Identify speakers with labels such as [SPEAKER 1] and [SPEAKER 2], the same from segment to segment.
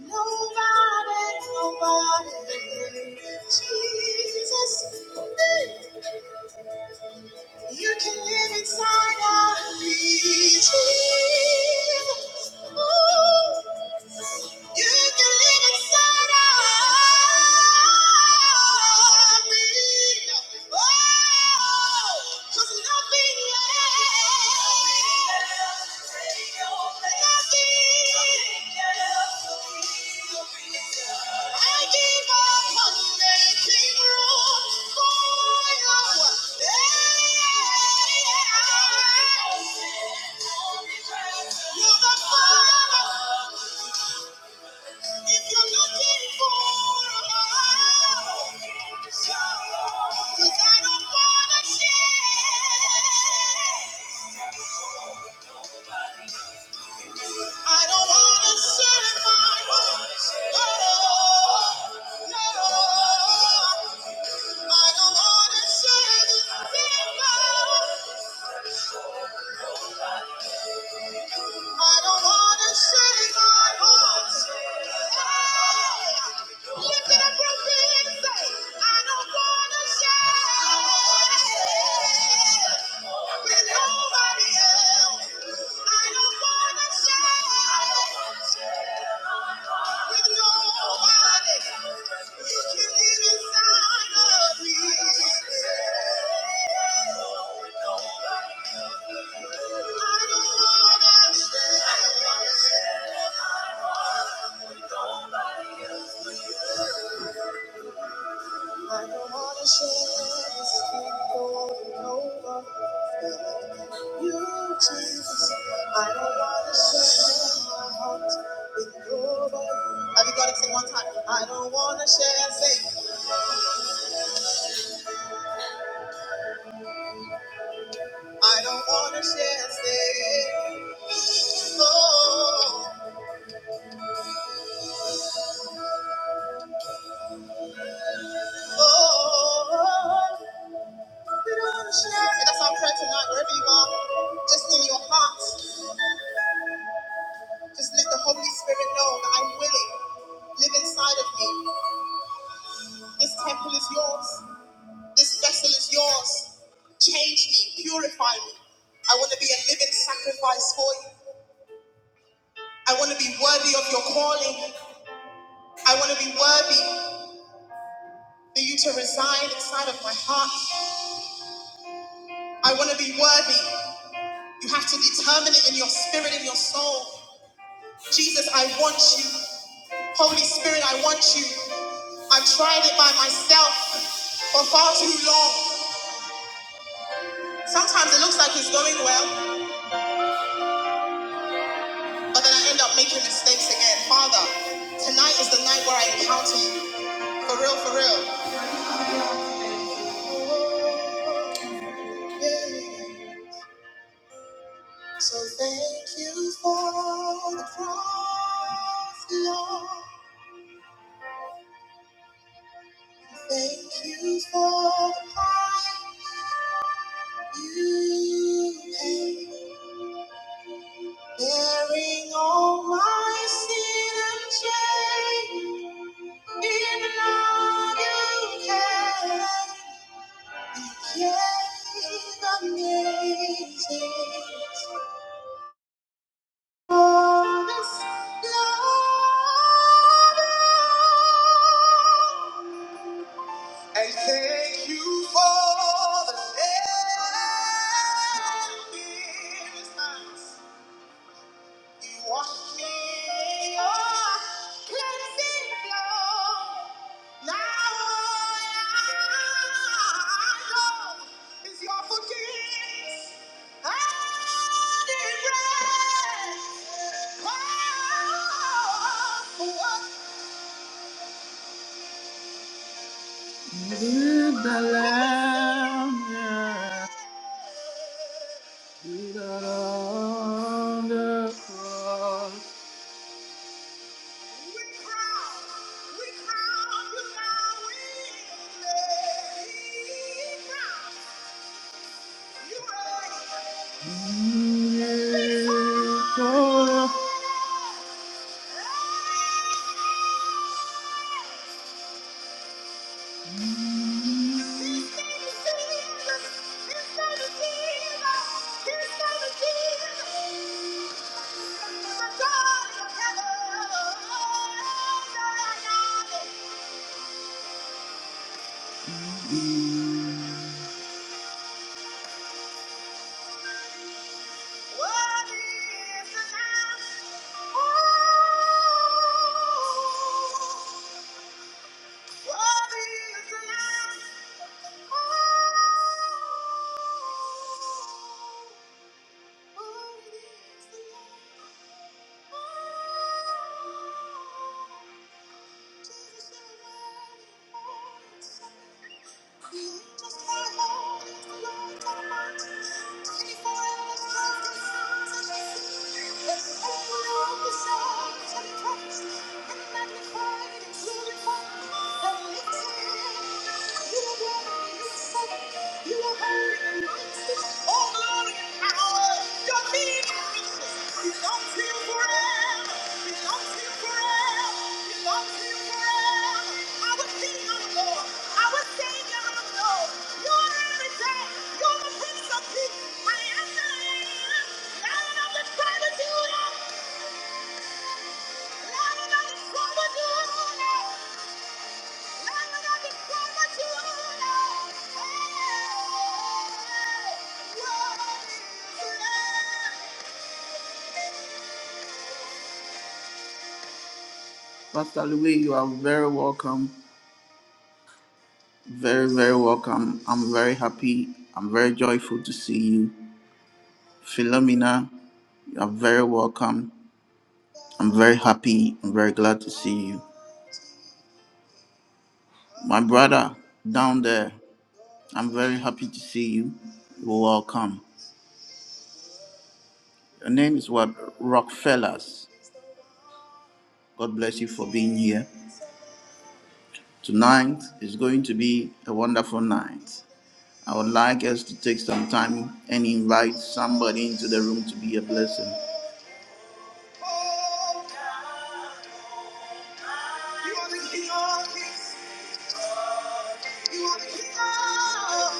[SPEAKER 1] Nobody, nobody, Jesus. You can live inside of me, Jesus. Ooh. You can live inside of me. Oh, 'cause nothing less, nothing, I give up on making room for you. You're the father. If you're looking for a Cause I don't wanna share. I don't wanna serve my horse. No, no. no. I don't wanna serve the devil. I don't wanna serve my horse. Hey, lift it up real big and say, I don't wanna serve with nobody else. I don't wanna serve. With no body, you can live inside of me. I don't wanna share. I don't wanna share this thing going over you, Jesus. I don't wanna share my heart with nobody. Everybody say one time. I don't wanna share, say. I don't wanna share, say. And That's our prayer tonight, wherever you are, just in your heart, just let the Holy Spirit know that I'm willing. Live inside of me. This temple is yours. This vessel is yours. Change me, purify me. I want to be a living sacrifice for you. I want to be worthy of your calling. I want to be worthy for you to reside inside of my heart. I want to be worthy. You have to determine it in your spirit, in your soul. Jesus, I want you. Holy Spirit, I want you. I've tried it by myself for far too long. Sometimes it looks like it's going well, but then I end up making mistakes again. Father, tonight is the night where I encounter you. For real, for real. So thank you for the cross, Lord. Thank you for the price you paid. Bearing all my sin and shame, even now you can. You gave amazing all this love. And thank you for the sacrifice. You wash me, oh, cleansing flow. Now all I know is your forgiveness and embrace. Oh, what? With the Lamb, yeah. With the Lamb, on the cross. Thank you. Thank you. You are holy and righteous. Thank you. Pastor Louis, you are very welcome. Very, very welcome. I'm very happy. I'm very joyful to see you. Philomena, you are very welcome. I'm very happy. I'm very glad to see you. My brother down there, I'm very happy to see you. You're welcome. Your name is what? Rockfellas. God bless you for being here. Tonight is going to be a wonderful night. I would like us to take some time and invite somebody into the room to be a blessing. You are the king of kings. You are the king of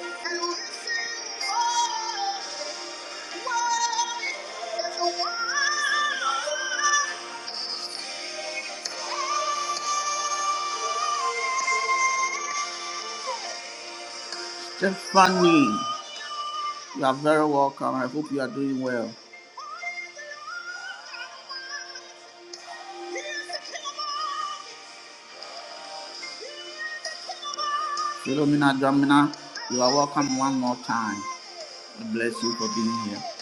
[SPEAKER 1] and we sing oh, worthy. Just funny. You are very welcome. I hope you are doing well. Philomena Domina, you are welcome one more time. God bless you for being here.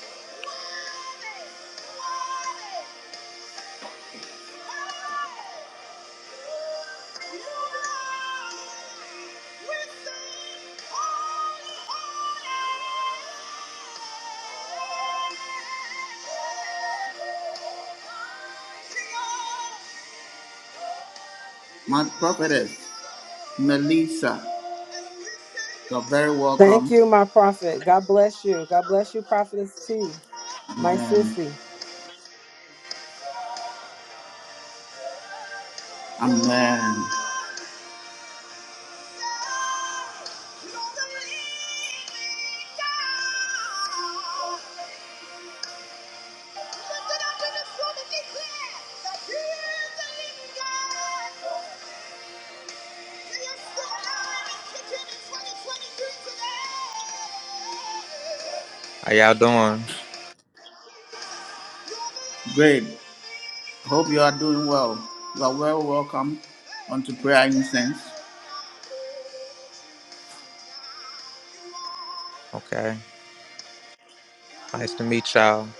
[SPEAKER 1] My prophetess, Melissa, you're very
[SPEAKER 2] Thank
[SPEAKER 1] welcome.
[SPEAKER 2] you, my prophet. God bless you. God bless you, prophetess T. My
[SPEAKER 1] Amen.
[SPEAKER 2] sissy.
[SPEAKER 1] Amen.
[SPEAKER 3] How y'all doing?
[SPEAKER 1] Great. Hope you are doing well. You are well welcome onto prayer incense.
[SPEAKER 3] Okay. Nice to meet y'all.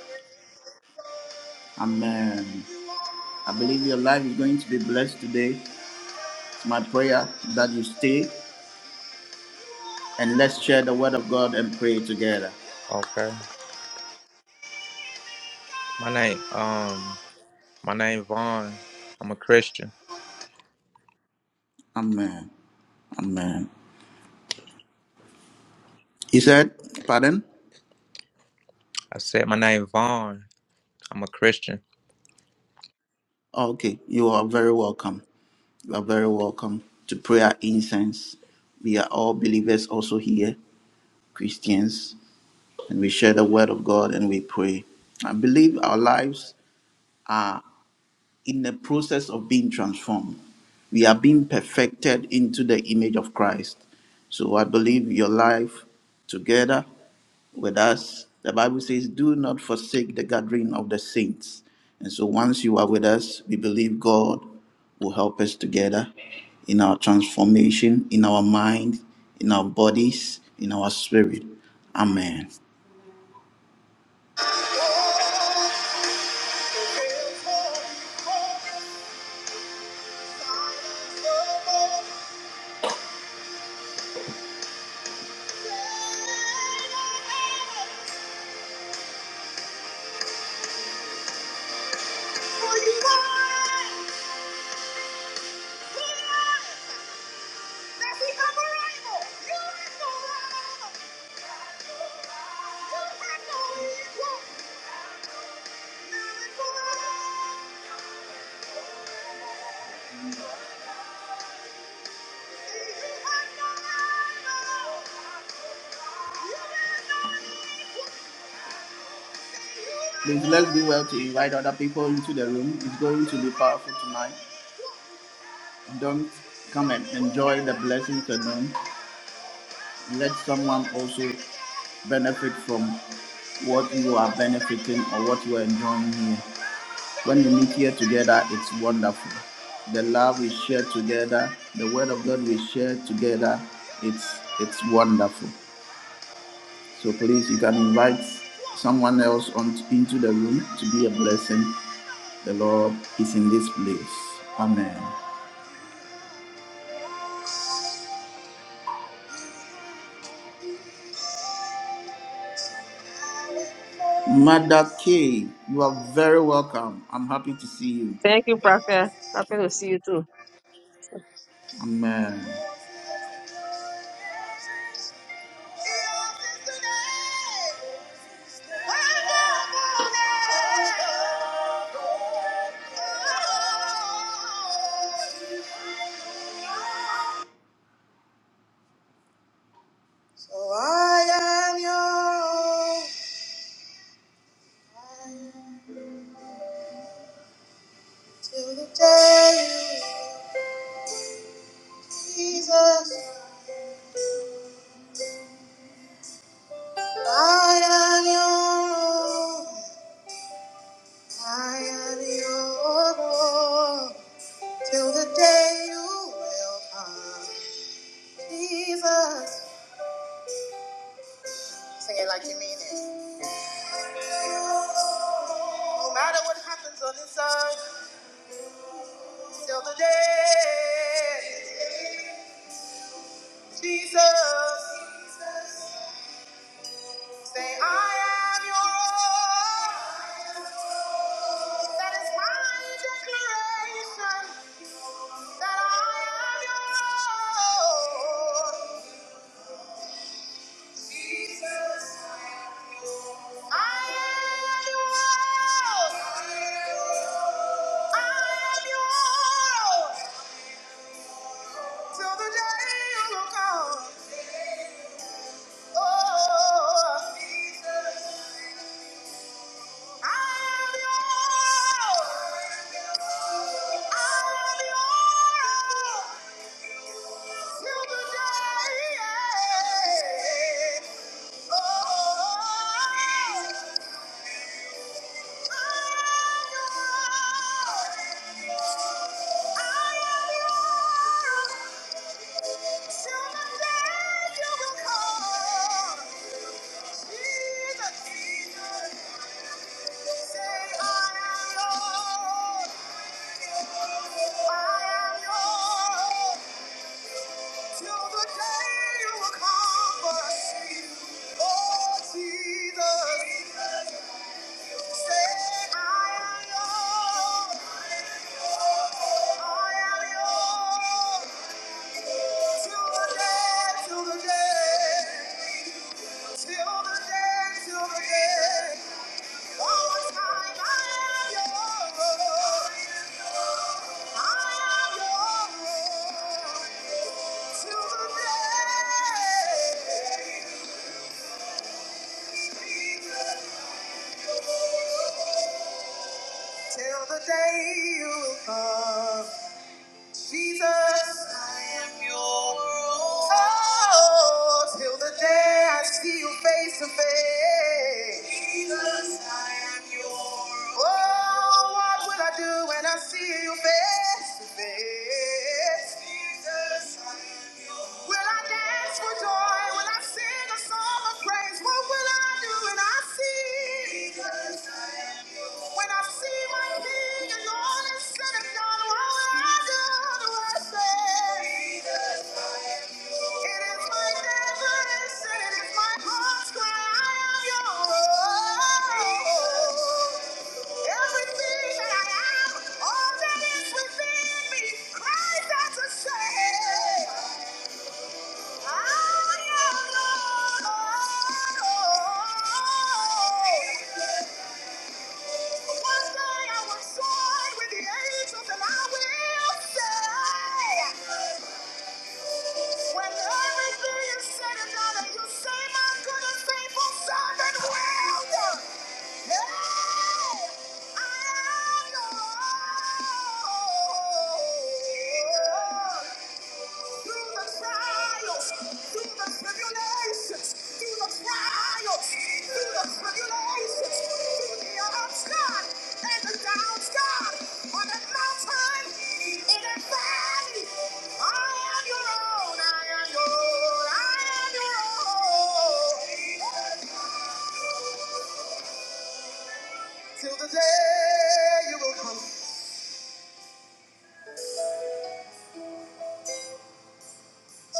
[SPEAKER 1] Amen. I believe your life is going to be blessed today. It's my prayer that you stay and let's share the word of God and pray together.
[SPEAKER 3] Okay. My name, um, my name Vaughn. I'm a Christian.
[SPEAKER 1] Amen. Amen. He said, Pardon?
[SPEAKER 3] I said my name Vaughn. I'm a Christian.
[SPEAKER 1] Oh, Okay, you are very welcome. You are very welcome to prayer incense. We are all believers also here, Christians, and we share the word of God and we pray. I believe our lives in the process of being transformed. We are being perfected into the image of Christ. So I believe your life together with us, the Bible says, do not forsake the gathering of the saints. And so once you are with us, we believe God will help us together in our transformation, in our mind, in our bodies, in our spirit. Amen. Please let's do well to invite other people into the room. It's going to be powerful tonight. Don't come and enjoy the blessings alone. Let someone also benefit from what you are benefiting or what you are enjoying here. When we meet here together, it's wonderful. The love we share together, the word of God we share together, it's it's wonderful. So please, you can invite someone else on, t- into the room to be a blessing. The Lord is in this place. Amen. Mother K, you are very welcome. I'm happy to see you.
[SPEAKER 4] Thank you, Prophet. Happy to see you too.
[SPEAKER 1] Amen. So I am yours till the day you Jesus. I am your own. I am your own till the day you will come, Jesus. Sing it like you mean it. No matter what happens on this side, till the day, Jesus, say, I am your own. That is my declaration that I am your own. Till the day Yeah. I am yours. Till the day you will come for us. Oh, Jesus, say, I am yours. I am yours. Till till till till the the the the day, day, day, day. Till the day you will come. Jesus, I am yours. Oh, till the day I see you face to face. Jesus, I am yours. Oh, what will I do when I see you face to face? Jesus, I am yours. Will I dance for joy? Will I sing a song of praise? What will I do when I see? When I see my king and all is said and done, what will I do? Do I say, It is my desperation, it is my heart's cry, I am yours. Everything that I am, all that is within me, cries out to say, I am yours. One day I was soaring with the angels and I will say, when everything is said and done and you say, my goodness, faithful son and well Hey, I am through the trials, through the tribulations, through the trials, through the tribulations, through the ups, God, and the downs, God, on that mountain, in that valley. I am your own, I am your own, I am your own. Till the day you will come,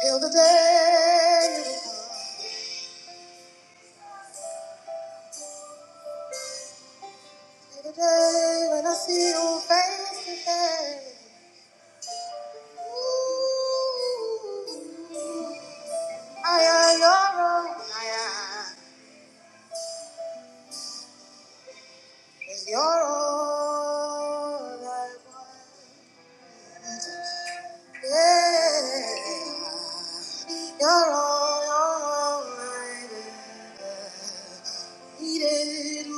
[SPEAKER 1] till the day you will come. Every day when I see you face to face, ooh, I am your own, I am is your own. I want. All I want, I need all you.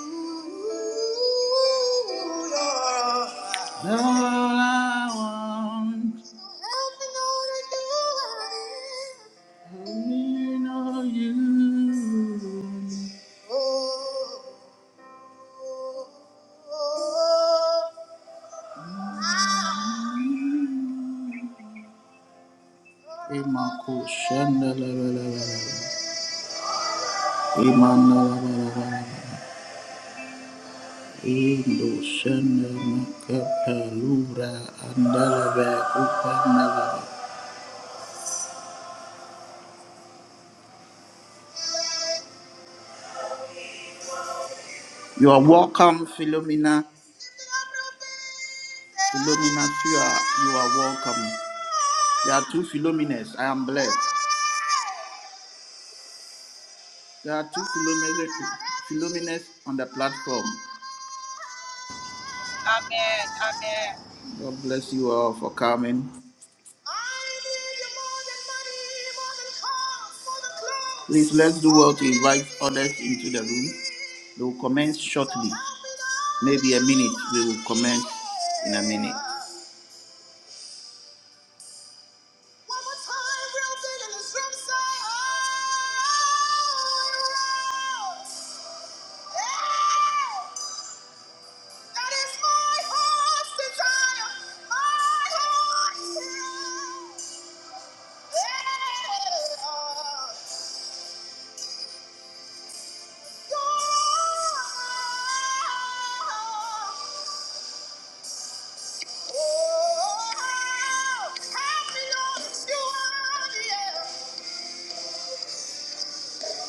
[SPEAKER 1] Emako shandala la la la la. Imanalabalaba, Indoshana Makapalura Andalaba Upanalaba. You are welcome, Philomena. Philomena, you are, you are welcome. There are two Philomenas. I am blessed. There are two Philomenas, Philomenas on the platform.
[SPEAKER 5] Amen. Amen.
[SPEAKER 1] God bless you all for coming. Please let's do well to invite others into the room. We will commence shortly. Maybe a minute. We will commence in a minute.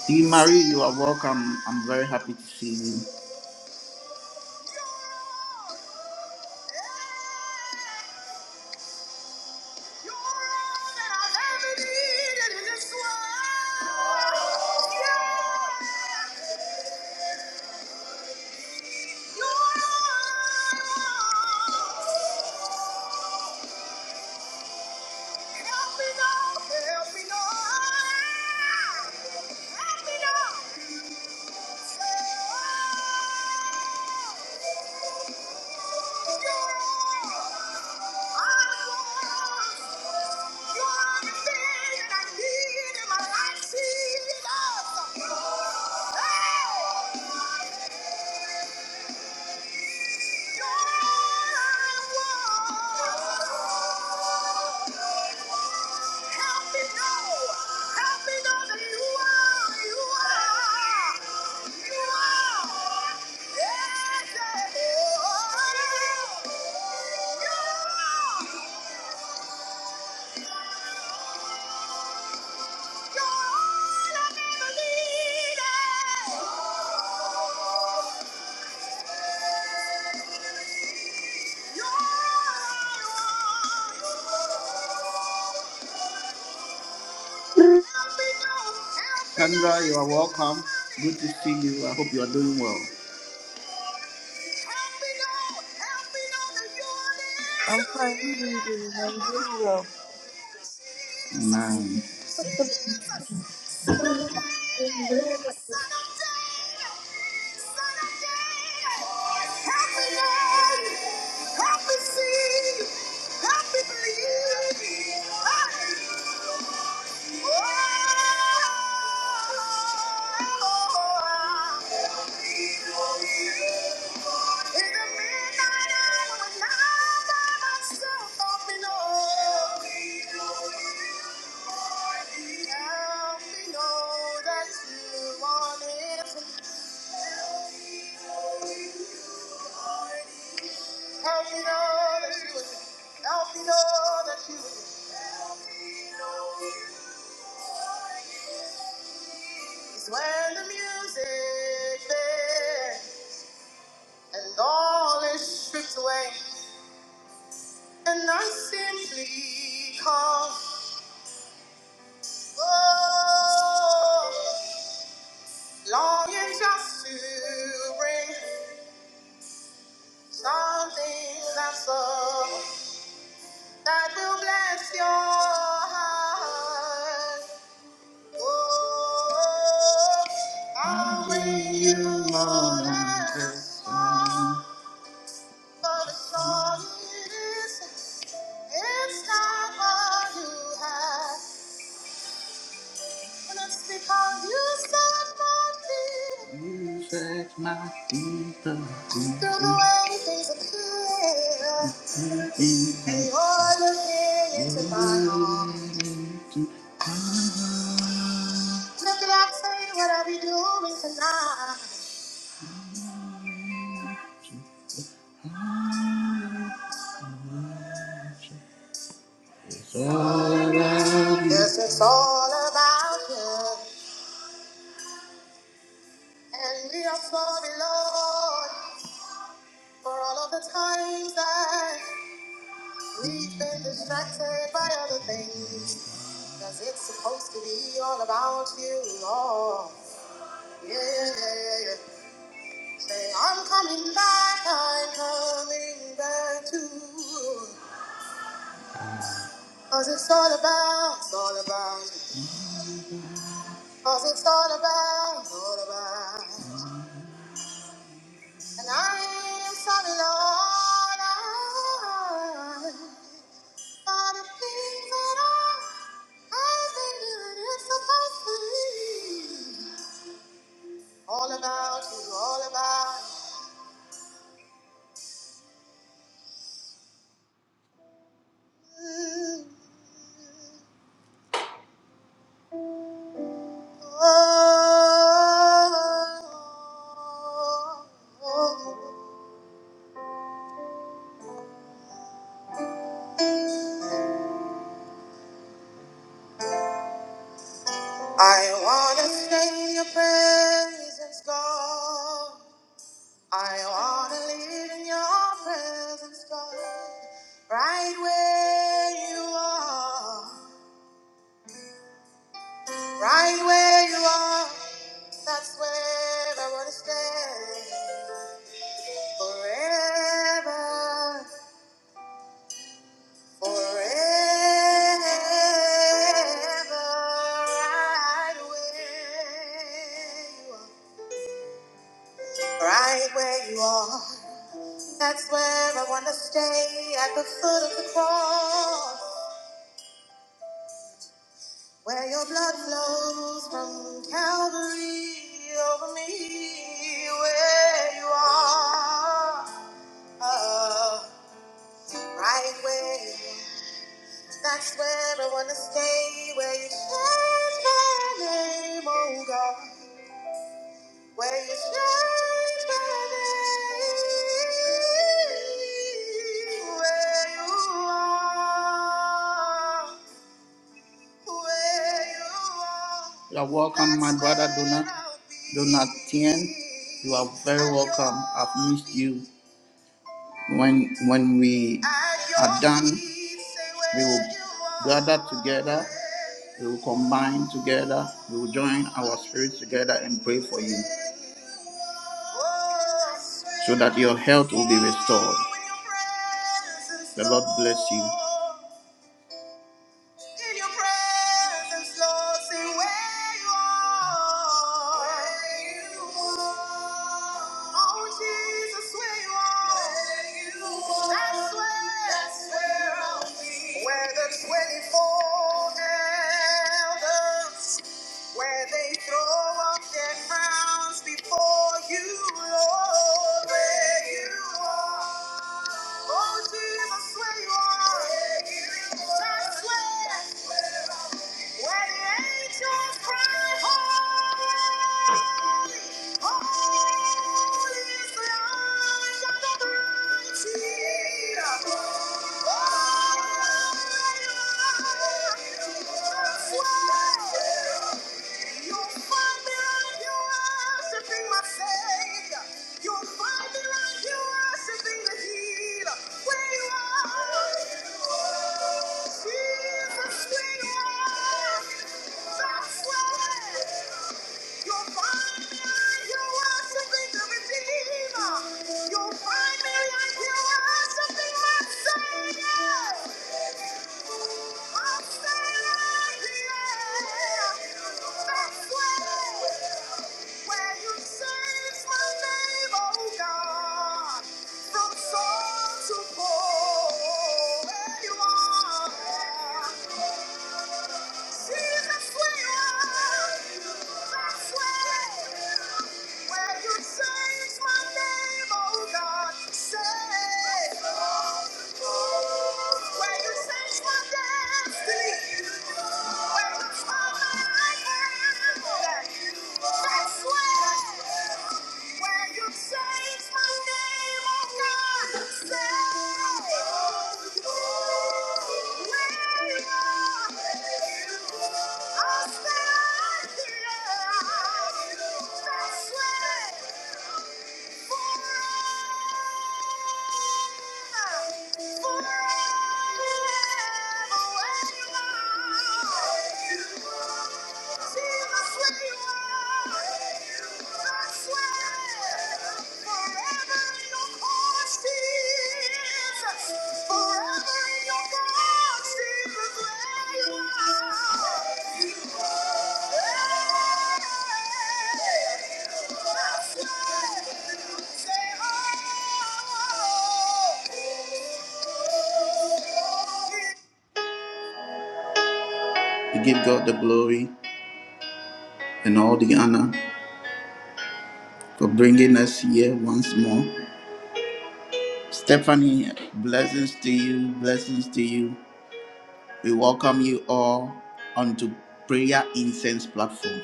[SPEAKER 1] Dee Marie, you are welcome. I'm very happy to see you. Help me Lord! help me Lord! help me Lord! now. Yeah.
[SPEAKER 6] Amen.
[SPEAKER 1] Sandra, you are welcome. Good to see you. I hope you are doing well. Help me know, help me know that you are the answer me. Amen. Jesus, Son of David, Son of David, Son of David. Help me know, help me see, help me believe. Ah. Help me know that you want it. Help me know that you would. Help me know that you would. Help me know you. It's when the music fades and all is stripped away, and I simply come. Oh, longing just to bring something that's up. I will bless your heart. Oh, I'll bring you more than a song. For the song it is, it's not what you have. And it's because you set my feet. You set my feet up. to Through the way things appear. You're looking into my heart. Look at I tell what are we be doing tonight. Yes, it's all about you. And we are sorry, Lord, for all of the times that we've been distracted by other things. Cause it's supposed to be all about you, Lord. Yeah, yeah, yeah, yeah. Say, I'm coming back, I'm coming back to you. Cause it's all about, it's all about you. Cause it's all about, all about. And I am sorry, Lord, I, for the things that I, I've been doing, it's supposed to be all about you, all about you. Oh, oh, oh. I wanna sing your praises, God. I wanna live in your presence, God, right where you are, right where you are. That's where I wanna stay forever, forever. Right where you are, right where you are. That's where I wanna stay at the foot of the cross. Where your blood flows from Calvary over me, where you are, oh, right where. That's where I wanna stay, where you change my name, oh God, where you change my name, where you are. You are welcome, my brother Donat. Donatien. You are very welcome. I've missed you. When when we are done, we will gather together. We will combine together. We will join our spirits together and pray for you, so that your health will be restored. The Lord bless you. In your presence, Lord, see where you are. Where you are. Oh, Jesus, where you are. Where you are. That's where, that's where I'll be. Where the 24 elders where they throw up their crowns before you, Lord, where you are. Oh, Jesus, where you are. That's where, where the angels cry, holy. You'll find me right here worshiping the healer. Where you are, Jesus, we are. That's where. You'll find me out here worshiping the Redeemer. You'll find me out here worshiping my Savior. I'm standing out here. That's where, where you changed my name, oh God. From soul to pole, where you are. Jesus, we are. That's where, where you change my name, oh God. Say, where you change my destiny. Where you turn my life around. That's where. Where you change my name, oh God, say, where I'll stand here. That's where. Forever in your heart, we give God the glory and all the honor for bringing us here once more. Stephanie, blessings to you, blessings to you. We welcome you all onto Prayer Incense platform.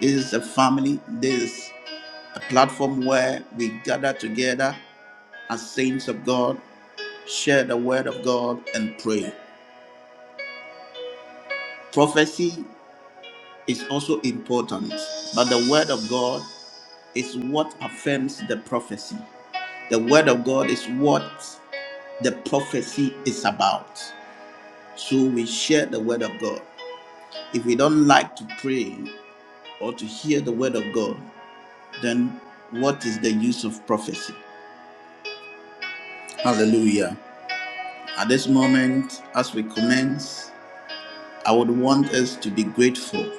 [SPEAKER 1] This is a family, this is a platform where we gather together as saints of God, share the word of God, and pray. Prophecy is also important, but the word of God is what affirms the prophecy. The word of God is what the prophecy is about. So we share the word of God. If we don't like to pray or to hear the word of God, then what is the use of prophecy? Hallelujah. At this moment, as we commence, I would want us to be grateful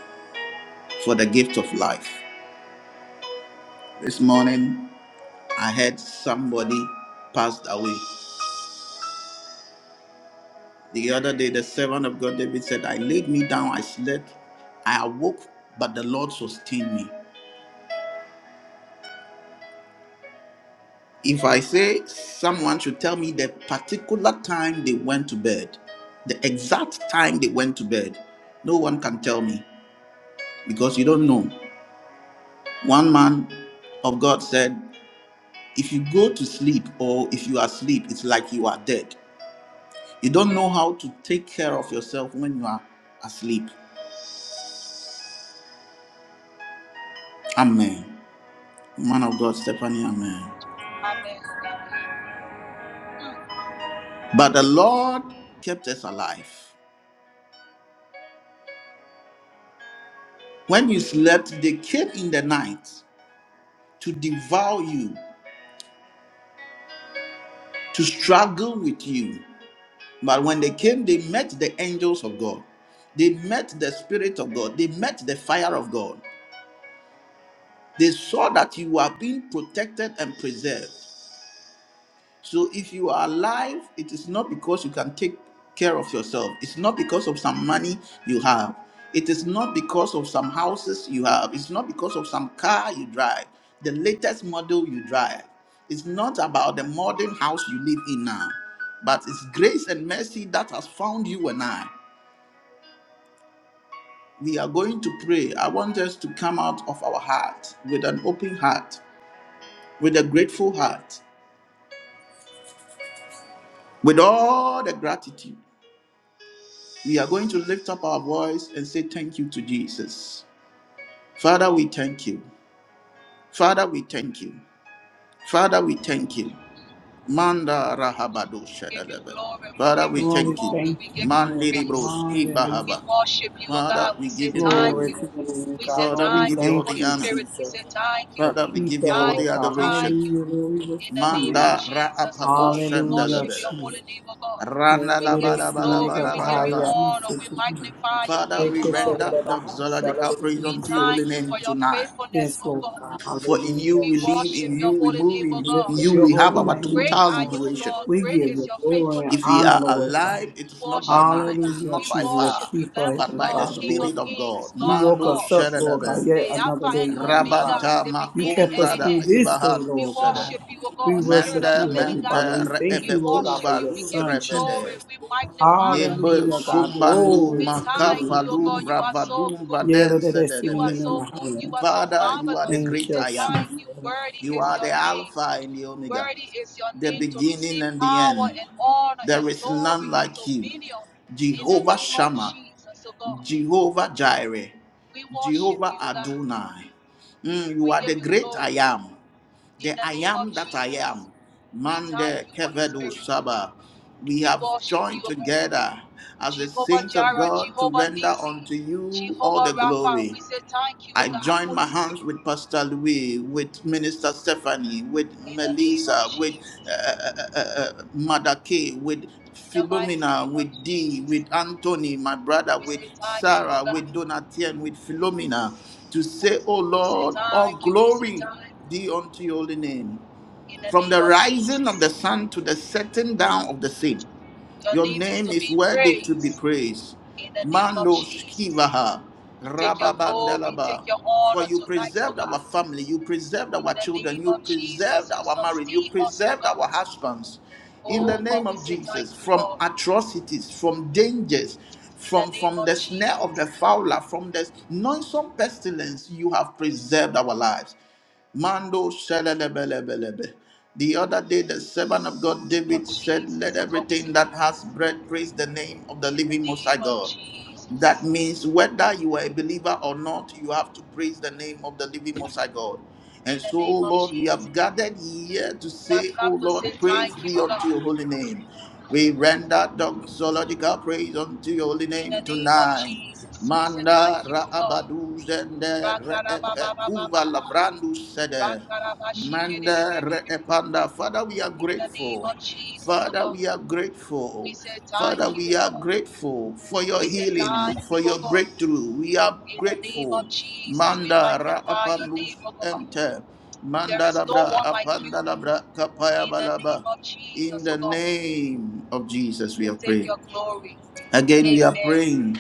[SPEAKER 1] for the gift of life. This morning, I heard somebody passed away. The other day, the servant of God David said, I laid me down, I slept, I awoke, but the Lord sustained me. If I say someone should tell me the particular time they went to bed, the exact time they went to bed, no one can tell me. because you don't know. One man of God said, If you go to sleep or if you are asleep, it's like you are dead. You don't know how to take care of yourself when you are asleep. Amen. Man of God, Stephanie, amen.
[SPEAKER 5] Amen. Mm,
[SPEAKER 1] But the Lord kept us alive. When you slept, they came in the night to devour you, to struggle with you. But when they came, they met the angels of God. They met the Spirit of God. They met the fire of God. They saw that you are being protected and preserved. So if you are alive, it is not because you can take care of yourself. It's not because of some money you have. It is not because of some houses you have. It's not because of some car you drive, the latest model you drive. It's not about the modern house you live in now, but it's grace and mercy that has found you and I. We are going to pray. I want us to come out of our heart with an open heart, with a grateful heart. With all the gratitude, we are going to lift up our voice and say thank you to Jesus. Father, we thank you. Father, we thank you. Father, we thank you. Manda rahabado
[SPEAKER 5] We give you
[SPEAKER 1] shadalebe.
[SPEAKER 5] glory. We
[SPEAKER 1] Father,
[SPEAKER 5] give
[SPEAKER 1] we
[SPEAKER 5] you
[SPEAKER 7] Lord, we
[SPEAKER 1] thank you.
[SPEAKER 5] glory.
[SPEAKER 7] thank
[SPEAKER 5] We
[SPEAKER 7] you,
[SPEAKER 5] give you
[SPEAKER 1] Man
[SPEAKER 7] Lord God.
[SPEAKER 5] praise.
[SPEAKER 1] broski
[SPEAKER 5] We
[SPEAKER 7] Hallelujah,
[SPEAKER 1] bahava.
[SPEAKER 7] Lord
[SPEAKER 5] worship you,
[SPEAKER 7] God.
[SPEAKER 5] O
[SPEAKER 1] Father,
[SPEAKER 5] God.
[SPEAKER 1] we
[SPEAKER 5] We say
[SPEAKER 1] give you
[SPEAKER 5] thank
[SPEAKER 7] Glory
[SPEAKER 5] you.
[SPEAKER 1] glory.
[SPEAKER 7] to the name,
[SPEAKER 5] We say
[SPEAKER 7] God.
[SPEAKER 1] Father,
[SPEAKER 7] Lord,
[SPEAKER 1] we
[SPEAKER 7] we
[SPEAKER 1] give
[SPEAKER 5] thank you,
[SPEAKER 1] you all
[SPEAKER 7] thank
[SPEAKER 5] Holy
[SPEAKER 1] the
[SPEAKER 7] you,
[SPEAKER 1] honor.
[SPEAKER 5] Spirit. We
[SPEAKER 7] Jesus.
[SPEAKER 5] say thank you.
[SPEAKER 7] The
[SPEAKER 1] Father, we give
[SPEAKER 7] keeper,
[SPEAKER 1] you all the
[SPEAKER 7] Lord
[SPEAKER 5] Thank you.
[SPEAKER 7] God.
[SPEAKER 1] adoration.
[SPEAKER 5] Thank you.
[SPEAKER 7] Hallelujah, Lord, we lift
[SPEAKER 5] In
[SPEAKER 7] up
[SPEAKER 5] the
[SPEAKER 7] your
[SPEAKER 5] name of
[SPEAKER 7] name.
[SPEAKER 1] Manda ra
[SPEAKER 5] Jesus, oh
[SPEAKER 1] apako
[SPEAKER 5] God, we
[SPEAKER 7] Hallelujah,
[SPEAKER 5] worship
[SPEAKER 1] shandalebe.
[SPEAKER 5] your
[SPEAKER 7] Jesus.
[SPEAKER 5] holy name, oh God.
[SPEAKER 7] Yeah,
[SPEAKER 1] Randa
[SPEAKER 7] that
[SPEAKER 5] We
[SPEAKER 1] la
[SPEAKER 7] it
[SPEAKER 1] ba
[SPEAKER 5] give you
[SPEAKER 1] la
[SPEAKER 7] is
[SPEAKER 1] ba la
[SPEAKER 7] many
[SPEAKER 1] ba
[SPEAKER 5] glory,
[SPEAKER 7] God,
[SPEAKER 1] la
[SPEAKER 7] the
[SPEAKER 5] we
[SPEAKER 1] ba
[SPEAKER 5] give
[SPEAKER 7] high,
[SPEAKER 1] la
[SPEAKER 5] you
[SPEAKER 7] yeah,
[SPEAKER 1] ba.
[SPEAKER 7] my
[SPEAKER 5] honor, we
[SPEAKER 7] sister.
[SPEAKER 5] magnify your
[SPEAKER 1] Father,
[SPEAKER 7] Yeah,
[SPEAKER 5] name,
[SPEAKER 1] we
[SPEAKER 5] oh
[SPEAKER 7] kids, yeah,
[SPEAKER 5] God.
[SPEAKER 7] that
[SPEAKER 1] render
[SPEAKER 7] the high, shall
[SPEAKER 1] doxological
[SPEAKER 7] it
[SPEAKER 1] praise
[SPEAKER 5] We
[SPEAKER 7] be
[SPEAKER 1] unto your holy
[SPEAKER 5] thank you
[SPEAKER 7] seen.
[SPEAKER 5] for
[SPEAKER 1] name
[SPEAKER 5] your
[SPEAKER 1] tonight.
[SPEAKER 5] faithfulness,
[SPEAKER 7] Yes,
[SPEAKER 5] oh
[SPEAKER 7] Lord
[SPEAKER 5] God.
[SPEAKER 7] God.
[SPEAKER 1] For in you
[SPEAKER 7] Hallelujah,
[SPEAKER 5] We
[SPEAKER 1] we live,
[SPEAKER 5] worship
[SPEAKER 1] in
[SPEAKER 5] your
[SPEAKER 7] Jesus.
[SPEAKER 1] you we
[SPEAKER 5] holy
[SPEAKER 1] move,
[SPEAKER 5] name, oh
[SPEAKER 1] in
[SPEAKER 5] God.
[SPEAKER 7] Lift up
[SPEAKER 1] you
[SPEAKER 7] your
[SPEAKER 1] we have
[SPEAKER 7] holy
[SPEAKER 1] our
[SPEAKER 7] name,
[SPEAKER 5] Great
[SPEAKER 7] Lord
[SPEAKER 1] total
[SPEAKER 5] are
[SPEAKER 7] God.
[SPEAKER 5] you,
[SPEAKER 1] liberation.
[SPEAKER 5] Lord.
[SPEAKER 7] We
[SPEAKER 5] Great
[SPEAKER 7] give
[SPEAKER 5] is
[SPEAKER 7] you
[SPEAKER 5] your
[SPEAKER 7] glory and
[SPEAKER 1] If we
[SPEAKER 5] faithfulness.
[SPEAKER 7] honor,
[SPEAKER 1] are
[SPEAKER 7] Lord God.
[SPEAKER 1] alive,
[SPEAKER 5] We
[SPEAKER 1] it is not by
[SPEAKER 5] worship you, O
[SPEAKER 1] might, it's
[SPEAKER 5] God.
[SPEAKER 7] Hallelujah,
[SPEAKER 5] We
[SPEAKER 1] not by
[SPEAKER 7] Jesus, a
[SPEAKER 5] worship
[SPEAKER 1] power,
[SPEAKER 5] you,
[SPEAKER 7] keeper,
[SPEAKER 5] Lamb of
[SPEAKER 1] but
[SPEAKER 7] Heavenly
[SPEAKER 1] by the
[SPEAKER 5] God,
[SPEAKER 7] Father,
[SPEAKER 5] King
[SPEAKER 7] Lord
[SPEAKER 5] of
[SPEAKER 1] Spirit
[SPEAKER 7] God.
[SPEAKER 1] of God.
[SPEAKER 5] kings,
[SPEAKER 7] You
[SPEAKER 5] Lord of
[SPEAKER 7] woke
[SPEAKER 1] Mando
[SPEAKER 7] us up,
[SPEAKER 5] lords,
[SPEAKER 7] Lord God,
[SPEAKER 1] Shedebe,
[SPEAKER 7] yet
[SPEAKER 5] the Alpha
[SPEAKER 7] another
[SPEAKER 5] and
[SPEAKER 7] day, Heavenly
[SPEAKER 5] Omega,
[SPEAKER 7] Father.
[SPEAKER 1] Rabanta
[SPEAKER 5] the
[SPEAKER 7] You
[SPEAKER 5] beginning
[SPEAKER 7] kept
[SPEAKER 5] and
[SPEAKER 7] us
[SPEAKER 5] the
[SPEAKER 1] Makunzada
[SPEAKER 7] through
[SPEAKER 5] end.
[SPEAKER 7] this day,
[SPEAKER 1] Ivahandu
[SPEAKER 5] We
[SPEAKER 7] Lord
[SPEAKER 1] Sede,
[SPEAKER 7] God.
[SPEAKER 5] worship you, O
[SPEAKER 7] We
[SPEAKER 5] God, Spirit
[SPEAKER 7] worship
[SPEAKER 5] of the
[SPEAKER 1] Mende
[SPEAKER 7] you,
[SPEAKER 5] living
[SPEAKER 7] Heavenly
[SPEAKER 5] God.
[SPEAKER 7] Father.
[SPEAKER 1] Mente
[SPEAKER 7] We thank
[SPEAKER 5] We
[SPEAKER 7] you, Lord God,
[SPEAKER 5] worship
[SPEAKER 7] for
[SPEAKER 1] Reebekuba
[SPEAKER 5] you.
[SPEAKER 7] your
[SPEAKER 5] We give you
[SPEAKER 7] Son, Jesus.
[SPEAKER 5] glory.
[SPEAKER 1] Luzrevede,
[SPEAKER 5] We magnify your name,
[SPEAKER 1] Nebe
[SPEAKER 5] O
[SPEAKER 7] Hallelujah,
[SPEAKER 5] God.
[SPEAKER 7] God.
[SPEAKER 1] Sumbandu
[SPEAKER 7] Glory
[SPEAKER 5] We
[SPEAKER 7] to the name
[SPEAKER 5] thank you,
[SPEAKER 1] Makapa
[SPEAKER 7] of
[SPEAKER 5] O God. You
[SPEAKER 7] Jesus.
[SPEAKER 5] are so
[SPEAKER 1] Luvravadum
[SPEAKER 5] good.
[SPEAKER 7] Yeah,
[SPEAKER 1] Vaden
[SPEAKER 7] let that
[SPEAKER 5] You
[SPEAKER 7] sit in
[SPEAKER 5] are
[SPEAKER 7] the
[SPEAKER 1] Sedeve,
[SPEAKER 7] name
[SPEAKER 5] so
[SPEAKER 7] of
[SPEAKER 5] good. You
[SPEAKER 7] Hallelujah.
[SPEAKER 5] are so
[SPEAKER 1] Father, you are the
[SPEAKER 5] marvelous. We
[SPEAKER 7] Thank
[SPEAKER 1] great
[SPEAKER 5] say,
[SPEAKER 7] you,
[SPEAKER 1] I
[SPEAKER 5] Thank
[SPEAKER 1] am.
[SPEAKER 5] you.
[SPEAKER 7] Jesus.
[SPEAKER 5] Worthy
[SPEAKER 1] You
[SPEAKER 5] is
[SPEAKER 1] are
[SPEAKER 5] your
[SPEAKER 1] the
[SPEAKER 5] name.
[SPEAKER 1] Alpha and the Omega,
[SPEAKER 5] Worthy is your
[SPEAKER 1] the
[SPEAKER 5] name to
[SPEAKER 1] beginning
[SPEAKER 5] receive
[SPEAKER 1] and the
[SPEAKER 5] power
[SPEAKER 1] end.
[SPEAKER 5] and honor
[SPEAKER 1] There
[SPEAKER 5] and
[SPEAKER 1] is none
[SPEAKER 5] glory and
[SPEAKER 1] like you.
[SPEAKER 5] dominion in the
[SPEAKER 1] Jehovah
[SPEAKER 5] name of
[SPEAKER 1] Shammah,
[SPEAKER 5] Jesus, oh God.
[SPEAKER 1] Jehovah Jireh,
[SPEAKER 5] We worship
[SPEAKER 1] Jehovah
[SPEAKER 5] you, oh God.
[SPEAKER 1] Adonai. Mm, you
[SPEAKER 5] We
[SPEAKER 1] are
[SPEAKER 5] give
[SPEAKER 1] the
[SPEAKER 5] you
[SPEAKER 1] great I
[SPEAKER 5] glory
[SPEAKER 1] am,
[SPEAKER 5] in
[SPEAKER 1] the
[SPEAKER 5] the
[SPEAKER 1] I
[SPEAKER 5] name of
[SPEAKER 1] am that I
[SPEAKER 5] Jesus.
[SPEAKER 1] am.
[SPEAKER 5] We thank
[SPEAKER 1] Mande
[SPEAKER 5] you, Holy
[SPEAKER 1] Kevedu
[SPEAKER 5] Spirit.
[SPEAKER 1] Saba. We
[SPEAKER 5] We
[SPEAKER 1] have
[SPEAKER 5] worship you,
[SPEAKER 1] joined
[SPEAKER 5] oh God.
[SPEAKER 1] together as the
[SPEAKER 5] Jehovah
[SPEAKER 1] saints of
[SPEAKER 5] Jireh,
[SPEAKER 1] God to
[SPEAKER 5] Jehovah
[SPEAKER 1] render
[SPEAKER 5] Nissi,
[SPEAKER 1] unto you all
[SPEAKER 5] Jehovah
[SPEAKER 1] the
[SPEAKER 5] Rapha.
[SPEAKER 1] glory.
[SPEAKER 5] We say thank you, oh
[SPEAKER 1] I
[SPEAKER 5] God,
[SPEAKER 1] join
[SPEAKER 5] Holy
[SPEAKER 1] my hands
[SPEAKER 5] Spirit,
[SPEAKER 1] with Pastor Louis, with Minister Stephanie, with
[SPEAKER 5] in the name of
[SPEAKER 1] Melissa, with
[SPEAKER 5] Jesus.
[SPEAKER 1] uh, uh, uh, uh, uh, Mother Kay, with
[SPEAKER 5] In the mighty
[SPEAKER 1] Philomena,
[SPEAKER 5] name of
[SPEAKER 1] with Dee,
[SPEAKER 5] Jesus.
[SPEAKER 1] with Anthony, my brother,
[SPEAKER 5] We
[SPEAKER 1] with
[SPEAKER 5] say thank you, oh
[SPEAKER 1] Sarah,
[SPEAKER 5] God.
[SPEAKER 1] with Donatien, with Philomena, to say, Oh
[SPEAKER 5] We say
[SPEAKER 1] Lord, all
[SPEAKER 5] thank you. We say
[SPEAKER 1] glory
[SPEAKER 5] thank you.
[SPEAKER 1] be unto your holy name,
[SPEAKER 5] in the
[SPEAKER 1] from
[SPEAKER 5] name
[SPEAKER 1] the
[SPEAKER 5] of
[SPEAKER 1] rising of the
[SPEAKER 5] Jesus.
[SPEAKER 1] sun to the setting down of the same.
[SPEAKER 5] Your
[SPEAKER 1] Your
[SPEAKER 5] name is
[SPEAKER 1] name
[SPEAKER 5] to
[SPEAKER 1] is
[SPEAKER 5] be
[SPEAKER 1] worthy to be
[SPEAKER 5] praised
[SPEAKER 1] praised.
[SPEAKER 5] in the name of
[SPEAKER 1] Mando
[SPEAKER 5] Jesus.
[SPEAKER 1] Skivaha,
[SPEAKER 5] Take your glory,
[SPEAKER 1] Rababandalaba.
[SPEAKER 5] take your
[SPEAKER 1] For
[SPEAKER 5] honor
[SPEAKER 1] you
[SPEAKER 5] tonight, oh
[SPEAKER 1] preserved
[SPEAKER 5] God.
[SPEAKER 1] our family, you preserved
[SPEAKER 5] In
[SPEAKER 1] our
[SPEAKER 5] the
[SPEAKER 1] children,
[SPEAKER 5] name
[SPEAKER 1] you
[SPEAKER 5] of Jesus,
[SPEAKER 1] preserved
[SPEAKER 5] you
[SPEAKER 1] our marriage, you
[SPEAKER 5] sustain us, oh
[SPEAKER 1] preserved
[SPEAKER 5] God.
[SPEAKER 1] our husbands. In the
[SPEAKER 5] Oh
[SPEAKER 1] name
[SPEAKER 5] God, we
[SPEAKER 1] of
[SPEAKER 5] say thank
[SPEAKER 1] Jesus,
[SPEAKER 5] you,
[SPEAKER 1] from
[SPEAKER 5] Lord.
[SPEAKER 1] atrocities, from dangers,
[SPEAKER 5] In the
[SPEAKER 1] from,
[SPEAKER 5] name
[SPEAKER 1] from
[SPEAKER 5] of
[SPEAKER 1] the snare of the
[SPEAKER 5] Jesus.
[SPEAKER 1] fowler, from the noisome pestilence, you have preserved our lives. Mando shalalabalabalabe. The other day, the servant of God
[SPEAKER 5] In the name
[SPEAKER 1] David
[SPEAKER 5] of
[SPEAKER 1] said, Let
[SPEAKER 5] Jesus, oh God, we say
[SPEAKER 1] everything that has breath praise the name of the
[SPEAKER 5] in
[SPEAKER 1] living
[SPEAKER 5] the
[SPEAKER 1] Most
[SPEAKER 5] name
[SPEAKER 1] High
[SPEAKER 5] of
[SPEAKER 1] God. That
[SPEAKER 5] Jesus.
[SPEAKER 1] means whether you are a believer or not, you have to praise the name of the living Most High God. And
[SPEAKER 5] In the
[SPEAKER 1] so,
[SPEAKER 5] name
[SPEAKER 1] O
[SPEAKER 5] of
[SPEAKER 1] Lord, we have
[SPEAKER 5] Jesus.
[SPEAKER 1] gathered here to
[SPEAKER 5] We
[SPEAKER 1] say,
[SPEAKER 5] have
[SPEAKER 1] O
[SPEAKER 5] come to say
[SPEAKER 1] Lord,
[SPEAKER 5] thank
[SPEAKER 1] praise
[SPEAKER 5] you,
[SPEAKER 1] be
[SPEAKER 5] oh
[SPEAKER 1] unto
[SPEAKER 5] God.
[SPEAKER 1] your holy name. We render doxological praise unto your holy
[SPEAKER 5] In the
[SPEAKER 1] name
[SPEAKER 5] name of
[SPEAKER 1] tonight.
[SPEAKER 5] Jesus, we say
[SPEAKER 1] Manda
[SPEAKER 5] thank you, oh God.
[SPEAKER 1] raabadu zende reepe
[SPEAKER 5] Rakarabababa.
[SPEAKER 1] kuva labrandu sede.
[SPEAKER 5] In
[SPEAKER 1] Manda reepanda. Father, we are
[SPEAKER 5] the name
[SPEAKER 1] grateful.
[SPEAKER 5] of Jesus, oh
[SPEAKER 1] Father,
[SPEAKER 5] God,
[SPEAKER 1] we are
[SPEAKER 5] we
[SPEAKER 1] grateful.
[SPEAKER 5] say
[SPEAKER 1] Father,
[SPEAKER 5] thank you,
[SPEAKER 1] we
[SPEAKER 5] oh
[SPEAKER 1] are
[SPEAKER 5] God.
[SPEAKER 1] grateful for your
[SPEAKER 5] We say
[SPEAKER 1] healing,
[SPEAKER 5] thank you,
[SPEAKER 1] for
[SPEAKER 5] oh
[SPEAKER 1] your
[SPEAKER 5] God.
[SPEAKER 1] breakthrough. We are
[SPEAKER 5] In the name
[SPEAKER 1] grateful.
[SPEAKER 5] of Jesus, we
[SPEAKER 1] Manda ra
[SPEAKER 5] magnify your
[SPEAKER 1] apalus
[SPEAKER 5] name, oh God.
[SPEAKER 1] enter.
[SPEAKER 5] There
[SPEAKER 1] Manda
[SPEAKER 5] is no
[SPEAKER 1] labra
[SPEAKER 5] one like
[SPEAKER 1] apanda
[SPEAKER 5] you.
[SPEAKER 1] labra kapaya
[SPEAKER 5] In the name
[SPEAKER 1] balaba.
[SPEAKER 5] of
[SPEAKER 1] In
[SPEAKER 5] Jesus, oh
[SPEAKER 1] the
[SPEAKER 5] God,
[SPEAKER 1] name of
[SPEAKER 5] we
[SPEAKER 1] Jesus, we
[SPEAKER 5] say
[SPEAKER 1] have
[SPEAKER 5] take
[SPEAKER 1] prayed.
[SPEAKER 5] your glory.
[SPEAKER 1] Again, we are
[SPEAKER 5] Amen.
[SPEAKER 1] praying.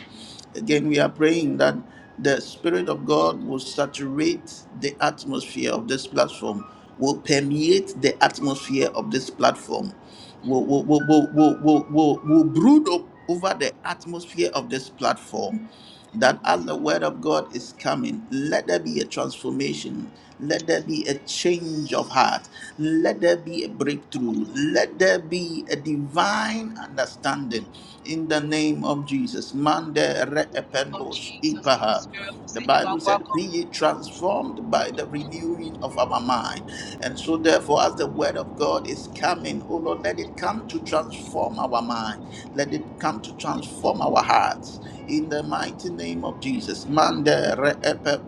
[SPEAKER 1] Again, we are praying that the Spirit of God will saturate the atmosphere of this platform, will permeate the atmosphere of this platform, will, will, will, will, will, will, will, will brood o- over the atmosphere of this platform that as the word of God is coming, let there be a transformation. Let there be a change of heart. Let there be a breakthrough. Let there be a divine understanding in the name of Jesus. Mande re
[SPEAKER 5] Oh
[SPEAKER 1] ependos
[SPEAKER 5] Jesus, Holy
[SPEAKER 1] ipaha.
[SPEAKER 5] Spirit, we
[SPEAKER 1] The
[SPEAKER 5] say you are
[SPEAKER 1] Bible said, Be
[SPEAKER 5] welcome.
[SPEAKER 1] ye transformed by the renewing of our mind. And so, therefore, as the word of God is coming, oh Lord, let it come to transform our mind. Let it come to transform our hearts. In the mighty name of Jesus. Mande re epe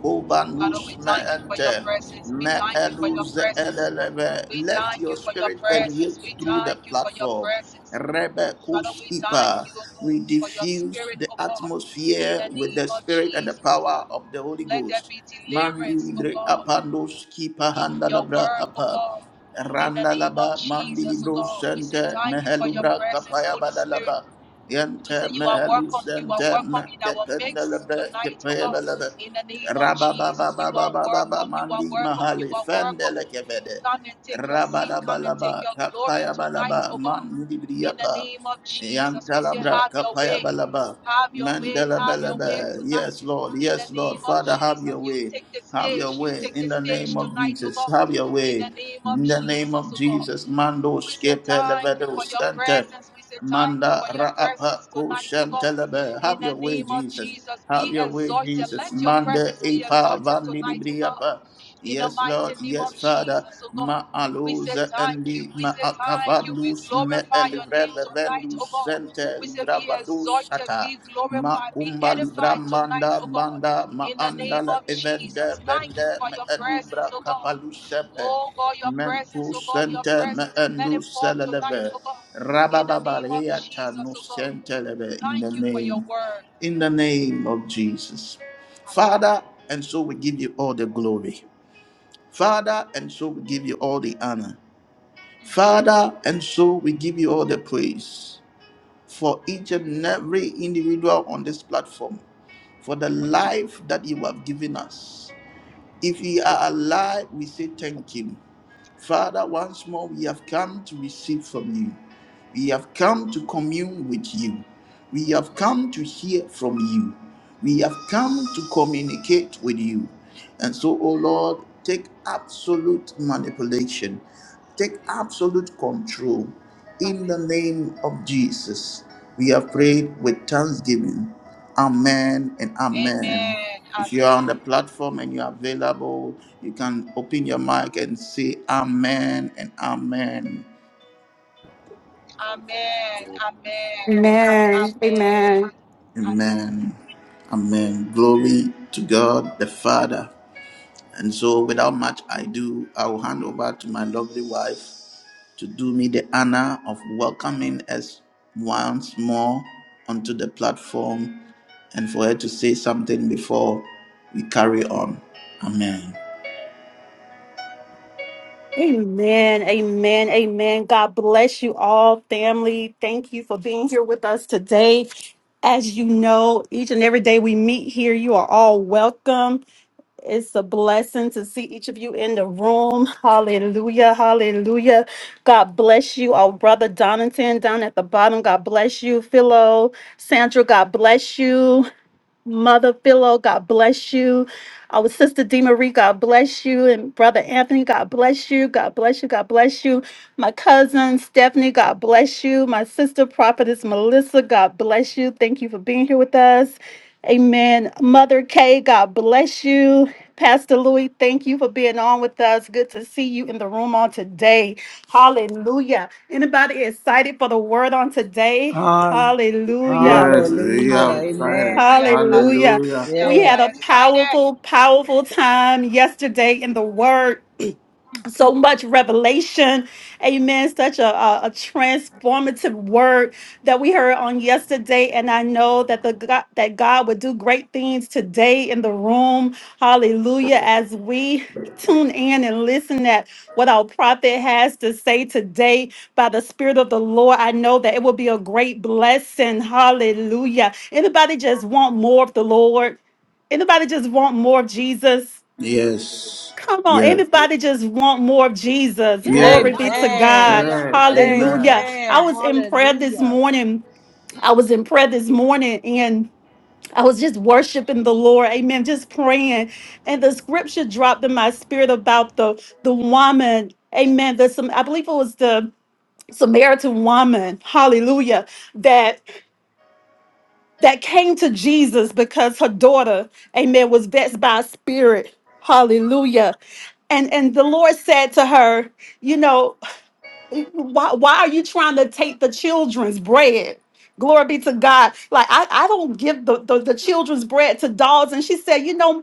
[SPEAKER 5] Father, we
[SPEAKER 1] kovanus me
[SPEAKER 5] thank you for your
[SPEAKER 1] ente.
[SPEAKER 5] presence. We
[SPEAKER 1] Me-
[SPEAKER 5] thank you for your
[SPEAKER 1] eluze-
[SPEAKER 5] presence.
[SPEAKER 1] eleleve.
[SPEAKER 5] We
[SPEAKER 1] Let
[SPEAKER 5] thank
[SPEAKER 1] your
[SPEAKER 5] you for your
[SPEAKER 1] spirit
[SPEAKER 5] presence. We
[SPEAKER 1] permeate through the
[SPEAKER 5] thank you for your
[SPEAKER 1] platform.
[SPEAKER 5] presence.
[SPEAKER 1] Rebe
[SPEAKER 5] Father, we thank
[SPEAKER 1] Kushipa.
[SPEAKER 5] you, O God,
[SPEAKER 1] We
[SPEAKER 5] for your
[SPEAKER 1] diffuse
[SPEAKER 5] spirit,
[SPEAKER 1] the
[SPEAKER 5] O God, in
[SPEAKER 1] atmosphere
[SPEAKER 5] the
[SPEAKER 1] with
[SPEAKER 5] name
[SPEAKER 1] the
[SPEAKER 5] of
[SPEAKER 1] spirit and the
[SPEAKER 5] Jesus, O God.
[SPEAKER 1] power of the Holy
[SPEAKER 5] Let there
[SPEAKER 1] Ghost.
[SPEAKER 5] be deliverance, O
[SPEAKER 1] Mandilibre
[SPEAKER 5] God,
[SPEAKER 1] apandos kipa
[SPEAKER 5] in your
[SPEAKER 1] handalabra
[SPEAKER 5] word, O
[SPEAKER 1] apa.
[SPEAKER 5] God, in the name of
[SPEAKER 1] Randalaba
[SPEAKER 5] Jesus, O
[SPEAKER 1] mandilibro
[SPEAKER 5] God. We say
[SPEAKER 1] sente
[SPEAKER 5] thank you for your
[SPEAKER 1] mehelubra
[SPEAKER 5] presence,
[SPEAKER 1] kapaya
[SPEAKER 5] Holy Spirit.
[SPEAKER 1] badalaba.
[SPEAKER 5] We say
[SPEAKER 1] Yente
[SPEAKER 5] you are
[SPEAKER 1] mehelus
[SPEAKER 5] welcome, you are
[SPEAKER 1] sente
[SPEAKER 5] welcome in our midst
[SPEAKER 1] mekependalabre
[SPEAKER 5] tonight, O God,
[SPEAKER 1] kepaya
[SPEAKER 5] in the name of Jesus. You are welcome, you are
[SPEAKER 1] Rabababababababamandi
[SPEAKER 5] welcome, you
[SPEAKER 1] mahale
[SPEAKER 5] are welcome
[SPEAKER 1] fendele kevede.
[SPEAKER 5] Come and take your seat. Come and take
[SPEAKER 1] Rabalabalaba
[SPEAKER 5] your glory
[SPEAKER 1] kapaya
[SPEAKER 5] tonight,
[SPEAKER 1] balaba
[SPEAKER 5] oh God.
[SPEAKER 1] mandi
[SPEAKER 5] In the
[SPEAKER 1] briapa.
[SPEAKER 5] name of Jesus, we say,
[SPEAKER 1] Yantalabra
[SPEAKER 5] Have your
[SPEAKER 1] kapaya
[SPEAKER 5] way.
[SPEAKER 1] balaba.
[SPEAKER 5] Have your way.
[SPEAKER 1] Mandela
[SPEAKER 5] Have your way
[SPEAKER 1] balaba.
[SPEAKER 5] tonight.
[SPEAKER 1] Yes, Lord.
[SPEAKER 5] In the
[SPEAKER 1] Yes, Lord.
[SPEAKER 5] name of
[SPEAKER 1] Father, have
[SPEAKER 5] Jesus,
[SPEAKER 1] your
[SPEAKER 5] you
[SPEAKER 1] way.
[SPEAKER 5] take the
[SPEAKER 1] Have your
[SPEAKER 5] stage. You
[SPEAKER 1] way
[SPEAKER 5] take the
[SPEAKER 1] in the
[SPEAKER 5] stage
[SPEAKER 1] name of
[SPEAKER 5] tonight, oh
[SPEAKER 1] Jesus.
[SPEAKER 5] God.
[SPEAKER 1] Have your
[SPEAKER 5] In
[SPEAKER 1] way
[SPEAKER 5] the name of
[SPEAKER 1] in the name
[SPEAKER 5] Jesus,
[SPEAKER 1] of
[SPEAKER 5] oh God.
[SPEAKER 1] Jesus. Mando
[SPEAKER 5] We say
[SPEAKER 1] skepe
[SPEAKER 5] thank you
[SPEAKER 1] levedo
[SPEAKER 5] for your
[SPEAKER 1] center.
[SPEAKER 5] presence. We say thank you
[SPEAKER 1] Manda
[SPEAKER 5] for your presence
[SPEAKER 1] Raapa
[SPEAKER 5] tonight, oh
[SPEAKER 1] Koshan
[SPEAKER 5] God.
[SPEAKER 1] telebe.
[SPEAKER 5] In
[SPEAKER 1] Have
[SPEAKER 5] the
[SPEAKER 1] your way,
[SPEAKER 5] name of
[SPEAKER 1] Jesus.
[SPEAKER 5] Jesus,
[SPEAKER 1] Have
[SPEAKER 5] be
[SPEAKER 1] your way,
[SPEAKER 5] exalted.
[SPEAKER 1] Jesus.
[SPEAKER 5] Let your
[SPEAKER 1] Manda
[SPEAKER 5] presence be
[SPEAKER 1] Ipa
[SPEAKER 5] exalted tonight, oh God
[SPEAKER 1] Vandilibriapa.
[SPEAKER 5] in the
[SPEAKER 1] Yes,
[SPEAKER 5] mighty
[SPEAKER 1] Lord.
[SPEAKER 5] name
[SPEAKER 1] Yes,
[SPEAKER 5] of
[SPEAKER 1] Father.
[SPEAKER 5] Jesus, oh God.
[SPEAKER 1] Ma
[SPEAKER 5] We say
[SPEAKER 1] aluza
[SPEAKER 5] thank you.
[SPEAKER 1] endi
[SPEAKER 5] We
[SPEAKER 1] ma
[SPEAKER 5] say thank you. We
[SPEAKER 1] akavandus me
[SPEAKER 5] glorify your name
[SPEAKER 1] elivreve
[SPEAKER 5] tonight,
[SPEAKER 1] vendus
[SPEAKER 5] oh God.
[SPEAKER 1] sente
[SPEAKER 5] We say be
[SPEAKER 1] livravadus
[SPEAKER 5] exalted,
[SPEAKER 1] sata.
[SPEAKER 5] be
[SPEAKER 1] Ma
[SPEAKER 5] glorified, be
[SPEAKER 1] kumba livra
[SPEAKER 5] edified tonight,
[SPEAKER 1] manda
[SPEAKER 5] oh God.
[SPEAKER 1] manda ma
[SPEAKER 5] In the
[SPEAKER 1] anda
[SPEAKER 5] name
[SPEAKER 1] la
[SPEAKER 5] of
[SPEAKER 1] evende
[SPEAKER 5] Jesus, thank you
[SPEAKER 1] bende
[SPEAKER 5] for
[SPEAKER 1] me
[SPEAKER 5] your presence,
[SPEAKER 1] edubra
[SPEAKER 5] oh God.
[SPEAKER 1] kapalus sepe.
[SPEAKER 5] Oh God, your presence, oh
[SPEAKER 1] Mentus
[SPEAKER 5] God, your
[SPEAKER 1] sente me
[SPEAKER 5] presence. Let it
[SPEAKER 1] endus
[SPEAKER 5] fall tonight,
[SPEAKER 1] seleleve.
[SPEAKER 5] oh God. In the name of
[SPEAKER 1] Rabababaleyata
[SPEAKER 5] Jesus,
[SPEAKER 1] no
[SPEAKER 5] oh God.
[SPEAKER 1] sentelebe In the
[SPEAKER 5] Thank you for your
[SPEAKER 1] name,
[SPEAKER 5] word.
[SPEAKER 1] in the name of Jesus.
[SPEAKER 5] Amen.
[SPEAKER 1] Father, and so we give you all the glory. Father, and so we give you all the honor.
[SPEAKER 5] Mm,
[SPEAKER 1] Father, and so we give you all the praise for each and every individual on this platform, for the life that you have given us. If we are alive, we say thank you. Father, once more, we have come to receive from you. We have come to commune with you. We have come to hear from you. We have come to communicate with you. And
[SPEAKER 5] mm.
[SPEAKER 1] so, oh Lord, take absolute manipulation, take absolute control.
[SPEAKER 5] Amen.
[SPEAKER 1] In
[SPEAKER 5] Amen.
[SPEAKER 1] the name of Jesus, we have prayed with thanksgiving. Amen and amen.
[SPEAKER 5] Amen.
[SPEAKER 1] If you are on
[SPEAKER 5] Amen.
[SPEAKER 1] the platform and you are available, you can open your mic and say amen and amen.
[SPEAKER 5] Amen. Amen.
[SPEAKER 8] Amen. Amen.
[SPEAKER 5] Amen. Amen.
[SPEAKER 1] Amen. Amen. Glory to God the Father. And so, without much ado, I will hand over to my lovely wife to do me the honor of welcoming us once more onto the platform and for her to say something before we carry on. Amen.
[SPEAKER 8] Amen. Amen. Amen. God bless you all, family. Thank you for being here with us today. As you know, each and every day we meet here, you are all welcome. It's a blessing to see each of you in the room. Hallelujah. Hallelujah. God bless you. Our brother Donington down at the bottom. God bless you. Philo, Sandra, God bless you. Mother Philo, God bless you. Our sister D. Marie, God bless you. And Brother Anthony, God bless you. God bless you. God bless you. My cousin Stephanie, God bless you. My sister prophetess Melissa, God bless you. Thank you for being here with us. Amen. Mother Kay, God bless you. Pastor Louis, thank you for being on with us. Good to see you in the room on today. Hallelujah. Anybody excited for the word on today?
[SPEAKER 7] Hall-
[SPEAKER 8] Hallelujah.
[SPEAKER 1] Yes, we
[SPEAKER 7] Hallelujah.
[SPEAKER 1] are
[SPEAKER 5] Hallelujah.
[SPEAKER 7] Amen.
[SPEAKER 1] excited.
[SPEAKER 8] Hallelujah.
[SPEAKER 1] Hallelujah.
[SPEAKER 5] Hallelujah.
[SPEAKER 8] We
[SPEAKER 7] Yeah.
[SPEAKER 5] We
[SPEAKER 8] had
[SPEAKER 5] are
[SPEAKER 8] a
[SPEAKER 5] excited.
[SPEAKER 8] powerful, powerful time yesterday in the
[SPEAKER 5] Mm.
[SPEAKER 8] Word so much revelation amen such a, a, a transformative word that we heard on yesterday and i know that the god that god would do great things today in the room hallelujah as we tune in and listen at what our prophet has to say today by the spirit of the lord i know that it will be a great blessing hallelujah anybody just want more of the lord anybody just want more of jesus
[SPEAKER 1] Yes.
[SPEAKER 8] Come on,
[SPEAKER 1] Yes.
[SPEAKER 8] anybody just want more of Jesus?
[SPEAKER 9] Yes.
[SPEAKER 8] Glory be
[SPEAKER 1] Yes.
[SPEAKER 8] to
[SPEAKER 9] Hallelujah.
[SPEAKER 8] God.
[SPEAKER 7] Amen.
[SPEAKER 5] Hallelujah.
[SPEAKER 1] Yes.
[SPEAKER 5] Hallelujah.
[SPEAKER 8] Hallelujah.
[SPEAKER 1] Amen.
[SPEAKER 8] I
[SPEAKER 7] Amen.
[SPEAKER 8] was in prayer this
[SPEAKER 7] Hallelujah.
[SPEAKER 8] morning. I
[SPEAKER 5] Mm.
[SPEAKER 8] was in prayer this morning and I was just worshiping the Lord. Amen. Just praying. And the scripture dropped in my spirit about the the woman. Amen. The some I believe it was the Samaritan woman. Hallelujah. That that came to Jesus because her daughter, amen, was vexed by a spirit. Hallelujah. And and the Lord said to her, you know, why why are you trying to take the children's bread? Glory be to God. Like I, I don't give the, the, the children's bread to dogs. And she said, you know,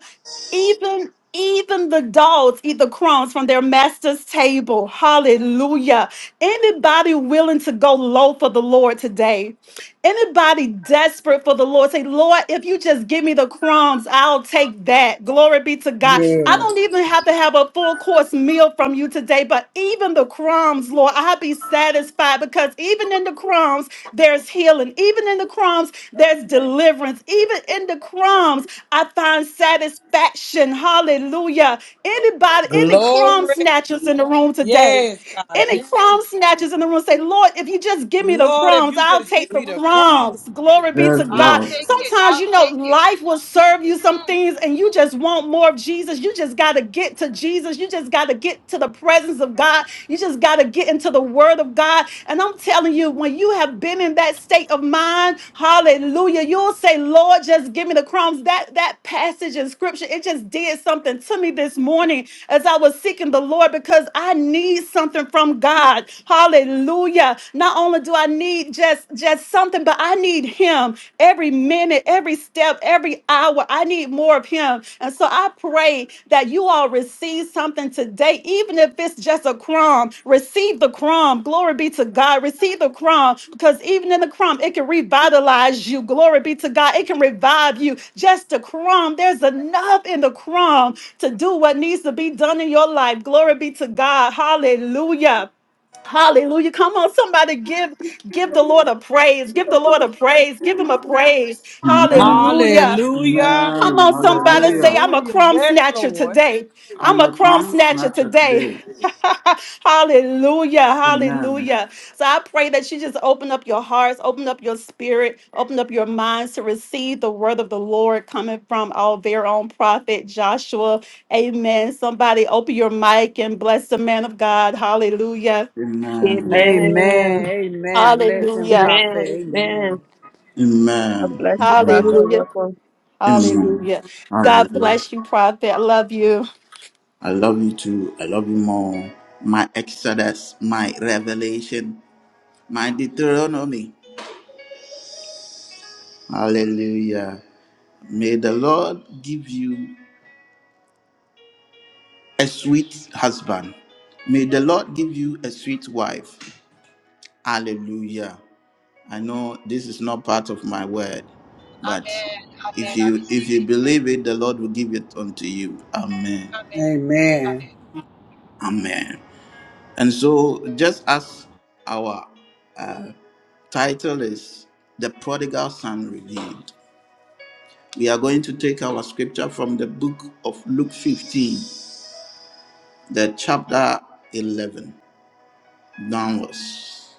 [SPEAKER 8] even even the dogs eat the crumbs from their master's table. Hallelujah. Anybody willing to go low for the Lord today? Anybody desperate for the Lord? Say, Lord, if you just give me the crumbs, I'll take that. Glory be to God. I don't
[SPEAKER 7] Yes.
[SPEAKER 8] even have to have a full course meal from you today, but even the crumbs, Lord, I'll be satisfied because even in the crumbs, there's healing. Even in the crumbs, there's deliverance. Even in the crumbs, I find satisfaction. Hallelujah. Anybody, any crumb
[SPEAKER 7] Glory.
[SPEAKER 8] snatchers in the room today?
[SPEAKER 7] Yes, God.
[SPEAKER 8] Any Yes. crumb snatchers in the room say, Lord, if you just give me the
[SPEAKER 7] Lord, if
[SPEAKER 8] crumbs,
[SPEAKER 7] you
[SPEAKER 8] I'll
[SPEAKER 7] just
[SPEAKER 8] take
[SPEAKER 7] give
[SPEAKER 8] the
[SPEAKER 7] me the crumbs.
[SPEAKER 8] crumbs. Glory be
[SPEAKER 1] Yes,
[SPEAKER 8] to
[SPEAKER 5] I'll
[SPEAKER 8] God.
[SPEAKER 1] Lord.
[SPEAKER 5] take it.
[SPEAKER 8] Sometimes,
[SPEAKER 5] I'll
[SPEAKER 8] you know,
[SPEAKER 5] take it.
[SPEAKER 8] life will serve you some
[SPEAKER 5] Mm.
[SPEAKER 8] things and you just want more of Jesus. You just got to get to Jesus. You just just got to get to the presence of God. You just got to get into the word of God. And I'm telling you, when you have been in that state of mind, hallelujah, you'll say, Lord, just give me the crumbs. That that passage in scripture, it just did something to me this morning as I was seeking the Lord because I need something from God. Hallelujah. Not only do I need just just something, but I need him every minute minute, every step, every hour. I need more of Him. And so I pray that you all receive something today, even if it's just a crumb. Receive the crumb. Glory be to God. Receive the crumb because even in the crumb, it can revitalize you. Glory be to God. It can revive you. Just a crumb. There's enough in the crumb to do what needs to be done in your life. Glory be to God. Hallelujah. Hallelujah. Come on, somebody give give the Lord a praise. Give the Lord a praise. Give him a praise.
[SPEAKER 1] Amen.
[SPEAKER 8] Hallelujah.
[SPEAKER 7] Hallelujah.
[SPEAKER 8] Come
[SPEAKER 1] Amen.
[SPEAKER 8] on, somebody say,
[SPEAKER 1] Hallelujah.
[SPEAKER 8] I'm a
[SPEAKER 7] Hallelujah.
[SPEAKER 8] crumb
[SPEAKER 7] Yes,
[SPEAKER 8] snatcher
[SPEAKER 7] Lord.
[SPEAKER 8] today. I'm
[SPEAKER 1] I'm
[SPEAKER 8] a
[SPEAKER 1] a
[SPEAKER 8] crumb
[SPEAKER 1] palm
[SPEAKER 8] snatcher
[SPEAKER 1] snatcher
[SPEAKER 8] today.
[SPEAKER 1] today.
[SPEAKER 8] hallelujah.
[SPEAKER 1] Amen.
[SPEAKER 8] Hallelujah. So I pray that you just open up your hearts, open up your spirit, open up your minds to receive the word of the Lord coming from our very own prophet Joshua. Amen. Somebody open your mic and bless the man of God. Hallelujah.
[SPEAKER 1] Amen.
[SPEAKER 7] Amen.
[SPEAKER 4] Amen.
[SPEAKER 7] Amen. Blessing
[SPEAKER 8] Hallelujah.
[SPEAKER 4] Amen.
[SPEAKER 7] prophet.
[SPEAKER 4] Amen.
[SPEAKER 7] Amen.
[SPEAKER 4] I
[SPEAKER 1] Amen.
[SPEAKER 4] bless you, Prophet.
[SPEAKER 1] Amen.
[SPEAKER 8] Hallelujah.
[SPEAKER 4] Welcome.
[SPEAKER 1] Amen.
[SPEAKER 8] Hallelujah. God
[SPEAKER 1] Hallelujah.
[SPEAKER 8] bless you, Prophet. I love you.
[SPEAKER 1] I love you too. I love you more. My Exodus, my Revelation, my Deuteronomy. Hallelujah. May the Lord give you a sweet husband. May the Lord give you a sweet wife. Hallelujah. I know this is not part of my word, but
[SPEAKER 5] Amen.
[SPEAKER 1] if
[SPEAKER 5] Amen. I
[SPEAKER 1] you if
[SPEAKER 5] receive
[SPEAKER 1] you
[SPEAKER 5] it.
[SPEAKER 1] believe it, the Lord will give it unto you. Amen.
[SPEAKER 5] Amen.
[SPEAKER 7] Amen.
[SPEAKER 5] Amen.
[SPEAKER 1] Amen. And so, just as our uh, title is The Prodigal Son Redeemed, we are going to take our scripture from the book of Luke 15, the chapter 11 downwards.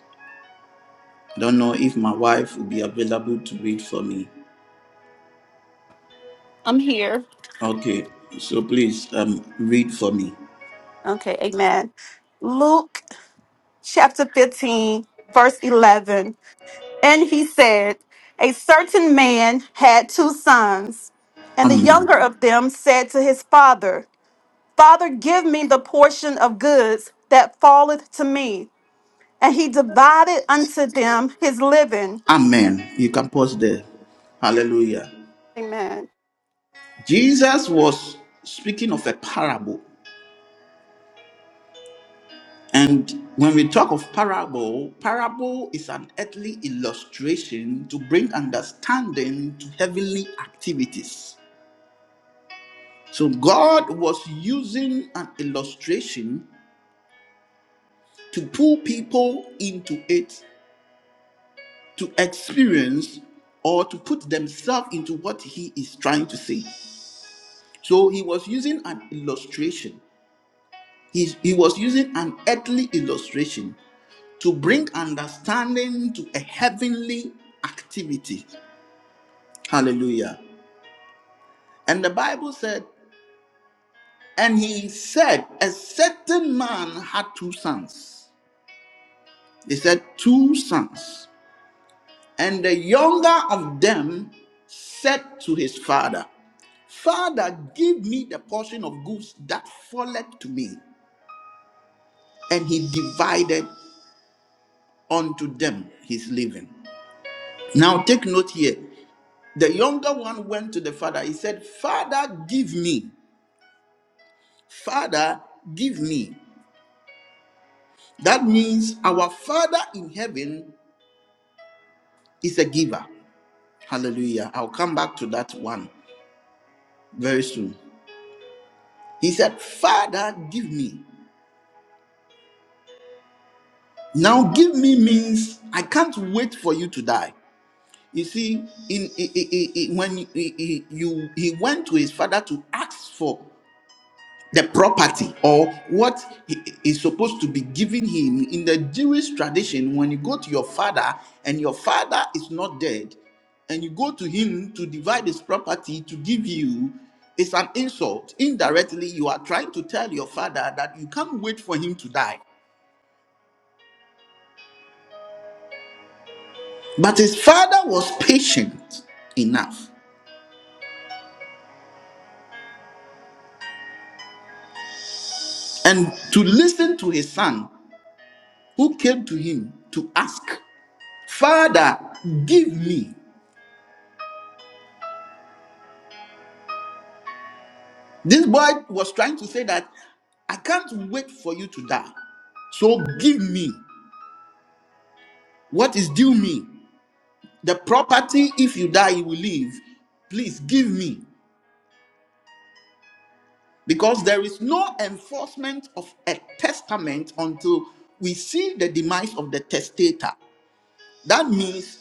[SPEAKER 1] I don't know if my wife will be available to read for me.
[SPEAKER 8] I'm here.
[SPEAKER 1] Okay, so please um, read for me.
[SPEAKER 8] Okay, amen. Luke chapter 15, verse 11. And he said, A certain man had two sons, and the
[SPEAKER 1] Amen.
[SPEAKER 8] younger of them said to his father, Father, give me the portion of goods that falleth to me. And he divided unto them his living.
[SPEAKER 1] Amen. You can pause there. Hallelujah.
[SPEAKER 8] Amen.
[SPEAKER 1] Jesus was speaking of a parable And when we talk of parable, parable is an earthly illustration to bring understanding to heavenly activities. So God was using an illustration to pull people into it to experience or to put themselves into what he is trying to say. So he was using an illustration. He's- he was using an earthly illustration to bring understanding to a heavenly activity. Hallelujah. And the Bible said, and he said, a certain man had two sons. He said, two sons. And the younger of them said to his father, Father, give me the portion of goods that falleth to me. And he divided unto them his living. Now take note here. The younger one went to the father. He said, Father, give me. Father, give me. That means our Father in heaven is a giver. Hallelujah. I'll come back to that one very soon. He said, Father, give me. Now, give me means I can't wait for you to die. You see, in, i- i- i- when he, he- you, he went to his father to ask for the property or what he- is supposed to be given him in the Jewish tradition when you go to your father and your father is not dead and you go to him to divide his property to give you it's an insult indirectly you are trying to tell your father that you can't wait for him to die but his father was patient enough and to listen to his son who came to him to ask father give me This boy was trying to say that I can't wait for you to die. So give me what is due me. The property, if you die, you will leave. Please give me. Because there is no enforcement of a testament until we see the demise of the testator. That means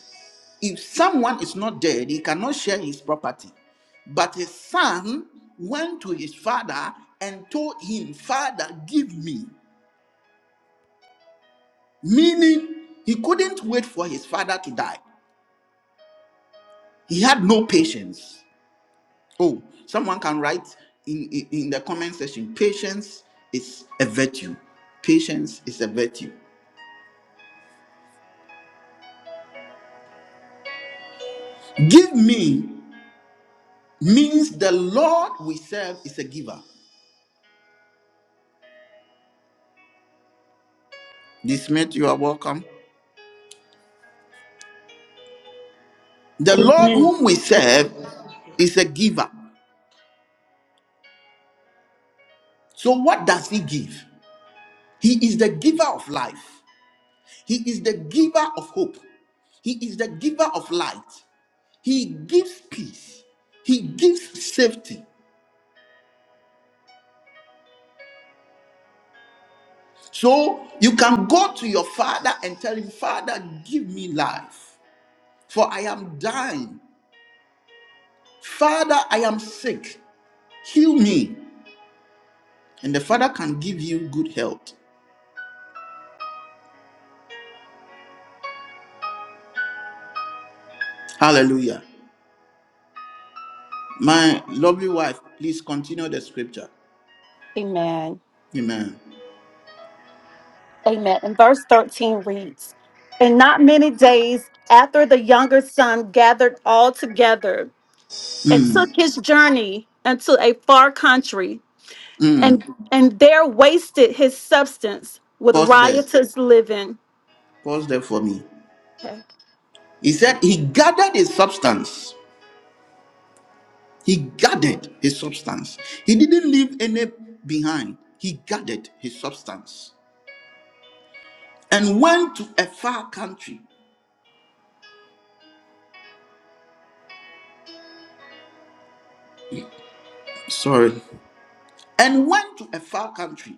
[SPEAKER 1] if someone is not dead, he cannot share his property. But his son went to his father and told him, Father, give me. meaning he couldn't wait for his father to die. He had no patience. Oh, someone can write in, in, in the comment section patience is a virtue. Patience is a virtue. Give me means the Lord we serve is a giver. This Smith, you are welcome. The Lord whom we serve is a giver. So, what does he give? He is the giver of life, he is the giver of hope, he is the giver of light. He gives peace. He gives safety. So you can go to your father and tell him, Father, give me life, for I am dying. Father, I am sick. Heal me. And the father can give you good health. Hallelujah. My lovely wife, please continue the scripture.
[SPEAKER 8] Amen.
[SPEAKER 1] Amen.
[SPEAKER 8] Amen. And verse 13 reads And not many days after the younger son gathered all together and
[SPEAKER 1] Mm,
[SPEAKER 8] took his journey into a far country,
[SPEAKER 1] mm.
[SPEAKER 8] and, and there wasted his substance with
[SPEAKER 1] Pause there.
[SPEAKER 8] riotous living.
[SPEAKER 1] Pause there for me.
[SPEAKER 8] Okay.
[SPEAKER 1] He said he gathered his substance He gathered his substance. He didn't leave any behind. He gathered his substance and went to a far country. Sorry. And went to a far country.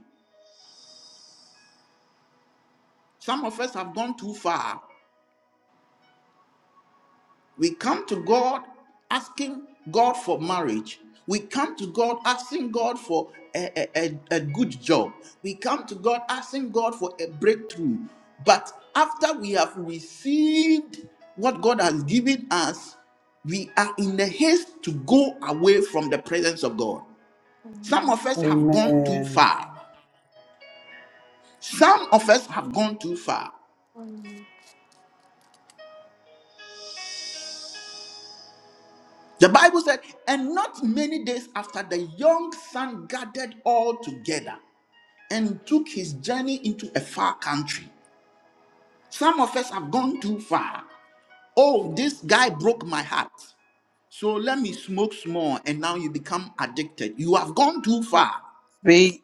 [SPEAKER 1] Some of us have gone too far. We come to God asking God for marriage. We come to God asking God for a, a, a, a good job. We come to God asking God for a breakthrough. But after we have received what God has given us, we are in a haste to go away from the presence of God. Some of us have gone too
[SPEAKER 7] Amen.
[SPEAKER 1] far. Some of us have gone too far. The Bible said, and not many days after the young son gathered all together. and took his journey into a far country. Some of us have gone too far. Oh, this guy broke my heart. So let me smoke small, and now you become addicted. You have gone too far.
[SPEAKER 7] Speak.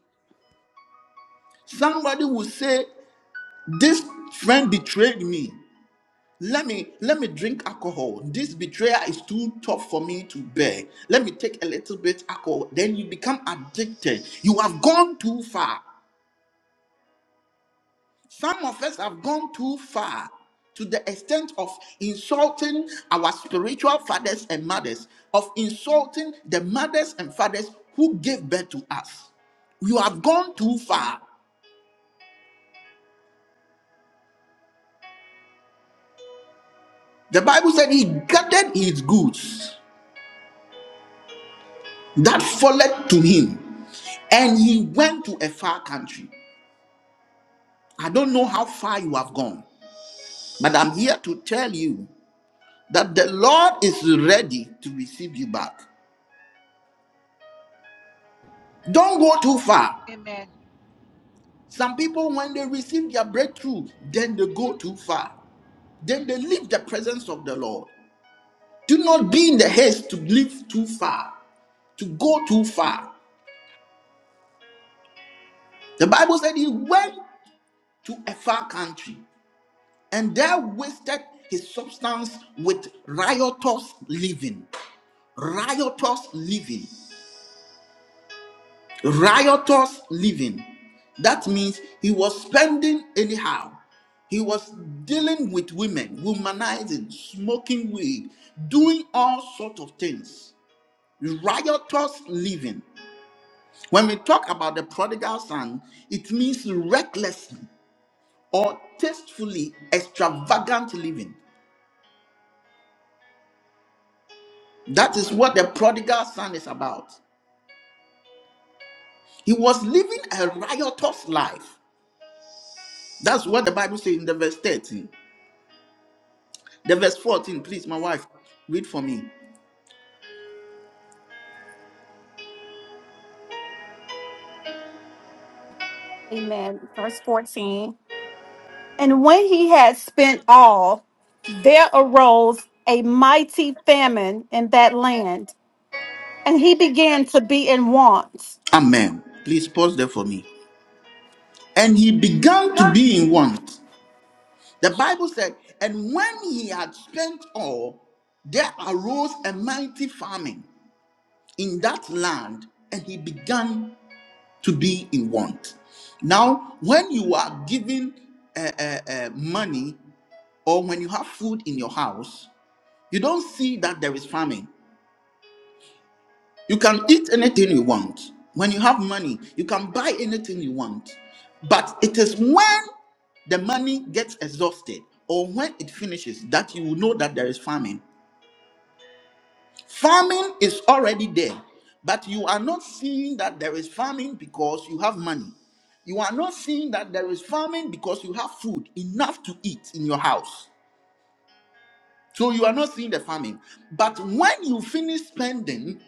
[SPEAKER 1] Somebody will say, This friend betrayed me. Let me let me drink alcohol. This betrayal is too tough for me to bear. Let me take a little bit alcohol. Then you become addicted. You have gone too far. Some of us have gone too far to the extent of insulting our spiritual fathers and mothers, of insulting the mothers and fathers who gave birth to us. You have gone too far. The Bible said he gathered his goods that followed to him and he went to a far country. I don't know how far you have gone, but I'm here to tell you that the Lord is ready to receive you back. Don't go too far.
[SPEAKER 5] Amen.
[SPEAKER 1] Some people, when they receive their breakthrough, then they go
[SPEAKER 5] Mm.
[SPEAKER 1] too far. Then they leave the presence of the Lord. Do not be in the haste to live too far, to go too far. The Bible said he went to a far country and there wasted his substance with riotous living. Riotous living. riotous living. That means he was spending anyhow. He was dealing with women, womanizing, smoking weed, doing all sorts of things. Riotous living. When we talk about the prodigal son, it means recklessly or tastefully extravagant living. That is what the prodigal son is about. He was living a riotous life. That's what the Bible says in the verse 13. The verse 14, please, my wife, read for me.
[SPEAKER 8] Amen. Verse 14. And when he had spent all, there arose a mighty famine in that land, and he began to be in want.
[SPEAKER 1] Amen. Please pause there for me. And he began to be in want. The Bible said, and when he had spent all, there arose a mighty famine in that land, and he began to be in want. Now, when you are given uh, uh, uh, money or when you have food in your house, you don't see that there is famine. You can eat anything you want. When you have money, you can buy anything you want. But it is when the money gets exhausted or when it finishes that you will know that there is famine. Famine is already there, but you are not seeing that there is famine because you have money. You are not seeing that there is famine because you have food enough to eat in your house. So you are not seeing the famine. But when you finish spending,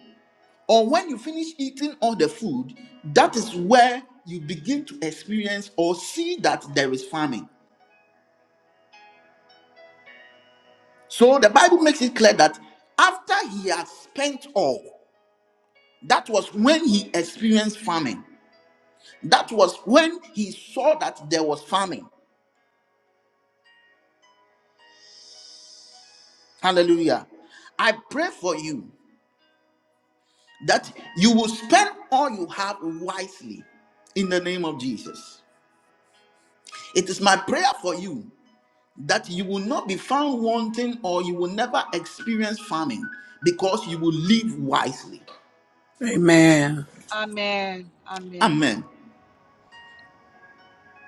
[SPEAKER 1] or when you finish eating all the food, that is where you begin to experience or see that there is famine. So the Bible makes it clear that after he had spent all, that was when he experienced famine. That was when he saw that there was famine. Hallelujah. I pray for you that you will spend all you have wisely in the name of Jesus. It is my prayer for you that you will not be found wanting or you will never experience famine because you will live wisely.
[SPEAKER 7] Amen.
[SPEAKER 5] Amen. Amen.
[SPEAKER 1] Amen.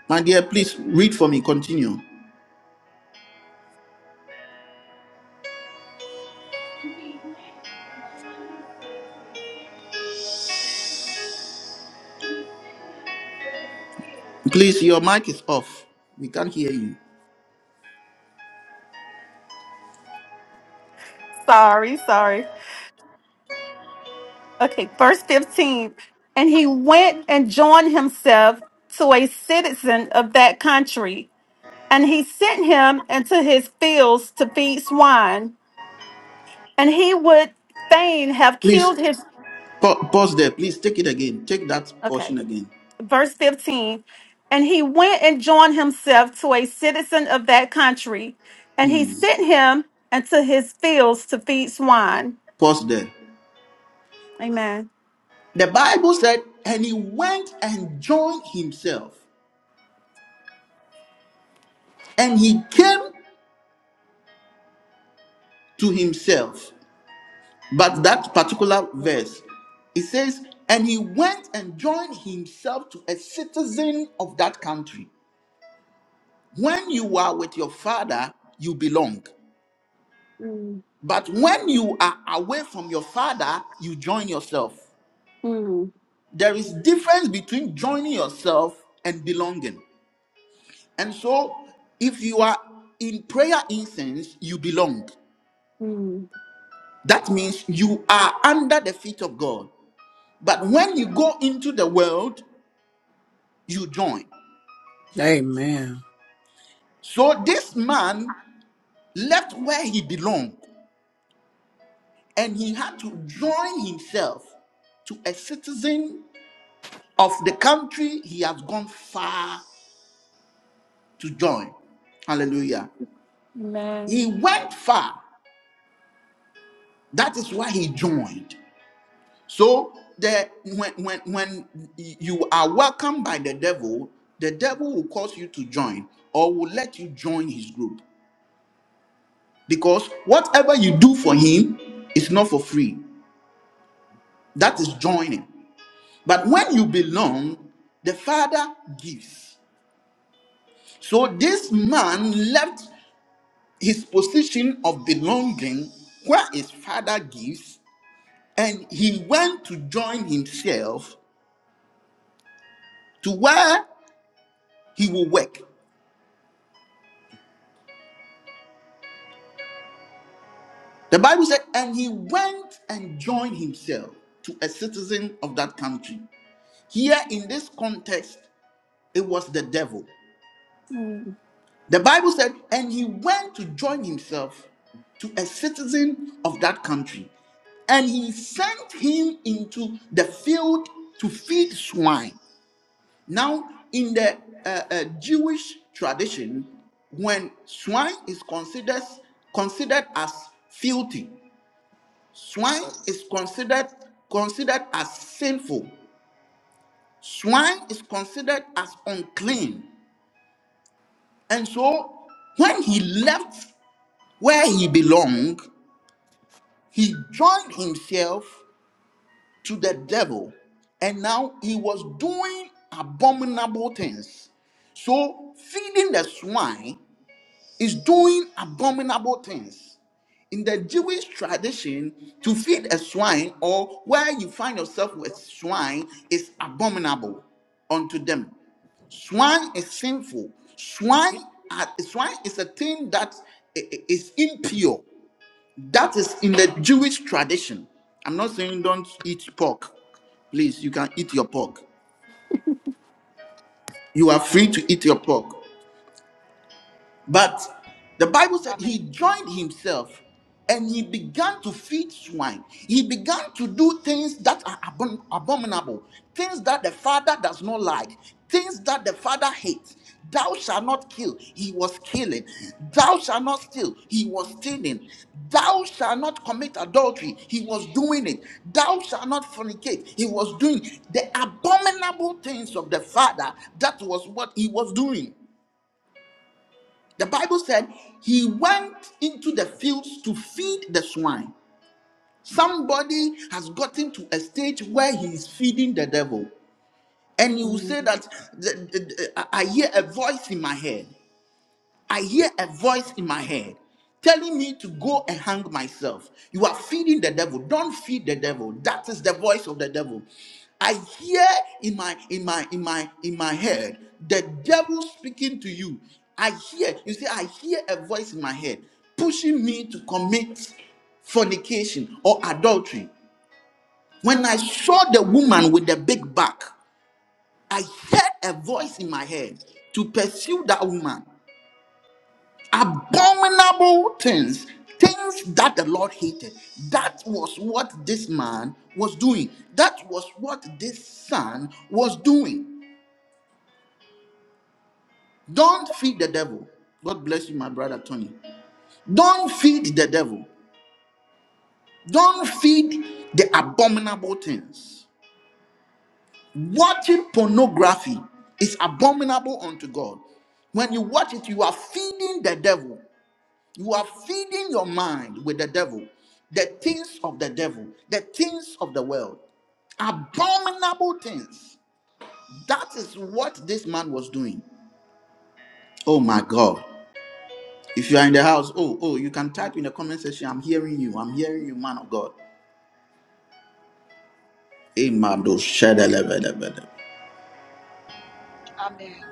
[SPEAKER 1] My dear, please read for me. Continue. Please, your mic is off. We can't hear you.
[SPEAKER 8] Sorry, sorry. Okay, verse 15. And he went and joined himself to a citizen of that country, and he sent him into his fields to feed swine. And he would fain have
[SPEAKER 1] Please
[SPEAKER 8] killed his.
[SPEAKER 1] pa- pause there. Please take it again. Take that
[SPEAKER 8] Okay,
[SPEAKER 1] portion again.
[SPEAKER 8] verse 15. And he went and joined himself to a citizen of that country, and he
[SPEAKER 1] Hmm.
[SPEAKER 8] sent him into his fields to feed swine.
[SPEAKER 1] Pause there.
[SPEAKER 8] Amen.
[SPEAKER 1] The Bible said, and he went and joined himself, and he came to himself. But that particular verse, it says, and he went and joined himself to a citizen of that country. When you are with your father, you belong.
[SPEAKER 8] Mm,
[SPEAKER 1] But when you are away from your father, you join yourself.
[SPEAKER 8] mm,
[SPEAKER 1] There is difference between joining yourself and belonging. And so if you are in prayer incense, you belong. That means you are under the feet of God. But when you go into the world, you join.
[SPEAKER 7] Amen.
[SPEAKER 1] So this man left where he belonged and he had to join himself to a citizen of the country he has gone far to join. Hallelujah. He went far. That is why he joined. So the when when when you are welcomed by the devil, the devil will cause you to join or will let you join his group. Because whatever you do for him is not for free. That is joining. But when you belong, the Father gives. So this man left his position of belonging where his father gives and he went to join himself to where he will work. The Bible said, and he went and joined himself to a citizen of that country. Here in this context, it was the devil.
[SPEAKER 8] mm.
[SPEAKER 1] The Bible said, and he went to join himself to a citizen of that country, and he sent him into the field to feed swine. Now, in the uh, uh, Jewish tradition, when swine is considered considered as filthy, swine is considered considered as sinful. Swine is considered as unclean, and so when he left where he belonged, he joined himself to the devil, and now he was doing abominable things. So, feeding the swine is doing abominable things. In the Jewish tradition, to feed a swine or where you find yourself with swine is abominable unto them. Swine is sinful. Swine, are- swine is a thing that i- i- is impure. That is in the Jewish tradition. I'm not saying don't eat pork. Please, you can eat your pork. You are free to eat your pork. But the Bible said he
[SPEAKER 5] Amen.
[SPEAKER 1] joined himself and he began to feed swine. He began to do things that are abom- abominable, things that the father does not like, things that the father hates. Thou shalt not kill, he was killing. Thou shalt not steal, he was stealing. Thou shalt not commit adultery, he was doing it. Thou shalt not fornicate, he was doing the abominable things of the father. That was what he was doing. The Bible said he went into the fields to feed the swine. Somebody has gotten to a stage where he is feeding the devil. And you will say that "The- the- the- I I hear a voice in my head. I hear a voice in my head telling me to go and hang myself. You are feeding the devil. Don't feed the devil. That is the voice of the devil. I hear in my in my in my in my head the devil speaking to you. I hear, you see, I hear a voice in my head pushing me to commit fornication or adultery. When I saw the woman with the big back, I heard a voice in my head to pursue that woman abominable things, things that the Lord hated. That was what this man was doing. That was what this son was doing. Don't feed the devil. God bless you, my brother Tony. Don't feed the devil. Don't feed the abominable things. Watching pornography is abominable unto God. When you watch it, you are feeding the devil. You are feeding your mind with the devil, the things of the devil, the things of the world, abominable things. That is what this man was doing. Oh my God. If you are in the house, oh, oh, you can type in the comment section, I'm hearing you, I'm hearing you, man of God. Amen. Oh, shadalabadabada.
[SPEAKER 5] Amen.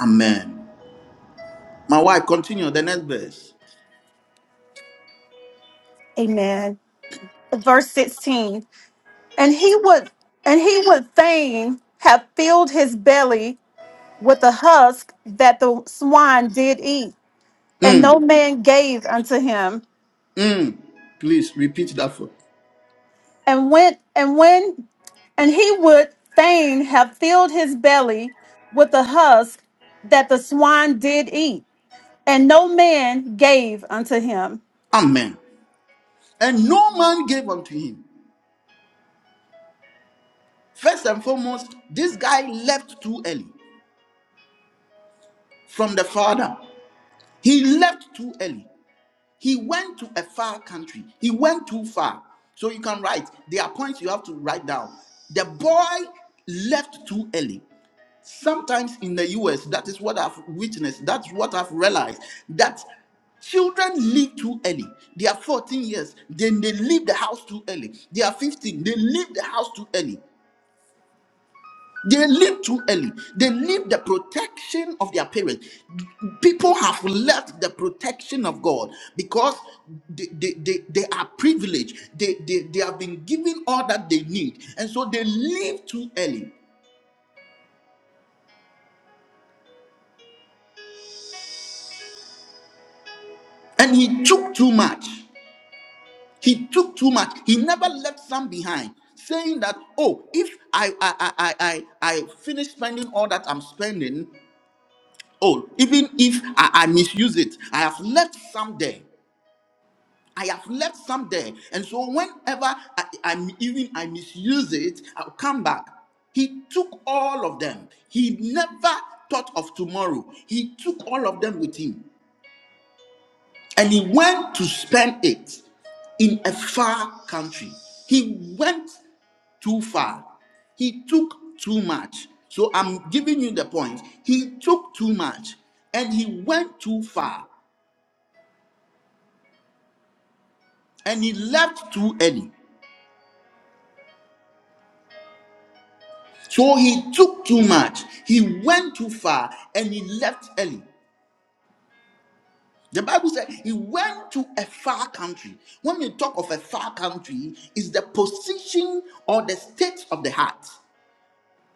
[SPEAKER 1] Amen. My wife, continue the next verse.
[SPEAKER 8] Amen. Verse 16. and he would and he would fain have filled his belly with the husk that the swine did eat and no
[SPEAKER 1] Mm,
[SPEAKER 8] man gave unto him
[SPEAKER 1] mm. Please repeat that for.
[SPEAKER 8] and went and when and he would fain have filled his belly with the husk that the swine did eat and no man gave unto him
[SPEAKER 1] Amen. And no man gave unto him. First and foremost, this guy left too early from the father. He left too early. He went to a far country. He went too far. So you can write. There are points you have to write down. The boy left too early. Sometimes in the US, that is what I've witnessed. That's what I've realized. That Children leave too early. They are 14 years, then they leave the house too early. They are 15, they leave the house too early. They leave too early. They leave the protection of their parents. People have left the protection of God because they, they, they, they are privileged. They, they, they have been given all that they need. And so they leave too early. And he took too much. He took too much. He never left some behind, saying that, oh, if I I I I, I I finish spending all that I'm spending, oh, even if I, I misuse it, I have left some there. I have left some there. And so whenever I, am even I misuse it, I'll come back. He took all of them. He never thought of tomorrow. He took all of them with him. And he went to spend it in a far country. He went too far. He took too much. So I'm giving you the point. He took too much and he went too far and he left too early. So he took too much. He went too far and he left early. The Bible said he went to a far country. When we talk of a far country, it's the position or the state of the heart.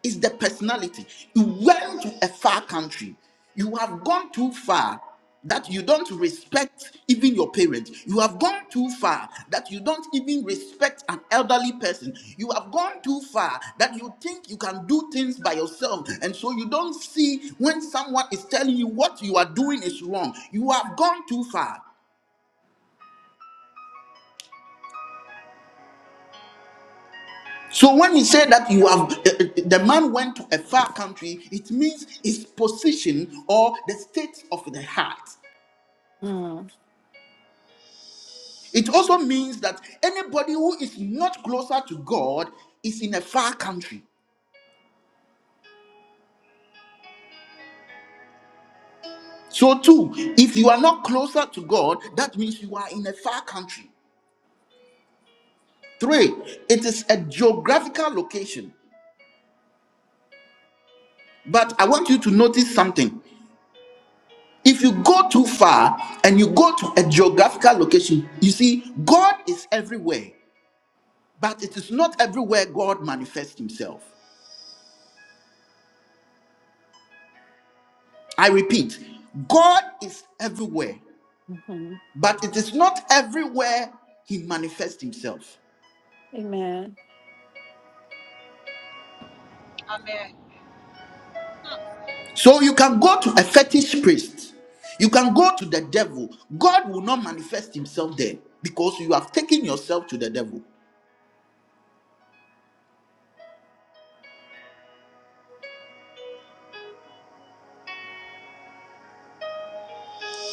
[SPEAKER 1] It's the personality. You went to a far country. You have gone too far that you don't respect even your parents. You have gone too far that you don't even respect an elderly person. You have gone too far that you think you can do things by yourself. And so you don't see when someone is telling you what you are doing is wrong. You have gone too far. So when he said that you have uh, uh, the man went to a far country, it means his position or the state of the heart.
[SPEAKER 8] Mm,
[SPEAKER 1] It also means that anybody who is not closer to God is in a far country. So, two, if you are not closer to God, that means you are in a far country. Three, it is a geographical location. But I want you to notice something. If you go too far and you go to a geographical location, you see, God is everywhere, but it is not everywhere God manifests Himself. I repeat, God is everywhere,
[SPEAKER 8] mhm.
[SPEAKER 1] but it is not everywhere he manifests himself.
[SPEAKER 8] amen
[SPEAKER 5] Amen. Mm.
[SPEAKER 1] So you can go to a fetish priest, you can go to the devil. God will not manifest himself there because you have taken yourself to the devil.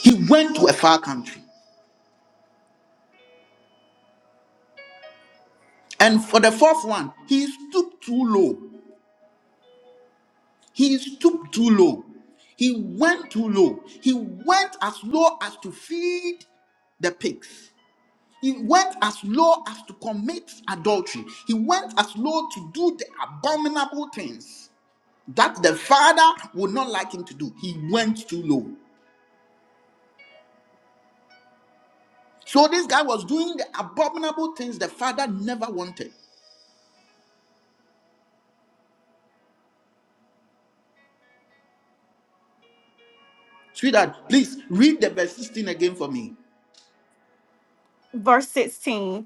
[SPEAKER 1] He went to a far country. And for the fourth one, he stooped too low. He stooped too low. He went too low. He went as low as to feed the pigs. He went as low as to commit adultery. He went as low to do the abominable things that the father would not like him to do. He went too low. So this guy was doing the abominable things the father never wanted. Sweetheart, please read the verse 16 again for me.
[SPEAKER 8] verse 16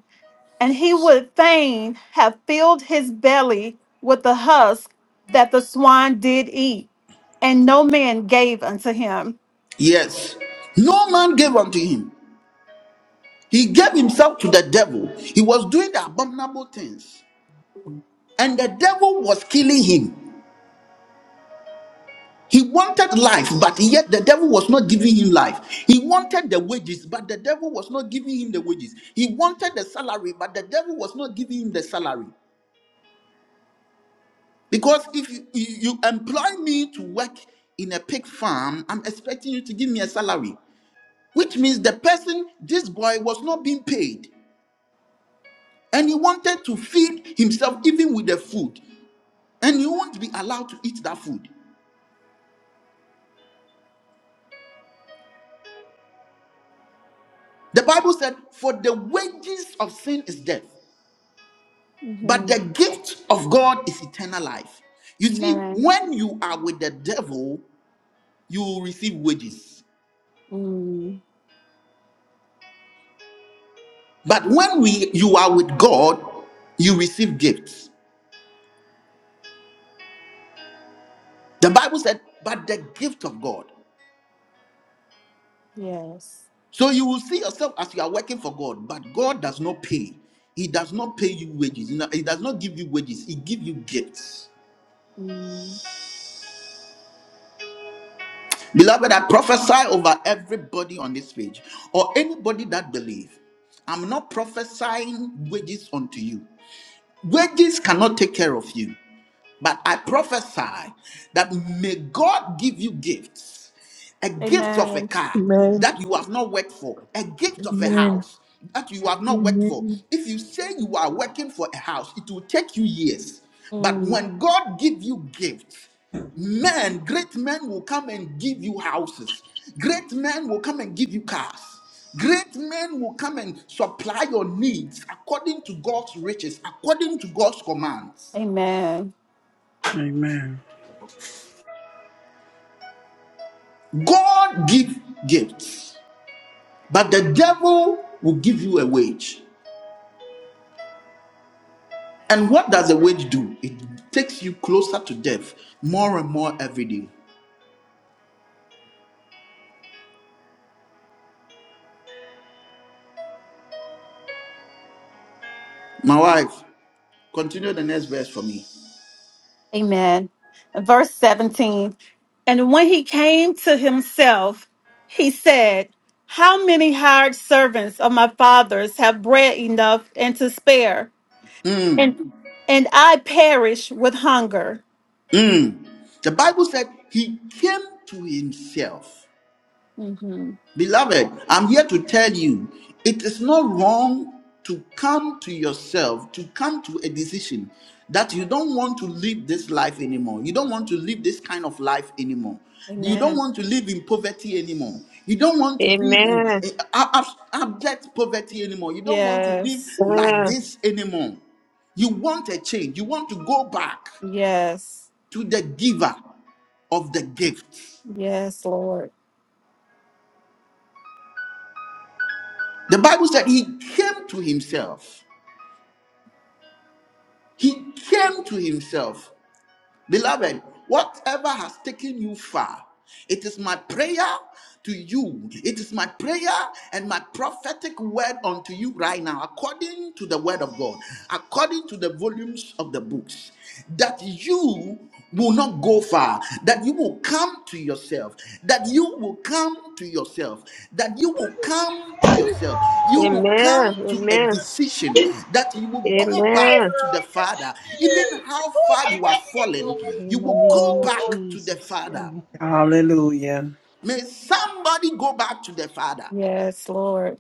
[SPEAKER 8] and he would fain have filled his belly with the husk that the swine did eat, and no man gave unto him.
[SPEAKER 1] Yes. No man gave unto him. He gave himself to the devil. He was doing the abominable things. And the devil was killing him. He wanted life, but yet the devil was not giving him life. He wanted the wages, but the devil was not giving him the wages. He wanted the salary, but the devil was not giving him the salary. Because if you, you, you employ me to work in a pig farm, I'm expecting you to give me a salary, which means the person, this boy, was not being paid. And he wanted to feed himself even with the food. And you won't be allowed to eat that food. The Bible said, For the wages of sin is death. But the
[SPEAKER 8] Mhm.
[SPEAKER 1] gift of God is eternal life. You see,
[SPEAKER 8] Amen.
[SPEAKER 1] when you are with the devil, you will receive wages.
[SPEAKER 8] Mm.
[SPEAKER 1] But when we you are with God, you receive gifts. The Bible said, but the gift of God.
[SPEAKER 8] Yes.
[SPEAKER 1] So you will see yourself as you are working for God, but God does not pay. He does not pay you wages. You know, He does not give you wages. He gives you gifts. Beloved, I prophesy over everybody on this page or anybody that believe. I'm not prophesying wages unto you. Wages cannot take care of you. But I prophesy that may God give you gifts a gift of a
[SPEAKER 8] Amen.
[SPEAKER 1] car
[SPEAKER 6] Amen.
[SPEAKER 1] that you have not worked for, a gift of a
[SPEAKER 6] Amen.
[SPEAKER 1] house that you have
[SPEAKER 6] Amen.
[SPEAKER 1] not worked for. If you say you are working for a house, it will take you years. But
[SPEAKER 8] Mm.
[SPEAKER 1] when God gives you gifts, men, great men will come and give you houses, great men will come and give you cars. Great men will come and supply your needs according to God's riches, according to God's commands.
[SPEAKER 8] Amen.
[SPEAKER 7] Amen.
[SPEAKER 1] God give gifts, but the devil will give you a wage. And what does a wage do? It takes you closer to death more and more every day. My wife, continue the next verse for me.
[SPEAKER 8] Amen. And verse 17 And when he came to himself, he said, How many hired servants of my father's have bread enough and to spare,
[SPEAKER 1] Mm,
[SPEAKER 8] and, and I perish with hunger?
[SPEAKER 1] mm. The Bible said he came to himself.
[SPEAKER 8] hmm
[SPEAKER 1] Beloved, I'm here to tell you it is not wrong to come to yourself, to come to a decision that you don't want to live this life anymore. You don't want to live this kind of life anymore. You don't
[SPEAKER 8] Amen.
[SPEAKER 1] want to live in poverty anymore. You don't want to live in
[SPEAKER 4] Amen.
[SPEAKER 1] eh, ab- abject poverty anymore. You don't want to live
[SPEAKER 8] Yes.
[SPEAKER 1] like
[SPEAKER 4] Amen.
[SPEAKER 1] this anymore. You want a change. You want to go back
[SPEAKER 8] Yes.
[SPEAKER 1] to the giver of the gift.
[SPEAKER 8] Yes, Lord.
[SPEAKER 1] The Bible said he came to himself. He came to himself. Beloved, whatever has taken you far, it is my prayer to you. It is my prayer and my prophetic word unto you right now, according to the word of God, according to the volumes of the books, that you will not go far are, that you will come to yourself, that you will come to yourself, that you will come to yourself. You will
[SPEAKER 4] Amen. Amen.
[SPEAKER 1] come to a decision that you will go
[SPEAKER 4] Amen.
[SPEAKER 1] back to the Father. Even how far you are fallen, you
[SPEAKER 5] In the
[SPEAKER 1] will
[SPEAKER 5] name
[SPEAKER 1] go
[SPEAKER 5] of
[SPEAKER 1] back to the
[SPEAKER 5] Jesus.
[SPEAKER 1] Father.
[SPEAKER 5] Amen.
[SPEAKER 7] Hallelujah.
[SPEAKER 1] May somebody go back to the Father.
[SPEAKER 8] Yes, Lord.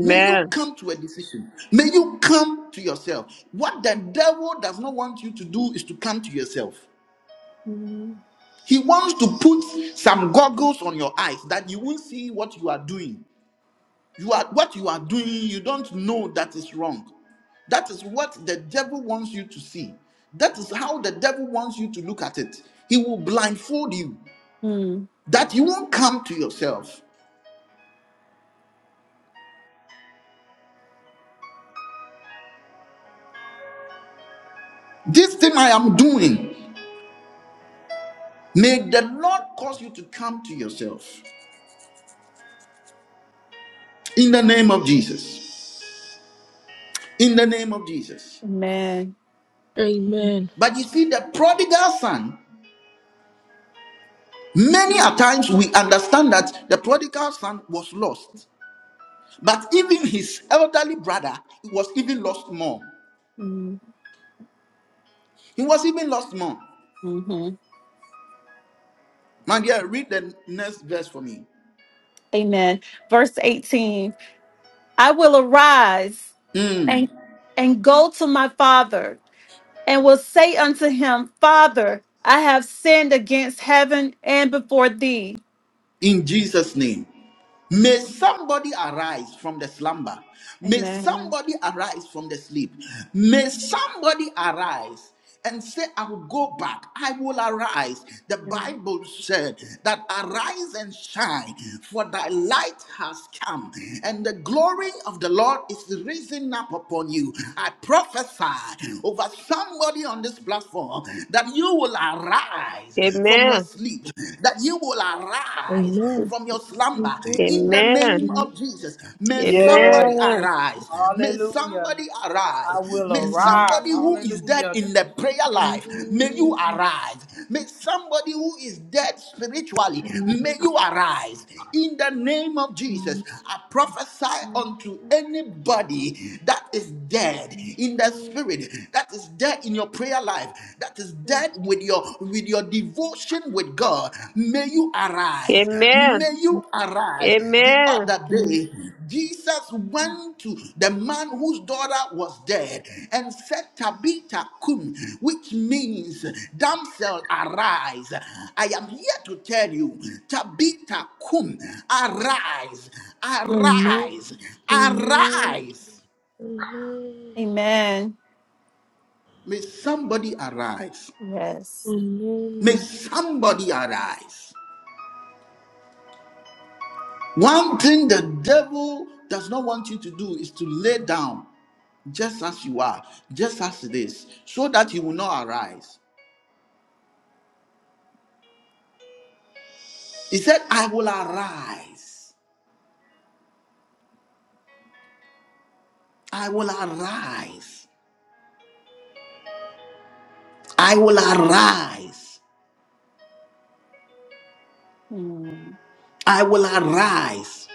[SPEAKER 1] May you come to a decision. May you come to yourself. What the devil does not want you to do is to come to yourself. He wants to put some goggles on your eyes that you won't see what you are doing. You are what you are doing, you don't know that is wrong. That is what the devil wants you to see. That is how the devil wants you to look at it. He will blindfold you
[SPEAKER 8] Mm-hmm.
[SPEAKER 1] that you won't come to yourself. This thing I am doing, may the Lord cause you to come to yourself in the name of Jesus. In the name of Jesus.
[SPEAKER 8] Amen.
[SPEAKER 6] Amen.
[SPEAKER 1] But you see, the prodigal son Many a times we understand that the prodigal son was lost, but even his elderly brother was even lost more. He was even lost more.
[SPEAKER 8] Mm-hmm.
[SPEAKER 1] My dear, read the next verse for me.
[SPEAKER 8] Amen. Verse 18 I will arise
[SPEAKER 1] Hmm.
[SPEAKER 8] and, and go to my father and will say unto him, Father, I have sinned against heaven and before thee.
[SPEAKER 1] in Jesus' name. May somebody arise from the slumber. May
[SPEAKER 8] Amen.
[SPEAKER 1] somebody arise from the sleep. May somebody arise and say, I will go back. I will arise. The Bible said that arise and shine, for thy light has come, and the glory of the Lord is risen up upon you. I prophesy over somebody on this platform that you will arise from your sleep, that you will
[SPEAKER 6] Amen. Amen.
[SPEAKER 1] arise from your slumber in the
[SPEAKER 4] Amen.
[SPEAKER 1] name of Jesus. May somebody
[SPEAKER 7] Yes.
[SPEAKER 4] Amen.
[SPEAKER 1] arise. May
[SPEAKER 7] Hallelujah.
[SPEAKER 1] somebody
[SPEAKER 7] I
[SPEAKER 1] arise.
[SPEAKER 7] will
[SPEAKER 6] Amen.
[SPEAKER 1] May
[SPEAKER 6] Amen.
[SPEAKER 7] arise.
[SPEAKER 1] somebody who is dead
[SPEAKER 7] Hallelujah.
[SPEAKER 1] in the prayer
[SPEAKER 6] Amen. Amen.
[SPEAKER 1] life, may you arise. May somebody who is dead spiritually, may you arise in the name of Jesus. I prophesy unto anybody that is dead in the spirit, that is dead in your prayer life that is dead with your with your devotion with God may you
[SPEAKER 4] Amen.
[SPEAKER 1] arise
[SPEAKER 4] Amen.
[SPEAKER 1] may you
[SPEAKER 4] Amen.
[SPEAKER 1] arise the
[SPEAKER 4] Amen.
[SPEAKER 1] other day Jesus went to the man whose daughter was dead and said Tabitha kum which means damsel arise I am here to tell you Tabitha kum arise arise arise
[SPEAKER 8] Amen.
[SPEAKER 1] may somebody arise
[SPEAKER 8] Yes.
[SPEAKER 1] May somebody arise. One thing the devil does not want you to do is to lay down just as you are, just as it is, so that you will not arise. He said, I will arise. I will arise. I will arise.
[SPEAKER 8] Mm.
[SPEAKER 1] I will arise.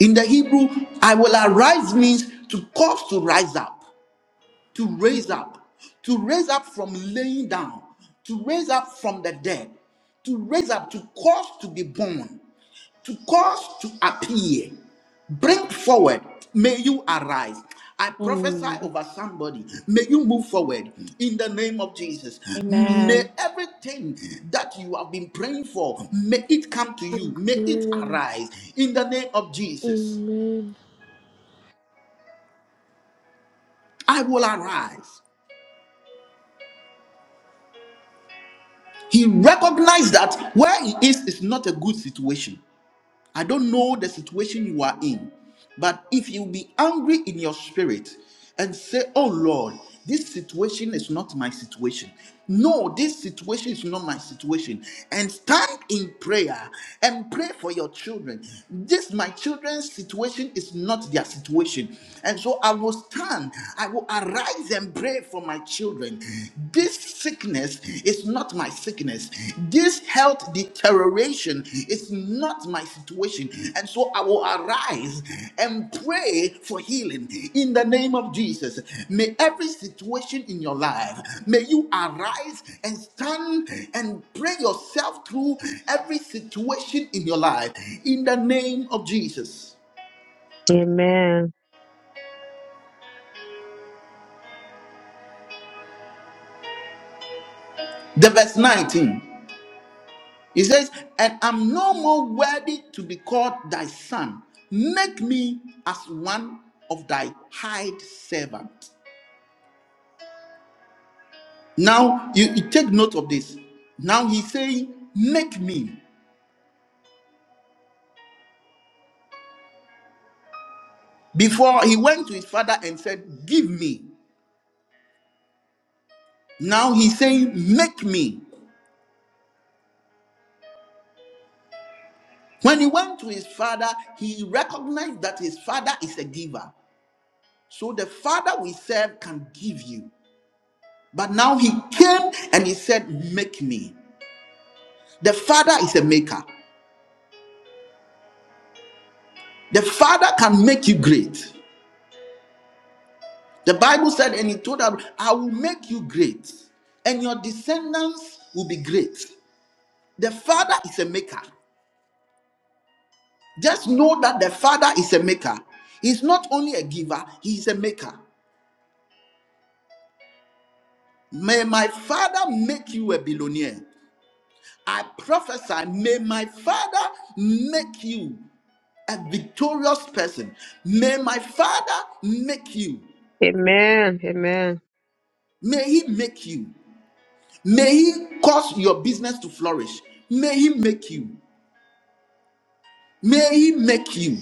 [SPEAKER 1] In the Hebrew, I will arise means to cause to rise up. to raise up, to raise up from laying down, to raise up from the dead, to raise up, to cause to be born, to cause to appear, bring forward. May you arise. I prophesy
[SPEAKER 8] Mm.
[SPEAKER 1] over somebody. May you move forward in the name of Jesus. May
[SPEAKER 8] Amen.
[SPEAKER 1] everything that you have been praying for, may it come to you. May it arise in the name of Jesus. I will arise. He recognized that where he is is not a good situation. I don't know the situation you are in, but if you be angry in your spirit and say, Oh Lord, this situation is not my situation. No, this situation is not my situation. And stand in prayer and pray for your children. This, my children's situation, is not their situation. And so I will stand, I will arise and pray for my children. This sickness is not my sickness. This health deterioration is not my situation. And so I will arise and pray for healing in the name of Jesus. May every situation in your life, may you arise and stand and pray yourself through every situation in your life in the name of Jesus.
[SPEAKER 4] Amen.
[SPEAKER 1] The verse 19. He says, And I'm no more worthy to be called thy son. Make me as one of thy hired servants. Now, you, you take note of this. Now he's saying, Make me. Before he went to his father and said, Give me. Now he's saying, Make me. When he went to his father, he recognized that his father is a giver. So the father we serve can give you. But now he came and he said, Make me. The Father is a maker. The Father can make you great. The Bible said, and He told Abraham, I will make you great, and your descendants will be great. The Father is a maker. Just know that the Father is a maker. He's not only a giver, He's a maker. May my Father make you a billionaire. I prophesy, may my Father make you a victorious person. May my Father make you.
[SPEAKER 4] Amen.
[SPEAKER 1] May He make you. May He cause your business to flourish. May He make you. May He make you.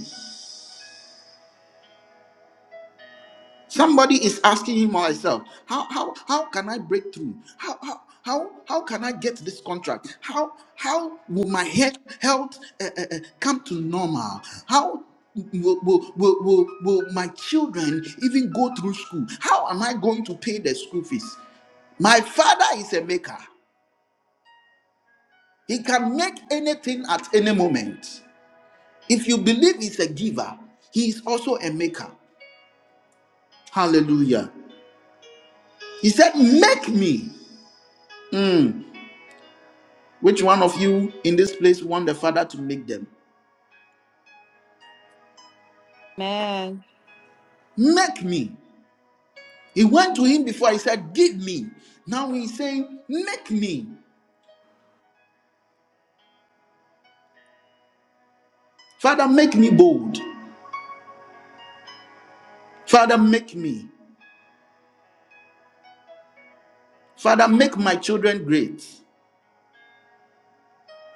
[SPEAKER 1] Somebody is asking him or herself, how how how can I break through? How how how, how can I get this contract? How how will my health health uh, uh, uh, come to normal? How will, will, will, will, will my children even go through school? How am I going to pay the school fees? My father is a maker. He can make anything at any moment. If you believe he's a giver, he is also a maker. Hallelujah. He said, Make me. Hmm. Which one of you in this place want the Father to make them?
[SPEAKER 8] Amen.
[SPEAKER 1] Make me. He went to him before. He said, Give me. Now he's saying, Make me. Father, make me bold. Father, make me. Father, make my children great.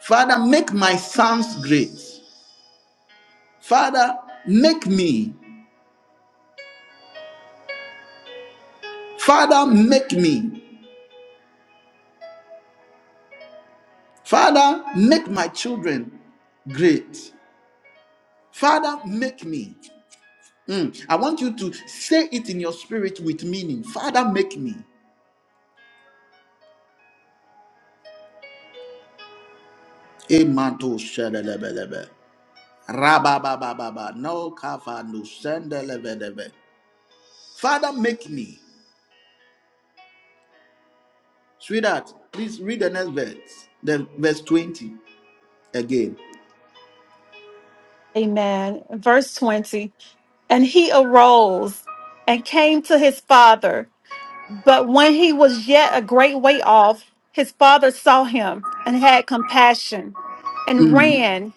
[SPEAKER 1] Father, make my sons great. Father, make me. Father, make me. Father, make my children great. Father, make me. Mm, I want you to say it in your spirit with meaning. Father, make me. Amen. shedelebelebe. Rababababa. No kafa no shendelebelebe. Father, make me. Sweetheart, please read the next verse, the verse 20 again.
[SPEAKER 8] Amen. Verse 20. And he arose and came to his father. But when he was yet a great way off, his father saw him and had compassion and ran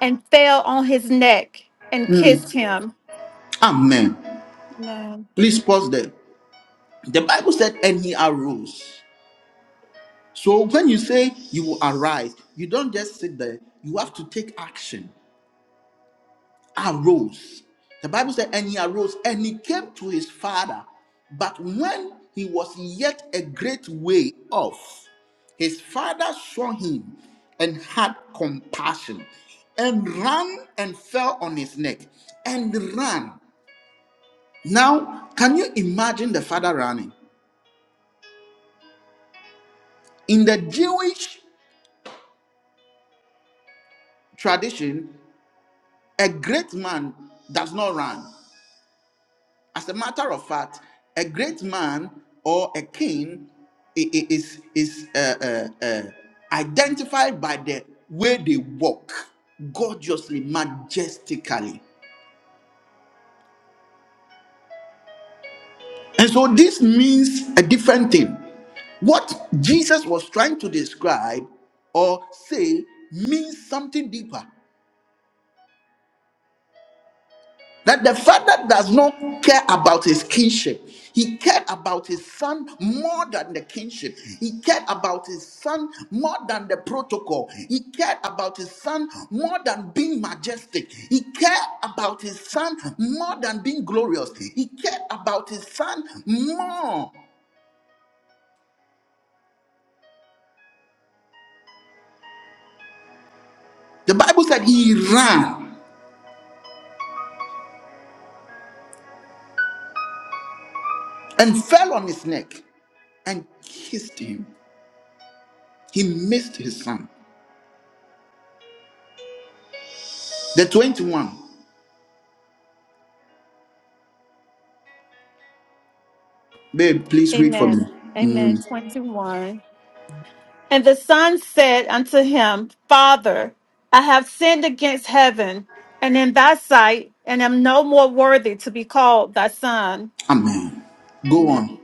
[SPEAKER 8] and fell on his neck and kissed him.
[SPEAKER 1] Amen.
[SPEAKER 8] Amen.
[SPEAKER 1] Please pause there. The Bible said, and he arose. So when you say you will arise, you don't just sit there. You have to take action. Arose. The Bible said, and he arose and he came to his father. But when he was yet a great way off, his father saw him and had compassion and ran and fell on his neck and ran. Now, can you imagine the father running? In the Jewish tradition, a great man does not run. As a matter of fact, a great man or a king i- i- is is uh, uh, uh, identified by the way they walk, gorgeously, majestically. And so this means a different thing. What Jesus was trying to describe or say means something deeper. That the father does not care about his kinship. He cared about his son more than the kinship. He cared about his son more than the protocol. He cared about his son more than being majestic. He cared about his son more than being glorious. He cared about his son more. The Bible said he ran and fell on his neck and kissed him. He missed his son. The 21. Babe, please read for
[SPEAKER 8] Amen.
[SPEAKER 1] me. Mm.
[SPEAKER 8] Amen. 21. And the son said unto him, Father, I have sinned against heaven and in thy sight, and am no more worthy to be called thy son.
[SPEAKER 1] Amen. Go on.
[SPEAKER 8] Amen.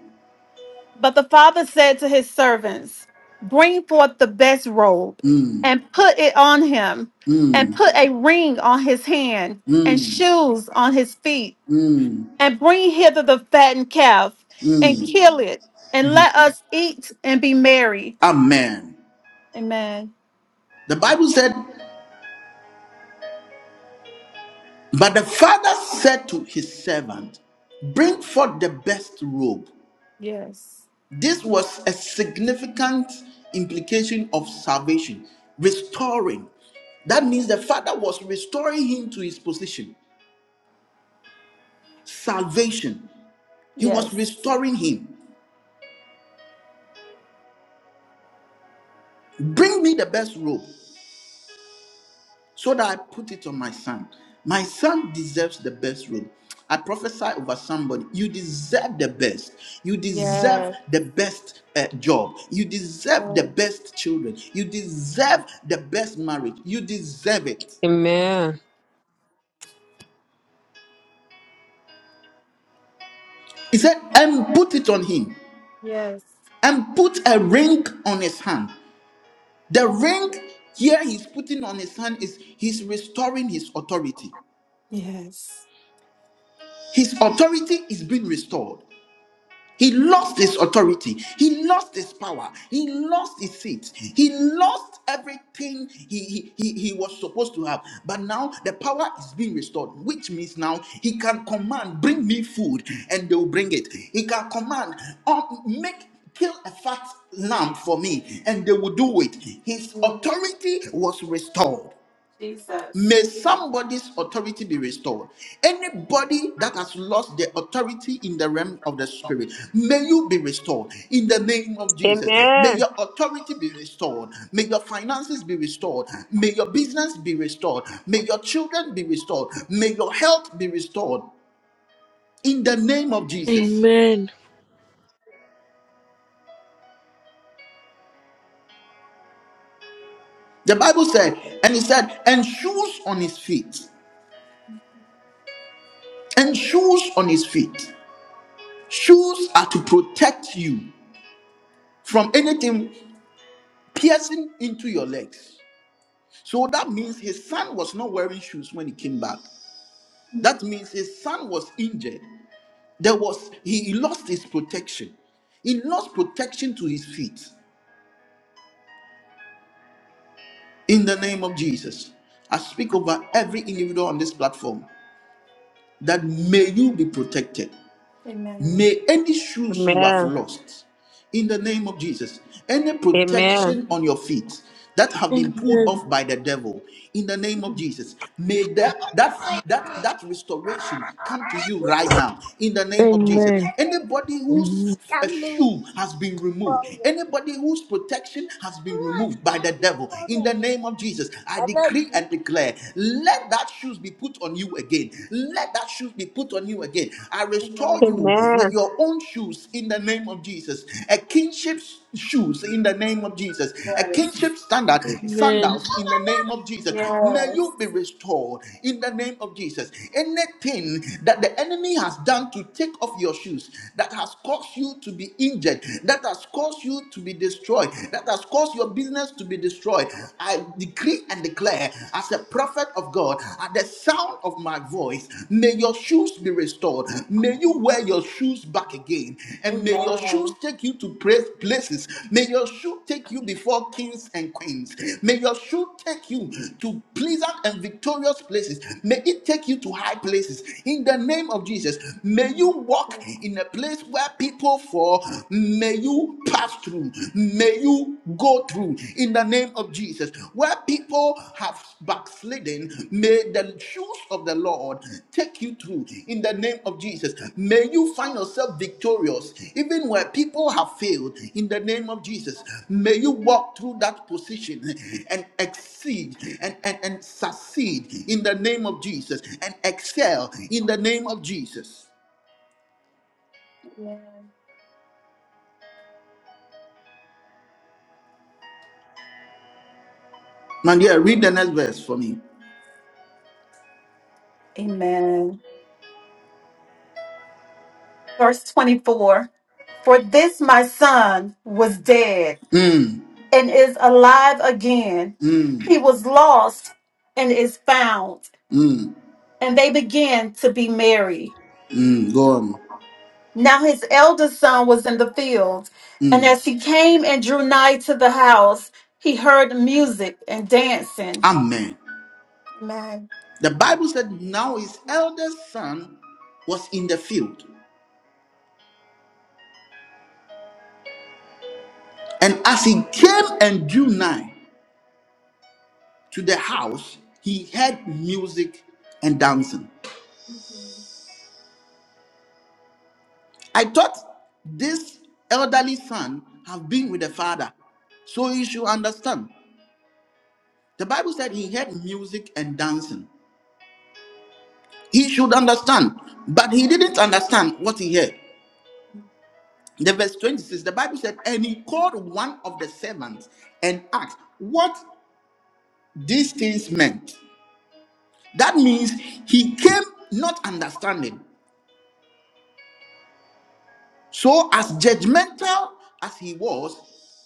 [SPEAKER 8] But the father said to his servants, Bring forth the best robe
[SPEAKER 1] Mm,
[SPEAKER 8] and put it on him, and
[SPEAKER 1] mm,
[SPEAKER 8] put a ring on his hand and
[SPEAKER 1] mm,
[SPEAKER 8] shoes on his feet,
[SPEAKER 1] mm.
[SPEAKER 8] and bring hither the fattened calf and kill it, and let us eat and be merry.
[SPEAKER 1] Amen.
[SPEAKER 8] Amen.
[SPEAKER 1] The Bible said, But the father said to his servant, Bring forth the best robe.
[SPEAKER 8] Yes.
[SPEAKER 1] This was a significant implication of salvation, restoring. That means the father was restoring him to his position, salvation. He was
[SPEAKER 8] Yes.
[SPEAKER 1] restoring him. Bring me the best robe. so that I put it on my son. My son deserves the best robe. I prophesy over somebody. You deserve the best. You deserve
[SPEAKER 8] Yes.
[SPEAKER 1] the best uh, job. You deserve the
[SPEAKER 8] Yes.
[SPEAKER 1] best children. You deserve the best marriage. You deserve it.
[SPEAKER 4] Amen.
[SPEAKER 1] He said, and put it on him,
[SPEAKER 8] Yes.
[SPEAKER 1] and put a ring on his hand. The ring here he's putting on his hand is he's restoring his authority.
[SPEAKER 8] Yes.
[SPEAKER 1] His authority is being restored. He lost his authority. He lost his power. He lost his seat. He lost everything he, he, he, he was supposed to have. But now the power is being restored, which means now he can command, bring me food, and they will bring it. He can command, "Oh, make kill a fat lamb for me, and they will do it. His authority was restored.
[SPEAKER 8] Jesus.
[SPEAKER 1] May somebody's authority be restored. Anybody that has lost their authority in the realm of the spirit, may you be restored in the name of Jesus. May
[SPEAKER 4] Amen.
[SPEAKER 1] your authority be restored. May your finances be restored. May your business be restored. May your children be restored. May your health be restored in the name of
[SPEAKER 6] Amen.
[SPEAKER 1] Jesus. The Bible said, and he said, and shoes on his feet, and shoes on his feet. Shoes are to protect you from anything. piercing into your legs. So that means his son was not wearing shoes when he came back. That means his son was injured. There was he he lost his protection. He lost protection to his feet. In the name of Jesus, I speak over every individual on this platform that may you be protected.
[SPEAKER 8] Amen.
[SPEAKER 1] May any shoes you have lost, in the name of Jesus, any
[SPEAKER 4] Amen.
[SPEAKER 1] protection on your feet that have been pulled off by the devil, in the name of Jesus, may that that that that restoration come to you right now, in the name
[SPEAKER 6] Amen.
[SPEAKER 1] of Jesus.
[SPEAKER 6] Amen.
[SPEAKER 1] Anybody whose
[SPEAKER 6] Amen.
[SPEAKER 1] a shoe has been removed. Anybody whose protection has been removed by the devil,
[SPEAKER 6] Amen.
[SPEAKER 1] in the name of Jesus, I
[SPEAKER 6] like
[SPEAKER 1] decree and declare, let that shoes be put on you again. Let that shoes be put on you again. I restore you
[SPEAKER 4] Amen.
[SPEAKER 1] with
[SPEAKER 4] Amen.
[SPEAKER 1] your own shoes in the name of Jesus. A kingship shoes in the name of Jesus. A
[SPEAKER 8] Yes.
[SPEAKER 1] kingship standard
[SPEAKER 6] Amen.
[SPEAKER 1] sandals in the name of Jesus. May
[SPEAKER 8] Yes.
[SPEAKER 1] you be restored in the name of Jesus. Anything that the enemy has done to take off your shoes, that that has caused you to be injured, that has caused you to be destroyed, that has caused your business to be destroyed, I decree and declare as a prophet of God, at the sound of my voice, may your shoes be restored. May you wear your shoes back again, and may your shoes take you to pra- places. May your shoe take you before kings and queens. May your shoe take you to pleasant and victorious places. May it take you to high places. In the name of Jesus, may you walk walk in a place where people fall. May you pass through. May you go through in the name of Jesus. Where people have backslidden, may the shoes of the Lord take you through in the name of Jesus. May you find yourself victorious even where people have failed in the name of Jesus. May you walk through that position and exceed and, and, and succeed in the name of Jesus and excel in the name of Jesus.
[SPEAKER 8] Amen.
[SPEAKER 1] Man, yeah, read the next verse for me.
[SPEAKER 8] Amen. Verse 24 For this my son was dead and is alive again.
[SPEAKER 1] Mm,
[SPEAKER 8] He was lost and is found.
[SPEAKER 1] mm,
[SPEAKER 8] And they began to be merry.
[SPEAKER 1] mm, go on.
[SPEAKER 8] Now his eldest son was in the field. And
[SPEAKER 1] Mm,
[SPEAKER 8] as he came and drew nigh to the house, he heard music and dancing.
[SPEAKER 1] amen.
[SPEAKER 8] Amen.
[SPEAKER 1] The Bible said, Now his eldest son was in the field. And as he came and drew nigh to the house, he heard music and dancing. I thought this elderly son have been with the father, so he should understand. The Bible said he heard music and dancing. He should understand, but he didn't understand what he heard. The verse 26, the Bible said, And he called one of the servants and asked what these things meant. That means he came not understanding. So, as judgmental as he was,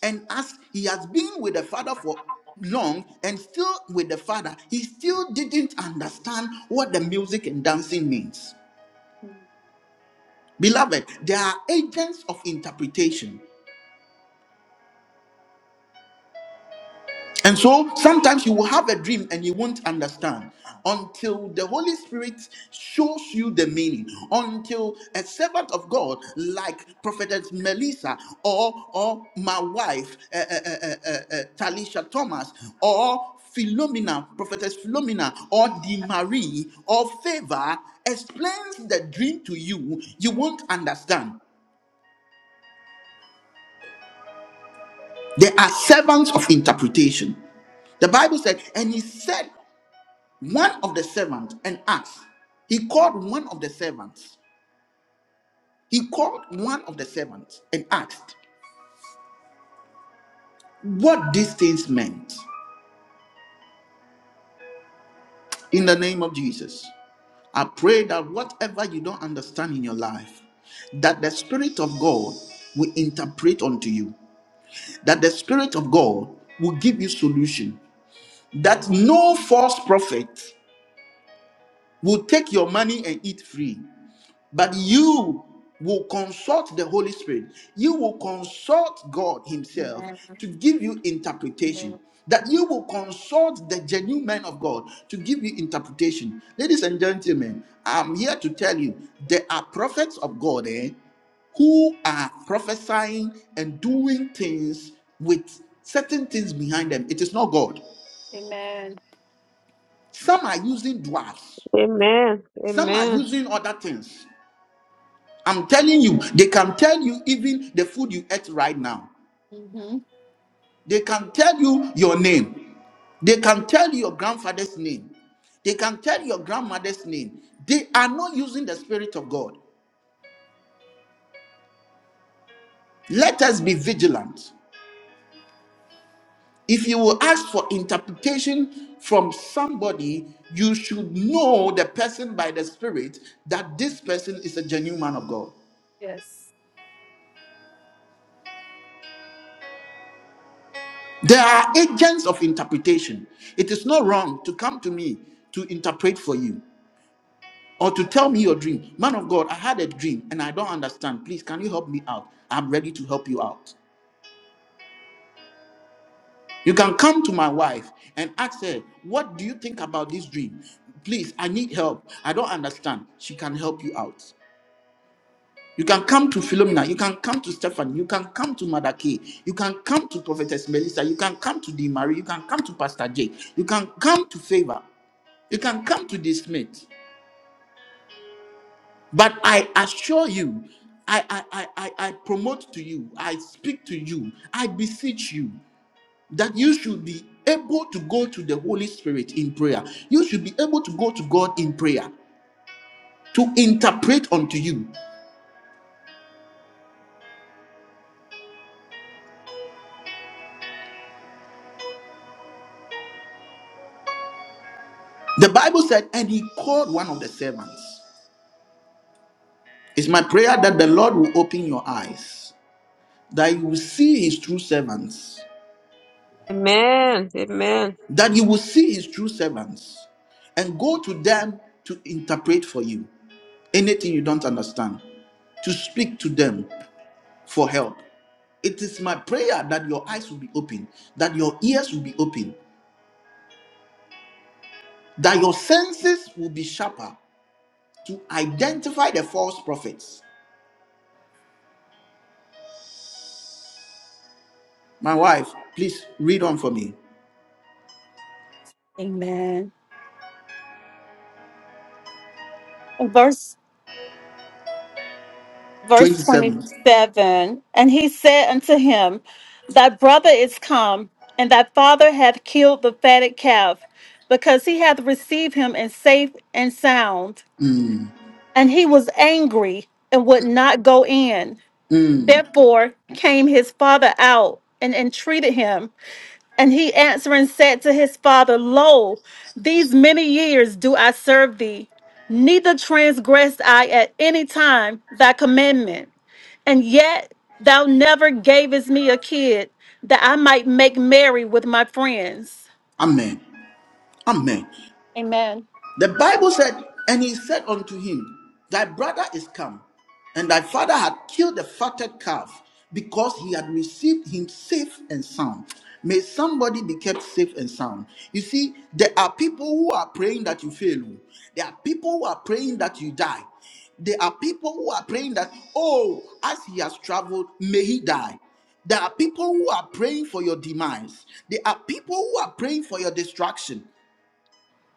[SPEAKER 1] and as he has been with the father for long and still with the father, he still didn't understand what the music and dancing means. Beloved, there are agents of interpretation. And so sometimes you will have a dream and you won't understand until the Holy Spirit shows you the meaning, until a servant of God like Prophetess Melissa or, or my wife, uh, uh, uh, uh, uh, uh, Talisha Thomas, or Philomena, Prophetess Philomena, or Di Marie, or Favor explains the dream to you, you won't understand. They are servants of interpretation. The Bible said, and he said One of the servants and asked. He called one of the servants. He called one of the servants and asked what these things meant. In the name of Jesus, I pray that whatever you don't understand in your life, that the Spirit of God will interpret unto you, that the Spirit of God will give you solution, that no false prophet will take your money and eat free. But you will consult the Holy Spirit. You will consult God Himself to give you interpretation. That you will consult the genuine man of God to give you interpretation. Ladies and gentlemen, I'm here to tell you there are prophets of God eh, who are prophesying and doing things with certain things behind them. It is not God.
[SPEAKER 8] Amen.
[SPEAKER 1] Some are using dwarfs,
[SPEAKER 4] Amen.
[SPEAKER 1] some are
[SPEAKER 4] Amen.
[SPEAKER 1] using other things. I'm telling you, they can tell you even the food you ate right now.
[SPEAKER 8] hmm
[SPEAKER 1] They can tell you your name. They can tell you your grandfather's name. They can tell your grandmother's name. They are not using the Spirit of God. Let us be vigilant. If you will ask for interpretation from somebody, you should know the person by the Spirit that this person is a genuine man of God.
[SPEAKER 8] Yes.
[SPEAKER 1] There are agents of interpretation. It is not wrong to come to me to interpret for you. or to tell me your dream. Man of God, I had a dream and I don't understand. Please, can you help me out? I'm ready to help you out. You can come to my wife and ask her, What do you think about this dream? Please, I need help. I don't understand. She can help you out. You can come to Philomena. You can come to Stefan. You can come to Mother Kay. You can come to Prophetess Melissa. You can come to Dee Marie. You can come to Pastor Jake. You can come to Favor. You can come to this Smith. But I assure you, I, I, I, I I promote to you, I speak to you, I beseech you that you should be able to go to the Holy Spirit in prayer. You should be able to go to God in prayer to interpret unto you. The Bible said, and he called one of the servants. It's my prayer that the Lord will open your eyes, that you will see his true servants,
[SPEAKER 4] Amen. Amen.
[SPEAKER 1] that you will see his true servants, and go to them to interpret for you. anything you don't understand, to speak to them for help. It is my prayer that your eyes will be open, that your ears will be open, that your senses will be sharper to identify the false prophets. My wife, please read on for me.
[SPEAKER 8] Amen. Verse verse
[SPEAKER 1] 27.
[SPEAKER 8] 27 and he said unto him thy brother is come and thy father hath killed the fatted calf because he hath received him in safe and sound
[SPEAKER 1] Mm,
[SPEAKER 8] and he was angry and would not go in
[SPEAKER 1] mm,
[SPEAKER 8] therefore came his father out and entreated him and he answering said to his father, Lo, these many years do I serve thee, neither transgressed I at any time thy commandment. And yet thou never gavest me a kid that I might make merry with my friends.
[SPEAKER 1] amen. Amen.
[SPEAKER 8] Amen.
[SPEAKER 1] The Bible said, And he said unto him, Thy brother is come, and thy father had killed the fatted calf, because he had received him safe and sound. May somebody be kept safe and sound. You see, there are people who are praying that you fail. There are people who are praying that you die. There are people who are praying that, oh, as he has traveled, may he die. There are people who are praying for your demise. There are people who are praying for your destruction.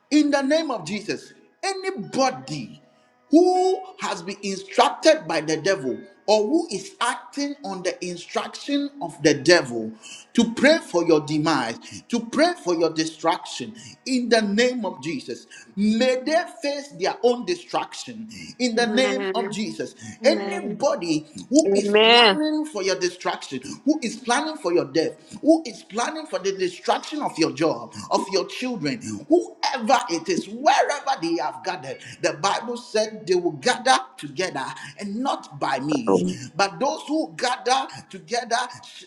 [SPEAKER 1] In the name of Jesus, anybody who has been instructed by the devil or who is acting on the instruction of the devil to pray for your demise, to pray for your destruction, in the name of Jesus, may they face their own destruction. In the name of Jesus, anybody who is
[SPEAKER 4] Amen.
[SPEAKER 1] planning for your destruction, who is planning for your death, who is planning for the destruction of your job, of of your children, whoever it is, wherever they have gathered. The Bible said they will gather together, and not by me, but those who gather together,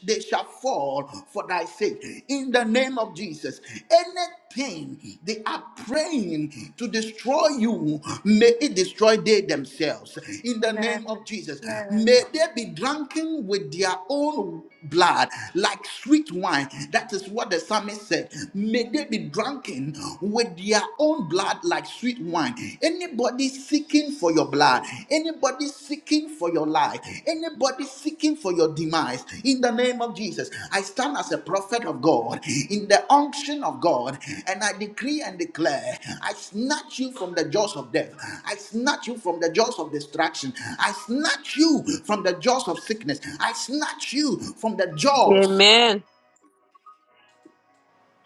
[SPEAKER 1] they shall fall for thy sake. In the name of Jesus, anything they are praying to destroy you, may it destroy they themselves. In the name of Jesus, may they be drunken with their own blood like sweet wine. That is what what the psalmist said. May they be drunken with their own blood like sweet wine. Anybody seeking for your blood, anybody seeking for your life, anybody seeking for your demise, in the name of Jesus, I stand as a prophet of God, in the unction of God, and I decree and declare, I snatch you from the jaws of death. I snatch you from the jaws of distraction. I snatch you from the jaws of sickness. I snatch you from the jaws
[SPEAKER 4] Amen.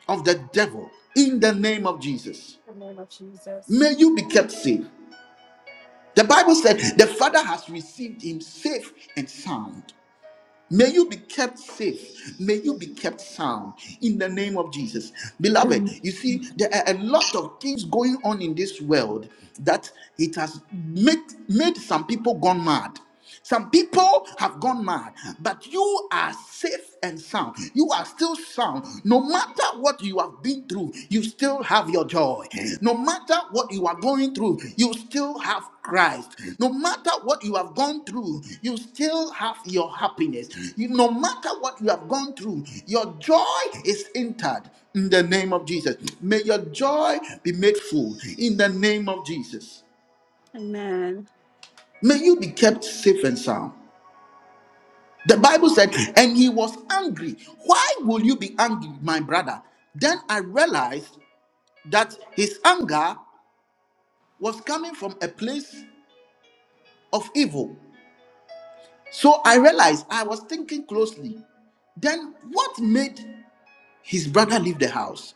[SPEAKER 1] of the devil in the name of Jesus. May you be kept safe. The Bible said the Father has received him safe and sound. May you be kept safe. May you be kept sound in the name of Jesus. Beloved, you see, there are a lot of things going on in this world that it has made, made some people gone mad. Some people have gone mad, but you are safe and sound. You are still sound. No matter what you have been through, you still have your joy. No matter what you are going through, you still have Christ. No matter what you have gone through, you still have your happiness. You, no matter what you have gone through, your joy is entered in the name of Jesus. May your joy be made full in the name of Jesus.
[SPEAKER 8] Amen.
[SPEAKER 1] May you be kept safe and sound. The Bible said, and he was angry. Why will you be angry, my brother? Then I realized that his anger was coming from a place of evil. So I realized I was thinking closely. Then what made his brother leave the house?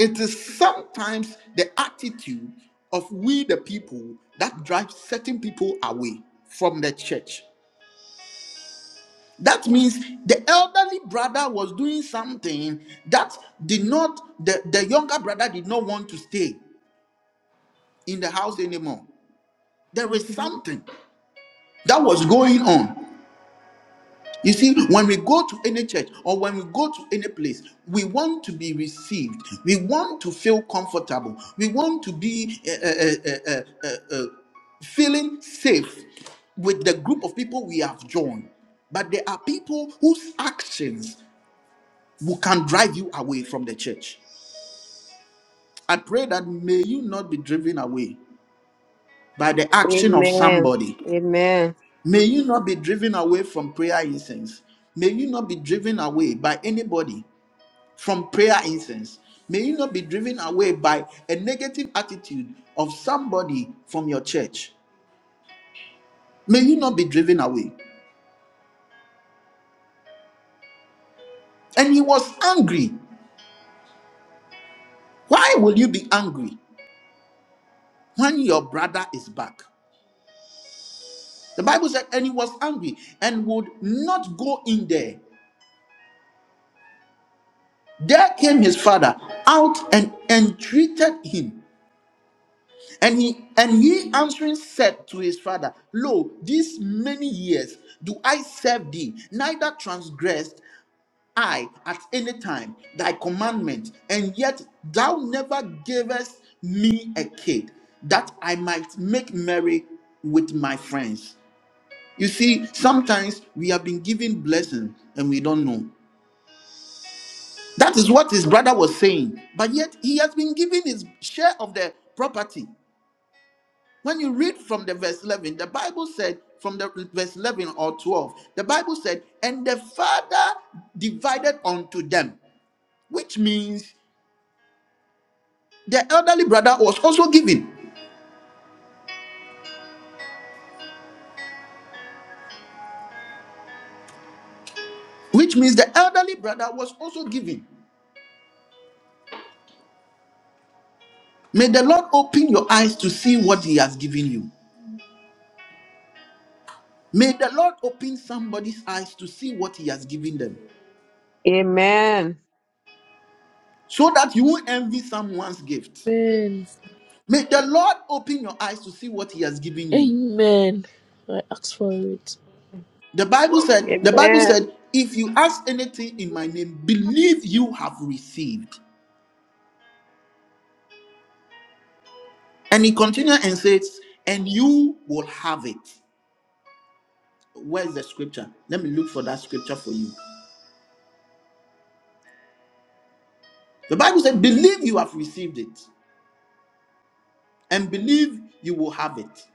[SPEAKER 1] It is sometimes the attitude of we, the people, that drives certain people away from the church. That means the elderly brother was doing something that did not, the, the younger brother did not want to stay in the house anymore. There is something that was going on. You see, when we go to any church or when we go to any place, we want to be received. We want to feel comfortable. We want to be uh, uh, uh, uh, feeling safe with the group of people we have joined. But there are people whose actions who can drive you away from the church. I pray that may you not be driven away by the action of
[SPEAKER 4] Amen.
[SPEAKER 1] somebody.
[SPEAKER 4] Amen.
[SPEAKER 1] May you not be driven away from prayer incense. May you not be driven away by anybody from prayer incense. May you not be driven away by a negative attitude of somebody from your church. May you not be driven away. And he was angry. Why will you be angry when your brother is back? The Bible said, and he was angry and would not go in there. There came his father out and entreated him. And he and he answering said to his father, Lo, these many years do I serve thee, neither transgressed I at any time thy commandment, and yet thou never gavest me a kid, that I might make merry with my friends. You see, sometimes we have been given blessing and we don't know. That is what his brother was saying, but yet he has been given his share of the property. When you read from the verse 11, the Bible said, from the verse 11 or 12, the Bible said, and the father divided unto them, which means the elderly brother was also giving, which means the elderly brother was also giving. May the Lord open your eyes to see what He has given you. May the Lord open somebody's eyes to see what He has given them
[SPEAKER 4] Amen. Amen.
[SPEAKER 1] so that you won't envy someone's gift.
[SPEAKER 6] Amen.
[SPEAKER 1] May the Lord open your eyes to see what He has given you.
[SPEAKER 6] Amen. I ask for it.
[SPEAKER 1] The Bible said, the Bible
[SPEAKER 4] Amen.
[SPEAKER 1] said, if you ask anything in my name, believe you have received. And he continued and says, and you will have it. Where's the scripture? Let me look for that scripture for you. The Bible said, Believe you have received it, and believe you will have it.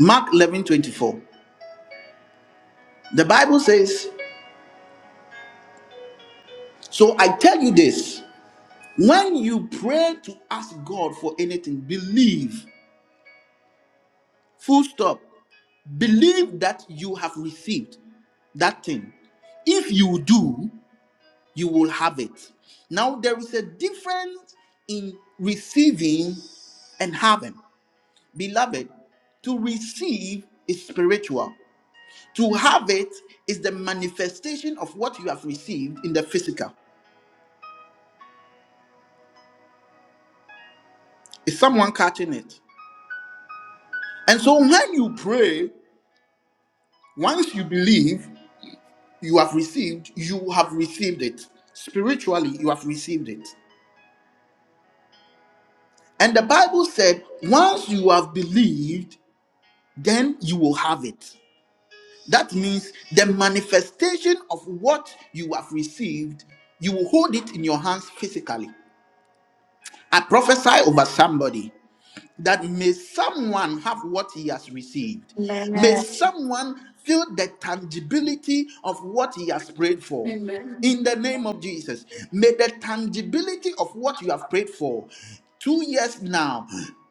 [SPEAKER 1] Mark 11:24. The Bible says, So I tell you this when you pray to ask God for anything, believe, full stop, believe that you have received that thing. If you do, you will have it. Now, there is a difference in receiving and having. Beloved, to receive is spiritual. To have it is the manifestation of what you have received in the physical. Is someone catching it? And so when you pray, once you believe you have received, you have received it. Spiritually, you have received it. And the Bible said, once you have believed, then you will have it. That means the manifestation of what you have received, you will hold it in your hands physically. I prophesy over somebody that may someone have what he has received. May
[SPEAKER 8] Amen.
[SPEAKER 1] someone feel the tangibility of what he has prayed for.
[SPEAKER 8] Amen.
[SPEAKER 1] In the name of Jesus, may the tangibility of what you have prayed for two years now,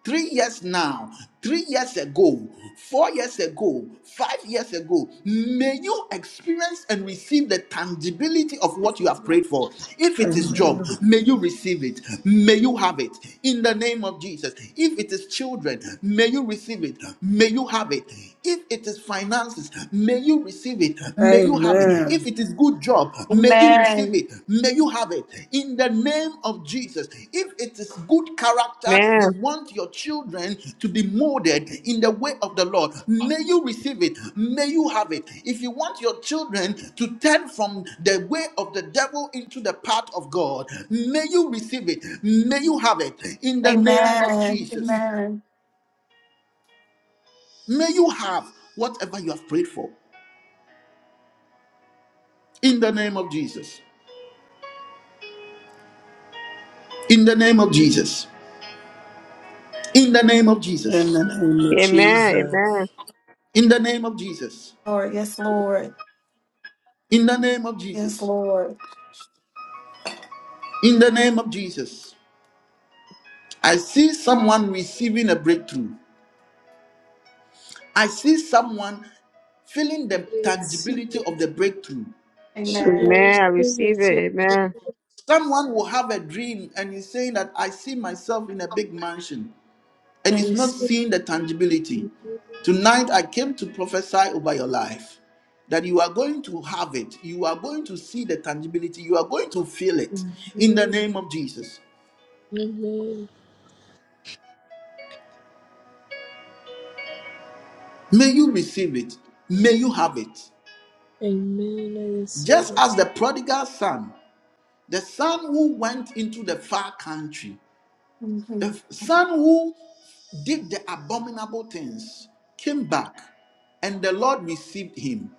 [SPEAKER 1] three years now three years ago, four years ago, five years ago, may you experience and receive the tangibility of what you have prayed for. If it is
[SPEAKER 7] Amen.
[SPEAKER 1] job, may you receive it. May you have it in the name of Jesus. If it is children, may you receive it. May you have it. If it is finances, may you receive it. May you have it.
[SPEAKER 7] Amen.
[SPEAKER 1] If it is good job, May you receive
[SPEAKER 8] Amen.
[SPEAKER 1] it. May you have it in the name of Jesus. If it is good character, you want your children to be molded in the way of the Lord. May you receive it. May you have it. If you want your children to turn from the way of the devil into the path of God, may you receive it. May you have it in the name
[SPEAKER 8] Amen.
[SPEAKER 1] of Jesus.
[SPEAKER 8] Amen.
[SPEAKER 1] May you have whatever you have prayed for in the name of Jesus. In the name of Jesus. In the name of
[SPEAKER 7] In
[SPEAKER 1] Jesus.
[SPEAKER 7] the name of
[SPEAKER 4] Amen.
[SPEAKER 7] Jesus.
[SPEAKER 4] Amen.
[SPEAKER 1] In the name of Jesus.
[SPEAKER 8] Lord, yes, Lord.
[SPEAKER 1] In the name of
[SPEAKER 8] Yes,
[SPEAKER 1] Jesus.
[SPEAKER 8] Lord.
[SPEAKER 1] In the name of Jesus. I see someone receiving a breakthrough. I see someone feeling the
[SPEAKER 6] I receive
[SPEAKER 1] tangibility of
[SPEAKER 6] it.
[SPEAKER 1] the breakthrough.
[SPEAKER 6] I
[SPEAKER 4] Amen.
[SPEAKER 8] Amen.
[SPEAKER 4] I
[SPEAKER 6] receive
[SPEAKER 4] receive
[SPEAKER 6] it.
[SPEAKER 4] it. Amen.
[SPEAKER 1] Someone will have a dream and is saying that I see myself in a big mansion
[SPEAKER 6] I
[SPEAKER 1] and is not
[SPEAKER 6] receive
[SPEAKER 1] seeing the tangibility.
[SPEAKER 6] it.
[SPEAKER 1] Tonight I came to prophesy over your life that you are going to have it. You are going to see the tangibility. You are going to feel it in the
[SPEAKER 6] Amen.
[SPEAKER 1] name of Jesus.
[SPEAKER 6] Amen.
[SPEAKER 1] May you receive it. May you have it.
[SPEAKER 6] Amen. I receive
[SPEAKER 1] Just
[SPEAKER 6] it.
[SPEAKER 1] as the prodigal son, the son who went into the far country, the son who did the abominable things, came back, and the Lord received him.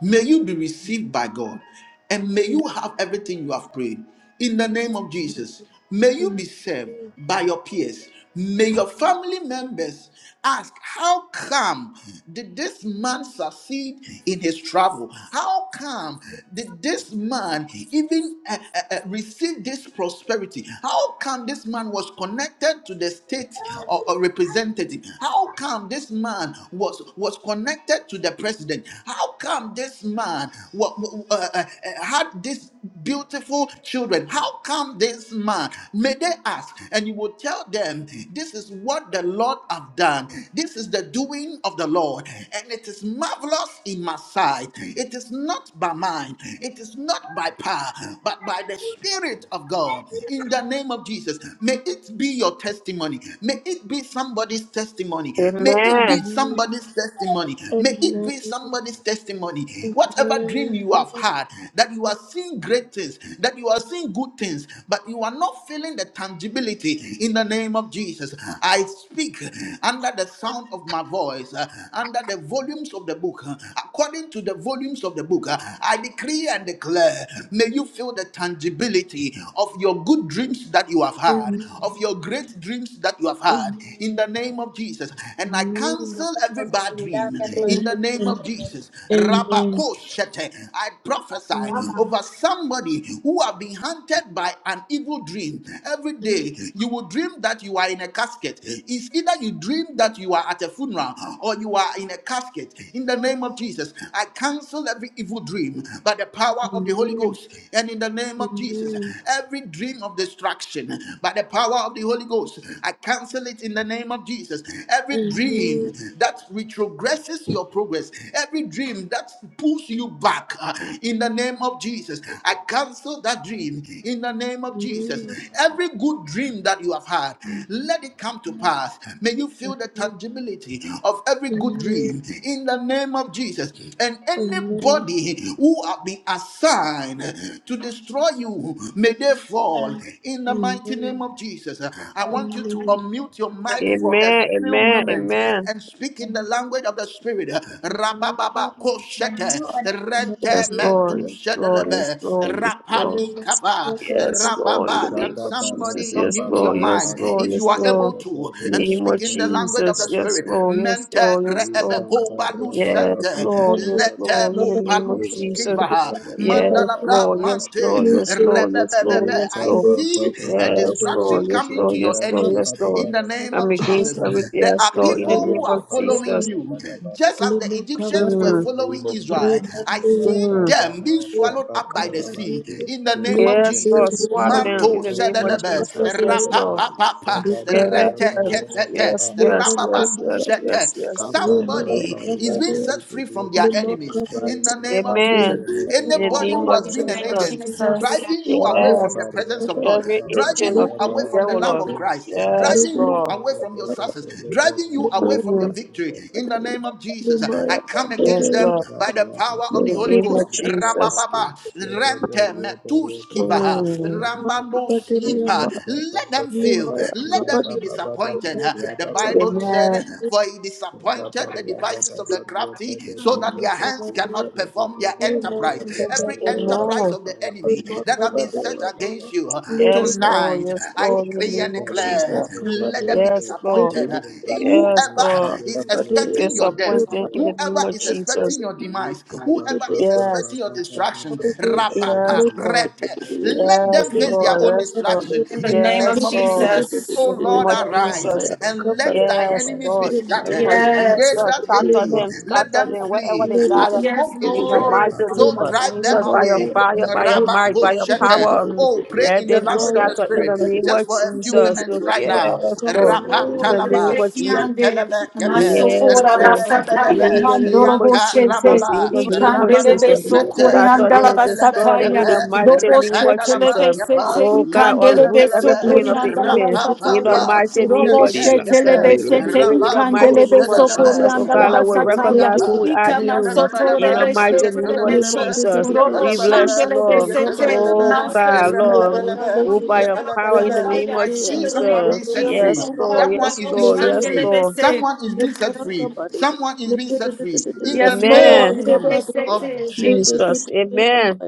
[SPEAKER 1] May you be received by God, and may you have everything you have prayed. In the name of Jesus, may you
[SPEAKER 6] Amen.
[SPEAKER 1] be served by your peers. May your family members ask, How come did this man succeed in his travel? How come did this man even uh, uh, uh, receive this prosperity? How come this man was connected to the state or, or representative? How come this man was, was connected to the president? How come this man wa- wa- uh, uh, uh, had this beautiful children? How come this man? May they ask, and you will tell them, This is what the Lord have done. This is the doing of the Lord, and it is marvelous in my sight. It is not by mind, it is not by power, but by the Spirit of God. In the name of Jesus, may it be your testimony. May it be somebody's testimony. May it be
[SPEAKER 4] Amen.
[SPEAKER 6] Amen.
[SPEAKER 1] somebody's testimony. May it
[SPEAKER 6] Amen.
[SPEAKER 1] be
[SPEAKER 6] Amen.
[SPEAKER 1] somebody's testimony.
[SPEAKER 6] Amen.
[SPEAKER 1] Whatever dream you have had, that you are seeing great things, that you are seeing good things, but you are not feeling the tangibility ability in the name of Jesus. I speak under the sound of my voice, uh, under the volumes of the book, uh, according to the volumes of the book. uh, I decree and declare, may you feel the tangibility of your good dreams that you have had, of your great dreams that you have had, in the name of Jesus. And I cancel every bad dream in the name of Jesus.
[SPEAKER 6] Amen.
[SPEAKER 1] Rabakoshete, I prophesy
[SPEAKER 6] Amen.
[SPEAKER 1] over somebody who have been hunted by an evil dream, every day you will dream that you are in a casket. It's either you dream that you are at a funeral or you are in a casket. In the name of Jesus, I cancel every evil dream by the power of the Holy
[SPEAKER 6] Amen.
[SPEAKER 1] Ghost. And in the name of Jesus,
[SPEAKER 6] Amen.
[SPEAKER 1] every dream of distraction by the power of the Holy Ghost, I cancel it in the name of Jesus. Every
[SPEAKER 6] Amen.
[SPEAKER 1] dream that retrogresses your progress, every dream that pulls you back uh, in the name of Jesus, I cancel that dream in the name of Jesus.
[SPEAKER 6] Amen.
[SPEAKER 1] Jesus. Every good dream that you have had, let it come to pass. May you feel the
[SPEAKER 6] Amen.
[SPEAKER 1] tangibility of every good
[SPEAKER 6] Amen.
[SPEAKER 1] dream in the name of Jesus. And
[SPEAKER 6] Amen.
[SPEAKER 1] anybody who have been assigned to destroy you, may they fall in the mighty name of Jesus. I want you to
[SPEAKER 6] Amen.
[SPEAKER 1] unmute your mic for a
[SPEAKER 4] Amen.
[SPEAKER 1] few
[SPEAKER 4] Amen.
[SPEAKER 1] moments
[SPEAKER 4] Amen.
[SPEAKER 1] and speak in the language of the Spirit.
[SPEAKER 6] Amen.
[SPEAKER 1] Rabababa koshete rente
[SPEAKER 4] Yes,
[SPEAKER 6] Amen.
[SPEAKER 4] Lord.
[SPEAKER 1] medu
[SPEAKER 4] Yes, Lord.
[SPEAKER 6] Baru,
[SPEAKER 4] Yes,
[SPEAKER 1] shedelebe
[SPEAKER 4] Lord. Yes, Lord.
[SPEAKER 1] rapani kava
[SPEAKER 4] Yes,
[SPEAKER 6] kabadu,
[SPEAKER 4] Lord. In the
[SPEAKER 1] Rababa,
[SPEAKER 4] name
[SPEAKER 1] can
[SPEAKER 10] Shada
[SPEAKER 4] of
[SPEAKER 10] bara
[SPEAKER 4] Jesus.
[SPEAKER 1] somebody
[SPEAKER 10] ba
[SPEAKER 4] Yes,
[SPEAKER 10] ba
[SPEAKER 1] unmute
[SPEAKER 10] ba
[SPEAKER 1] your
[SPEAKER 4] Lord.
[SPEAKER 10] ya
[SPEAKER 4] Yes,
[SPEAKER 1] mind
[SPEAKER 10] ba ko
[SPEAKER 4] Lord.
[SPEAKER 1] if
[SPEAKER 4] Yes,
[SPEAKER 1] you are able
[SPEAKER 4] Lord.
[SPEAKER 10] shada
[SPEAKER 1] to
[SPEAKER 4] In
[SPEAKER 10] bara
[SPEAKER 4] the
[SPEAKER 1] and
[SPEAKER 4] name of
[SPEAKER 1] speak in the
[SPEAKER 10] bara
[SPEAKER 1] language of
[SPEAKER 4] Jesus.
[SPEAKER 1] the
[SPEAKER 10] bara
[SPEAKER 4] Yes,
[SPEAKER 1] spirit?
[SPEAKER 10] bara bara
[SPEAKER 4] Lord. Yes,
[SPEAKER 1] Mente
[SPEAKER 4] Lord. Yes,
[SPEAKER 1] reebe
[SPEAKER 4] Lord.
[SPEAKER 10] Libra
[SPEAKER 1] koba
[SPEAKER 10] bara ba
[SPEAKER 4] Yes,
[SPEAKER 10] ba ba ha
[SPEAKER 4] Lord.
[SPEAKER 10] ya
[SPEAKER 6] mandu,
[SPEAKER 4] Yes,
[SPEAKER 10] ba ko
[SPEAKER 1] lete
[SPEAKER 4] Lord. In
[SPEAKER 1] mo
[SPEAKER 4] the
[SPEAKER 6] kabadu,
[SPEAKER 4] name
[SPEAKER 10] shada
[SPEAKER 4] of
[SPEAKER 1] palus
[SPEAKER 4] Jesus.
[SPEAKER 10] bara
[SPEAKER 6] kabadu,
[SPEAKER 10] bara
[SPEAKER 4] Yes,
[SPEAKER 10] bara
[SPEAKER 6] kabadu,
[SPEAKER 4] Lord.
[SPEAKER 10] bara
[SPEAKER 4] Yes,
[SPEAKER 10] bara
[SPEAKER 1] mante,
[SPEAKER 4] Lord.
[SPEAKER 10] bara
[SPEAKER 4] Yes,
[SPEAKER 6] lucu,
[SPEAKER 4] Lord. Yes,
[SPEAKER 6] baru,
[SPEAKER 4] Lord.
[SPEAKER 1] rebebebebe.
[SPEAKER 4] Yes,
[SPEAKER 10] Lika
[SPEAKER 1] I
[SPEAKER 4] Lord.
[SPEAKER 10] ba ba
[SPEAKER 1] see
[SPEAKER 10] ba ha
[SPEAKER 1] a
[SPEAKER 10] ya
[SPEAKER 4] Yes,
[SPEAKER 10] ba
[SPEAKER 6] kabadu,
[SPEAKER 10] ko
[SPEAKER 4] Lord.
[SPEAKER 1] distraction
[SPEAKER 4] Yes,
[SPEAKER 1] coming to
[SPEAKER 4] Lord.
[SPEAKER 10] shada
[SPEAKER 1] your
[SPEAKER 4] Yes, Lord.
[SPEAKER 10] bara
[SPEAKER 4] Yes,
[SPEAKER 1] enemies
[SPEAKER 10] bara
[SPEAKER 4] Lord.
[SPEAKER 1] in the
[SPEAKER 10] bara bara
[SPEAKER 6] kabadu,
[SPEAKER 1] name
[SPEAKER 4] I'm
[SPEAKER 1] of
[SPEAKER 4] against
[SPEAKER 1] Jesus.
[SPEAKER 6] kabadu,
[SPEAKER 4] everything.
[SPEAKER 1] There
[SPEAKER 4] Yes,
[SPEAKER 1] are
[SPEAKER 4] Lord. In
[SPEAKER 6] lucu,
[SPEAKER 4] the
[SPEAKER 1] people
[SPEAKER 10] Katara
[SPEAKER 4] name
[SPEAKER 1] who
[SPEAKER 10] ba
[SPEAKER 1] are
[SPEAKER 4] of
[SPEAKER 10] ba ya
[SPEAKER 1] following
[SPEAKER 4] Jesus.
[SPEAKER 10] bara
[SPEAKER 1] you,
[SPEAKER 10] bara bara
[SPEAKER 1] just as the
[SPEAKER 10] bara
[SPEAKER 1] Egyptians
[SPEAKER 6] Limokabadi,
[SPEAKER 1] were
[SPEAKER 10] In
[SPEAKER 4] Mm,
[SPEAKER 10] the name
[SPEAKER 1] following
[SPEAKER 10] of
[SPEAKER 1] Israel. I
[SPEAKER 10] Jesus,
[SPEAKER 6] Rebande
[SPEAKER 10] ra
[SPEAKER 1] see
[SPEAKER 10] ta
[SPEAKER 6] Yama,
[SPEAKER 4] mm.
[SPEAKER 10] ta
[SPEAKER 1] them being
[SPEAKER 10] ra ba
[SPEAKER 1] swallowed
[SPEAKER 10] ba
[SPEAKER 1] up
[SPEAKER 10] ba
[SPEAKER 1] by the
[SPEAKER 10] ya ba
[SPEAKER 1] sea
[SPEAKER 6] Limokabadi,
[SPEAKER 10] ko
[SPEAKER 1] in the name of
[SPEAKER 10] shada
[SPEAKER 4] Yes,
[SPEAKER 6] Limande
[SPEAKER 1] Jesus.
[SPEAKER 4] Lord. Swallow
[SPEAKER 6] Yama,
[SPEAKER 4] them in
[SPEAKER 1] Manto
[SPEAKER 4] the name of
[SPEAKER 1] Sedelebe,
[SPEAKER 4] Jesus. Yes,
[SPEAKER 6] Makabadi,
[SPEAKER 4] Lord.
[SPEAKER 1] Rapapapa,
[SPEAKER 4] Yes.
[SPEAKER 6] Dukabadi,
[SPEAKER 1] Rete Kefete,
[SPEAKER 4] Yes, yes,
[SPEAKER 6] Limande
[SPEAKER 4] yes,
[SPEAKER 1] Rababandu
[SPEAKER 4] yes,
[SPEAKER 6] Kabadi,
[SPEAKER 1] Sete.
[SPEAKER 4] yes, yes.
[SPEAKER 6] Rimaya
[SPEAKER 1] Somebody is being
[SPEAKER 6] Kabadi,
[SPEAKER 1] set free from their enemies in the
[SPEAKER 6] Limokabadi,
[SPEAKER 1] name of
[SPEAKER 6] Limokabadi,
[SPEAKER 1] Jesus.
[SPEAKER 4] Amen.
[SPEAKER 6] Limokabadi,
[SPEAKER 4] In the
[SPEAKER 1] Anybody
[SPEAKER 8] Lord,
[SPEAKER 4] name
[SPEAKER 8] in
[SPEAKER 1] who
[SPEAKER 4] of
[SPEAKER 1] has
[SPEAKER 8] the
[SPEAKER 1] been an
[SPEAKER 8] name of
[SPEAKER 4] Jesus.
[SPEAKER 1] agent
[SPEAKER 8] Jesus.
[SPEAKER 1] driving you away
[SPEAKER 4] Yes.
[SPEAKER 1] from
[SPEAKER 6] Limokabadi,
[SPEAKER 1] the presence of God,
[SPEAKER 4] Every
[SPEAKER 1] driving
[SPEAKER 4] agent
[SPEAKER 1] you
[SPEAKER 4] of the
[SPEAKER 1] away from the
[SPEAKER 4] devil,
[SPEAKER 1] love
[SPEAKER 4] Lord.
[SPEAKER 1] of
[SPEAKER 6] Limokabadi,
[SPEAKER 1] Christ,
[SPEAKER 4] Yes,
[SPEAKER 1] driving you
[SPEAKER 4] Lord.
[SPEAKER 1] away from your success,
[SPEAKER 6] Limokabadi,
[SPEAKER 1] driving you away from your
[SPEAKER 4] Mm,
[SPEAKER 1] victory in the name
[SPEAKER 10] Shut
[SPEAKER 1] of Jesus. I
[SPEAKER 6] Limaya
[SPEAKER 1] come
[SPEAKER 4] Yes,
[SPEAKER 1] against
[SPEAKER 6] Kabadi,
[SPEAKER 4] Lord.
[SPEAKER 1] them by the power of
[SPEAKER 4] In
[SPEAKER 1] the
[SPEAKER 6] Lima
[SPEAKER 4] the
[SPEAKER 1] Holy
[SPEAKER 4] name
[SPEAKER 1] Ghost.
[SPEAKER 4] of Jesus.
[SPEAKER 1] Rabababa, rente, Tuskivaha,
[SPEAKER 4] Mm.
[SPEAKER 1] Rambambo
[SPEAKER 10] Rabba
[SPEAKER 1] Snipa. Let them fail. Let them be disappointed. The Bible said,
[SPEAKER 4] Amen.
[SPEAKER 1] For he disappointed the devices of the crafty, so that their hands cannot perform their enterprise. Every enterprise
[SPEAKER 4] Amen.
[SPEAKER 1] of the enemy that have been set against you
[SPEAKER 4] Yes, Lord.
[SPEAKER 1] tonight,
[SPEAKER 4] Yes,
[SPEAKER 1] I
[SPEAKER 4] Lord. In the
[SPEAKER 1] decree and
[SPEAKER 4] name of
[SPEAKER 1] declare,
[SPEAKER 4] Jesus.
[SPEAKER 1] let them be
[SPEAKER 4] Yes, Lord.
[SPEAKER 1] disappointed.
[SPEAKER 4] Yes,
[SPEAKER 1] Whoever
[SPEAKER 4] Lord.
[SPEAKER 1] is expecting your death,
[SPEAKER 4] Disappointing in the
[SPEAKER 1] Whoever
[SPEAKER 4] name of
[SPEAKER 1] is
[SPEAKER 4] Jesus.
[SPEAKER 1] expecting your demise, whoever is
[SPEAKER 4] Yes.
[SPEAKER 1] expecting your destruction,
[SPEAKER 6] Lemaya
[SPEAKER 4] Yes,
[SPEAKER 1] papa
[SPEAKER 4] Lord.
[SPEAKER 1] rete. Let
[SPEAKER 4] Yes,
[SPEAKER 1] them face their
[SPEAKER 4] Lord.
[SPEAKER 1] own
[SPEAKER 4] Yes, Lord.
[SPEAKER 1] distraction
[SPEAKER 8] In the
[SPEAKER 1] in the
[SPEAKER 8] name
[SPEAKER 4] Yes,
[SPEAKER 8] of
[SPEAKER 1] name of
[SPEAKER 4] Lord.
[SPEAKER 1] Jesus.
[SPEAKER 8] Jesus.
[SPEAKER 4] In
[SPEAKER 1] Oh
[SPEAKER 4] the name
[SPEAKER 10] Amen.
[SPEAKER 1] Lord,
[SPEAKER 4] of
[SPEAKER 1] arise
[SPEAKER 4] Jesus.
[SPEAKER 1] and let thy
[SPEAKER 4] Yes,
[SPEAKER 1] enemies be
[SPEAKER 4] Lord, in the name
[SPEAKER 1] scattered,
[SPEAKER 4] of
[SPEAKER 1] and
[SPEAKER 4] Jesus,
[SPEAKER 1] they
[SPEAKER 8] Yes.
[SPEAKER 1] that hate
[SPEAKER 4] scatter
[SPEAKER 1] thee,
[SPEAKER 4] them,
[SPEAKER 1] let
[SPEAKER 4] scatter
[SPEAKER 1] them
[SPEAKER 4] them, wherever
[SPEAKER 1] flee.
[SPEAKER 4] they
[SPEAKER 1] As
[SPEAKER 4] gather,
[SPEAKER 8] Yes,
[SPEAKER 1] smoke is
[SPEAKER 4] in the
[SPEAKER 1] driven,
[SPEAKER 4] mighty
[SPEAKER 8] Lord.
[SPEAKER 4] name
[SPEAKER 1] so
[SPEAKER 4] of
[SPEAKER 1] drive them
[SPEAKER 4] Jesus, by your
[SPEAKER 1] away.
[SPEAKER 4] fire, by your might, by
[SPEAKER 1] Rabako
[SPEAKER 4] your power, mm,
[SPEAKER 1] Oh, pray
[SPEAKER 4] let
[SPEAKER 1] in the
[SPEAKER 4] them be
[SPEAKER 1] language of the
[SPEAKER 4] scattered in the
[SPEAKER 1] Spirit
[SPEAKER 4] name of
[SPEAKER 1] just for a few
[SPEAKER 4] Jesus.
[SPEAKER 1] minutes right now.
[SPEAKER 4] Yes,
[SPEAKER 8] Yes,
[SPEAKER 4] Lord, in the
[SPEAKER 8] Lord.
[SPEAKER 4] name
[SPEAKER 1] Rapatalaba,
[SPEAKER 4] of Jesus.
[SPEAKER 8] Rebekiande.
[SPEAKER 1] yentelebe kepe,
[SPEAKER 4] Yes,
[SPEAKER 8] Masokora
[SPEAKER 4] Lord. In
[SPEAKER 8] basataya
[SPEAKER 1] rebedebedebe,
[SPEAKER 4] the name of
[SPEAKER 8] mandorobo
[SPEAKER 1] yanta
[SPEAKER 4] Jesus,
[SPEAKER 8] shete.
[SPEAKER 4] in
[SPEAKER 1] rababa,
[SPEAKER 4] the name of
[SPEAKER 8] Ikandelebe
[SPEAKER 1] rabadus
[SPEAKER 4] Jesus.
[SPEAKER 1] mete,
[SPEAKER 4] Saturday
[SPEAKER 8] sokoriandala
[SPEAKER 4] and
[SPEAKER 1] Yetelebe
[SPEAKER 4] destroy them
[SPEAKER 8] basataya.
[SPEAKER 4] in the
[SPEAKER 1] Kepe,
[SPEAKER 4] mighty
[SPEAKER 8] Robo
[SPEAKER 4] name of
[SPEAKER 8] shete lebe
[SPEAKER 1] Rapandalaba
[SPEAKER 4] Jesus.
[SPEAKER 1] Kepa,
[SPEAKER 8] sete.
[SPEAKER 4] Oh God, or root
[SPEAKER 8] Ikandelebe
[SPEAKER 4] every
[SPEAKER 1] Yetelebelebe,
[SPEAKER 4] plan of
[SPEAKER 6] Amen.
[SPEAKER 4] the
[SPEAKER 8] sokoriandala
[SPEAKER 4] enemy. In the
[SPEAKER 8] basataya.
[SPEAKER 1] Rapapa,
[SPEAKER 4] mighty name
[SPEAKER 8] Robo
[SPEAKER 4] of
[SPEAKER 11] Kedila
[SPEAKER 8] shete
[SPEAKER 4] Jesus.
[SPEAKER 1] Yetekepe,
[SPEAKER 4] We
[SPEAKER 8] Besete
[SPEAKER 11] Melako
[SPEAKER 4] pray in the
[SPEAKER 1] Rabato
[SPEAKER 4] mighty
[SPEAKER 8] ikandele
[SPEAKER 4] name of
[SPEAKER 8] beso
[SPEAKER 1] Sedalebe,
[SPEAKER 4] Jesus. Oh
[SPEAKER 8] korianda la
[SPEAKER 4] God, I will
[SPEAKER 8] basataya.
[SPEAKER 4] recognize who
[SPEAKER 1] Mandriapa,
[SPEAKER 4] we are in
[SPEAKER 8] Ikama
[SPEAKER 4] you.
[SPEAKER 8] soto
[SPEAKER 4] In the
[SPEAKER 1] Yadalabalaba,
[SPEAKER 4] mighty
[SPEAKER 8] rebeshete
[SPEAKER 4] name of
[SPEAKER 8] lebeso.
[SPEAKER 1] Yetelebelebe,
[SPEAKER 4] Jesus.
[SPEAKER 8] Robo
[SPEAKER 4] We
[SPEAKER 1] Yetelebelebe,
[SPEAKER 4] bless you,
[SPEAKER 8] shandele
[SPEAKER 4] Lord.
[SPEAKER 8] besete.
[SPEAKER 4] Oh
[SPEAKER 1] Yetelebelebe,
[SPEAKER 8] Masete
[SPEAKER 4] God, Lord.
[SPEAKER 8] lebeso
[SPEAKER 1] Rebelebelebe,
[SPEAKER 4] Move by your
[SPEAKER 8] korianda la
[SPEAKER 4] power in the
[SPEAKER 1] Yetelebelebe.
[SPEAKER 4] name
[SPEAKER 8] basataya.
[SPEAKER 4] of
[SPEAKER 1] I
[SPEAKER 8] In
[SPEAKER 1] see
[SPEAKER 8] the name
[SPEAKER 1] someone
[SPEAKER 8] of
[SPEAKER 4] Jesus.
[SPEAKER 1] being set
[SPEAKER 8] Jesus,
[SPEAKER 1] free.
[SPEAKER 4] Yes,
[SPEAKER 8] oh
[SPEAKER 4] Lord.
[SPEAKER 8] God,
[SPEAKER 1] Someone
[SPEAKER 4] Yes,
[SPEAKER 1] is
[SPEAKER 8] robo
[SPEAKER 1] being
[SPEAKER 4] Lord.
[SPEAKER 1] set
[SPEAKER 4] Yes,
[SPEAKER 8] shandele
[SPEAKER 1] free.
[SPEAKER 4] Lord.
[SPEAKER 8] bese.
[SPEAKER 1] Someone is being set free. Someone is being set free. In the
[SPEAKER 8] Yes, Lord.
[SPEAKER 4] Amen.
[SPEAKER 1] name of
[SPEAKER 8] Rebesete.
[SPEAKER 1] Jesus.
[SPEAKER 4] Jesus. Amen.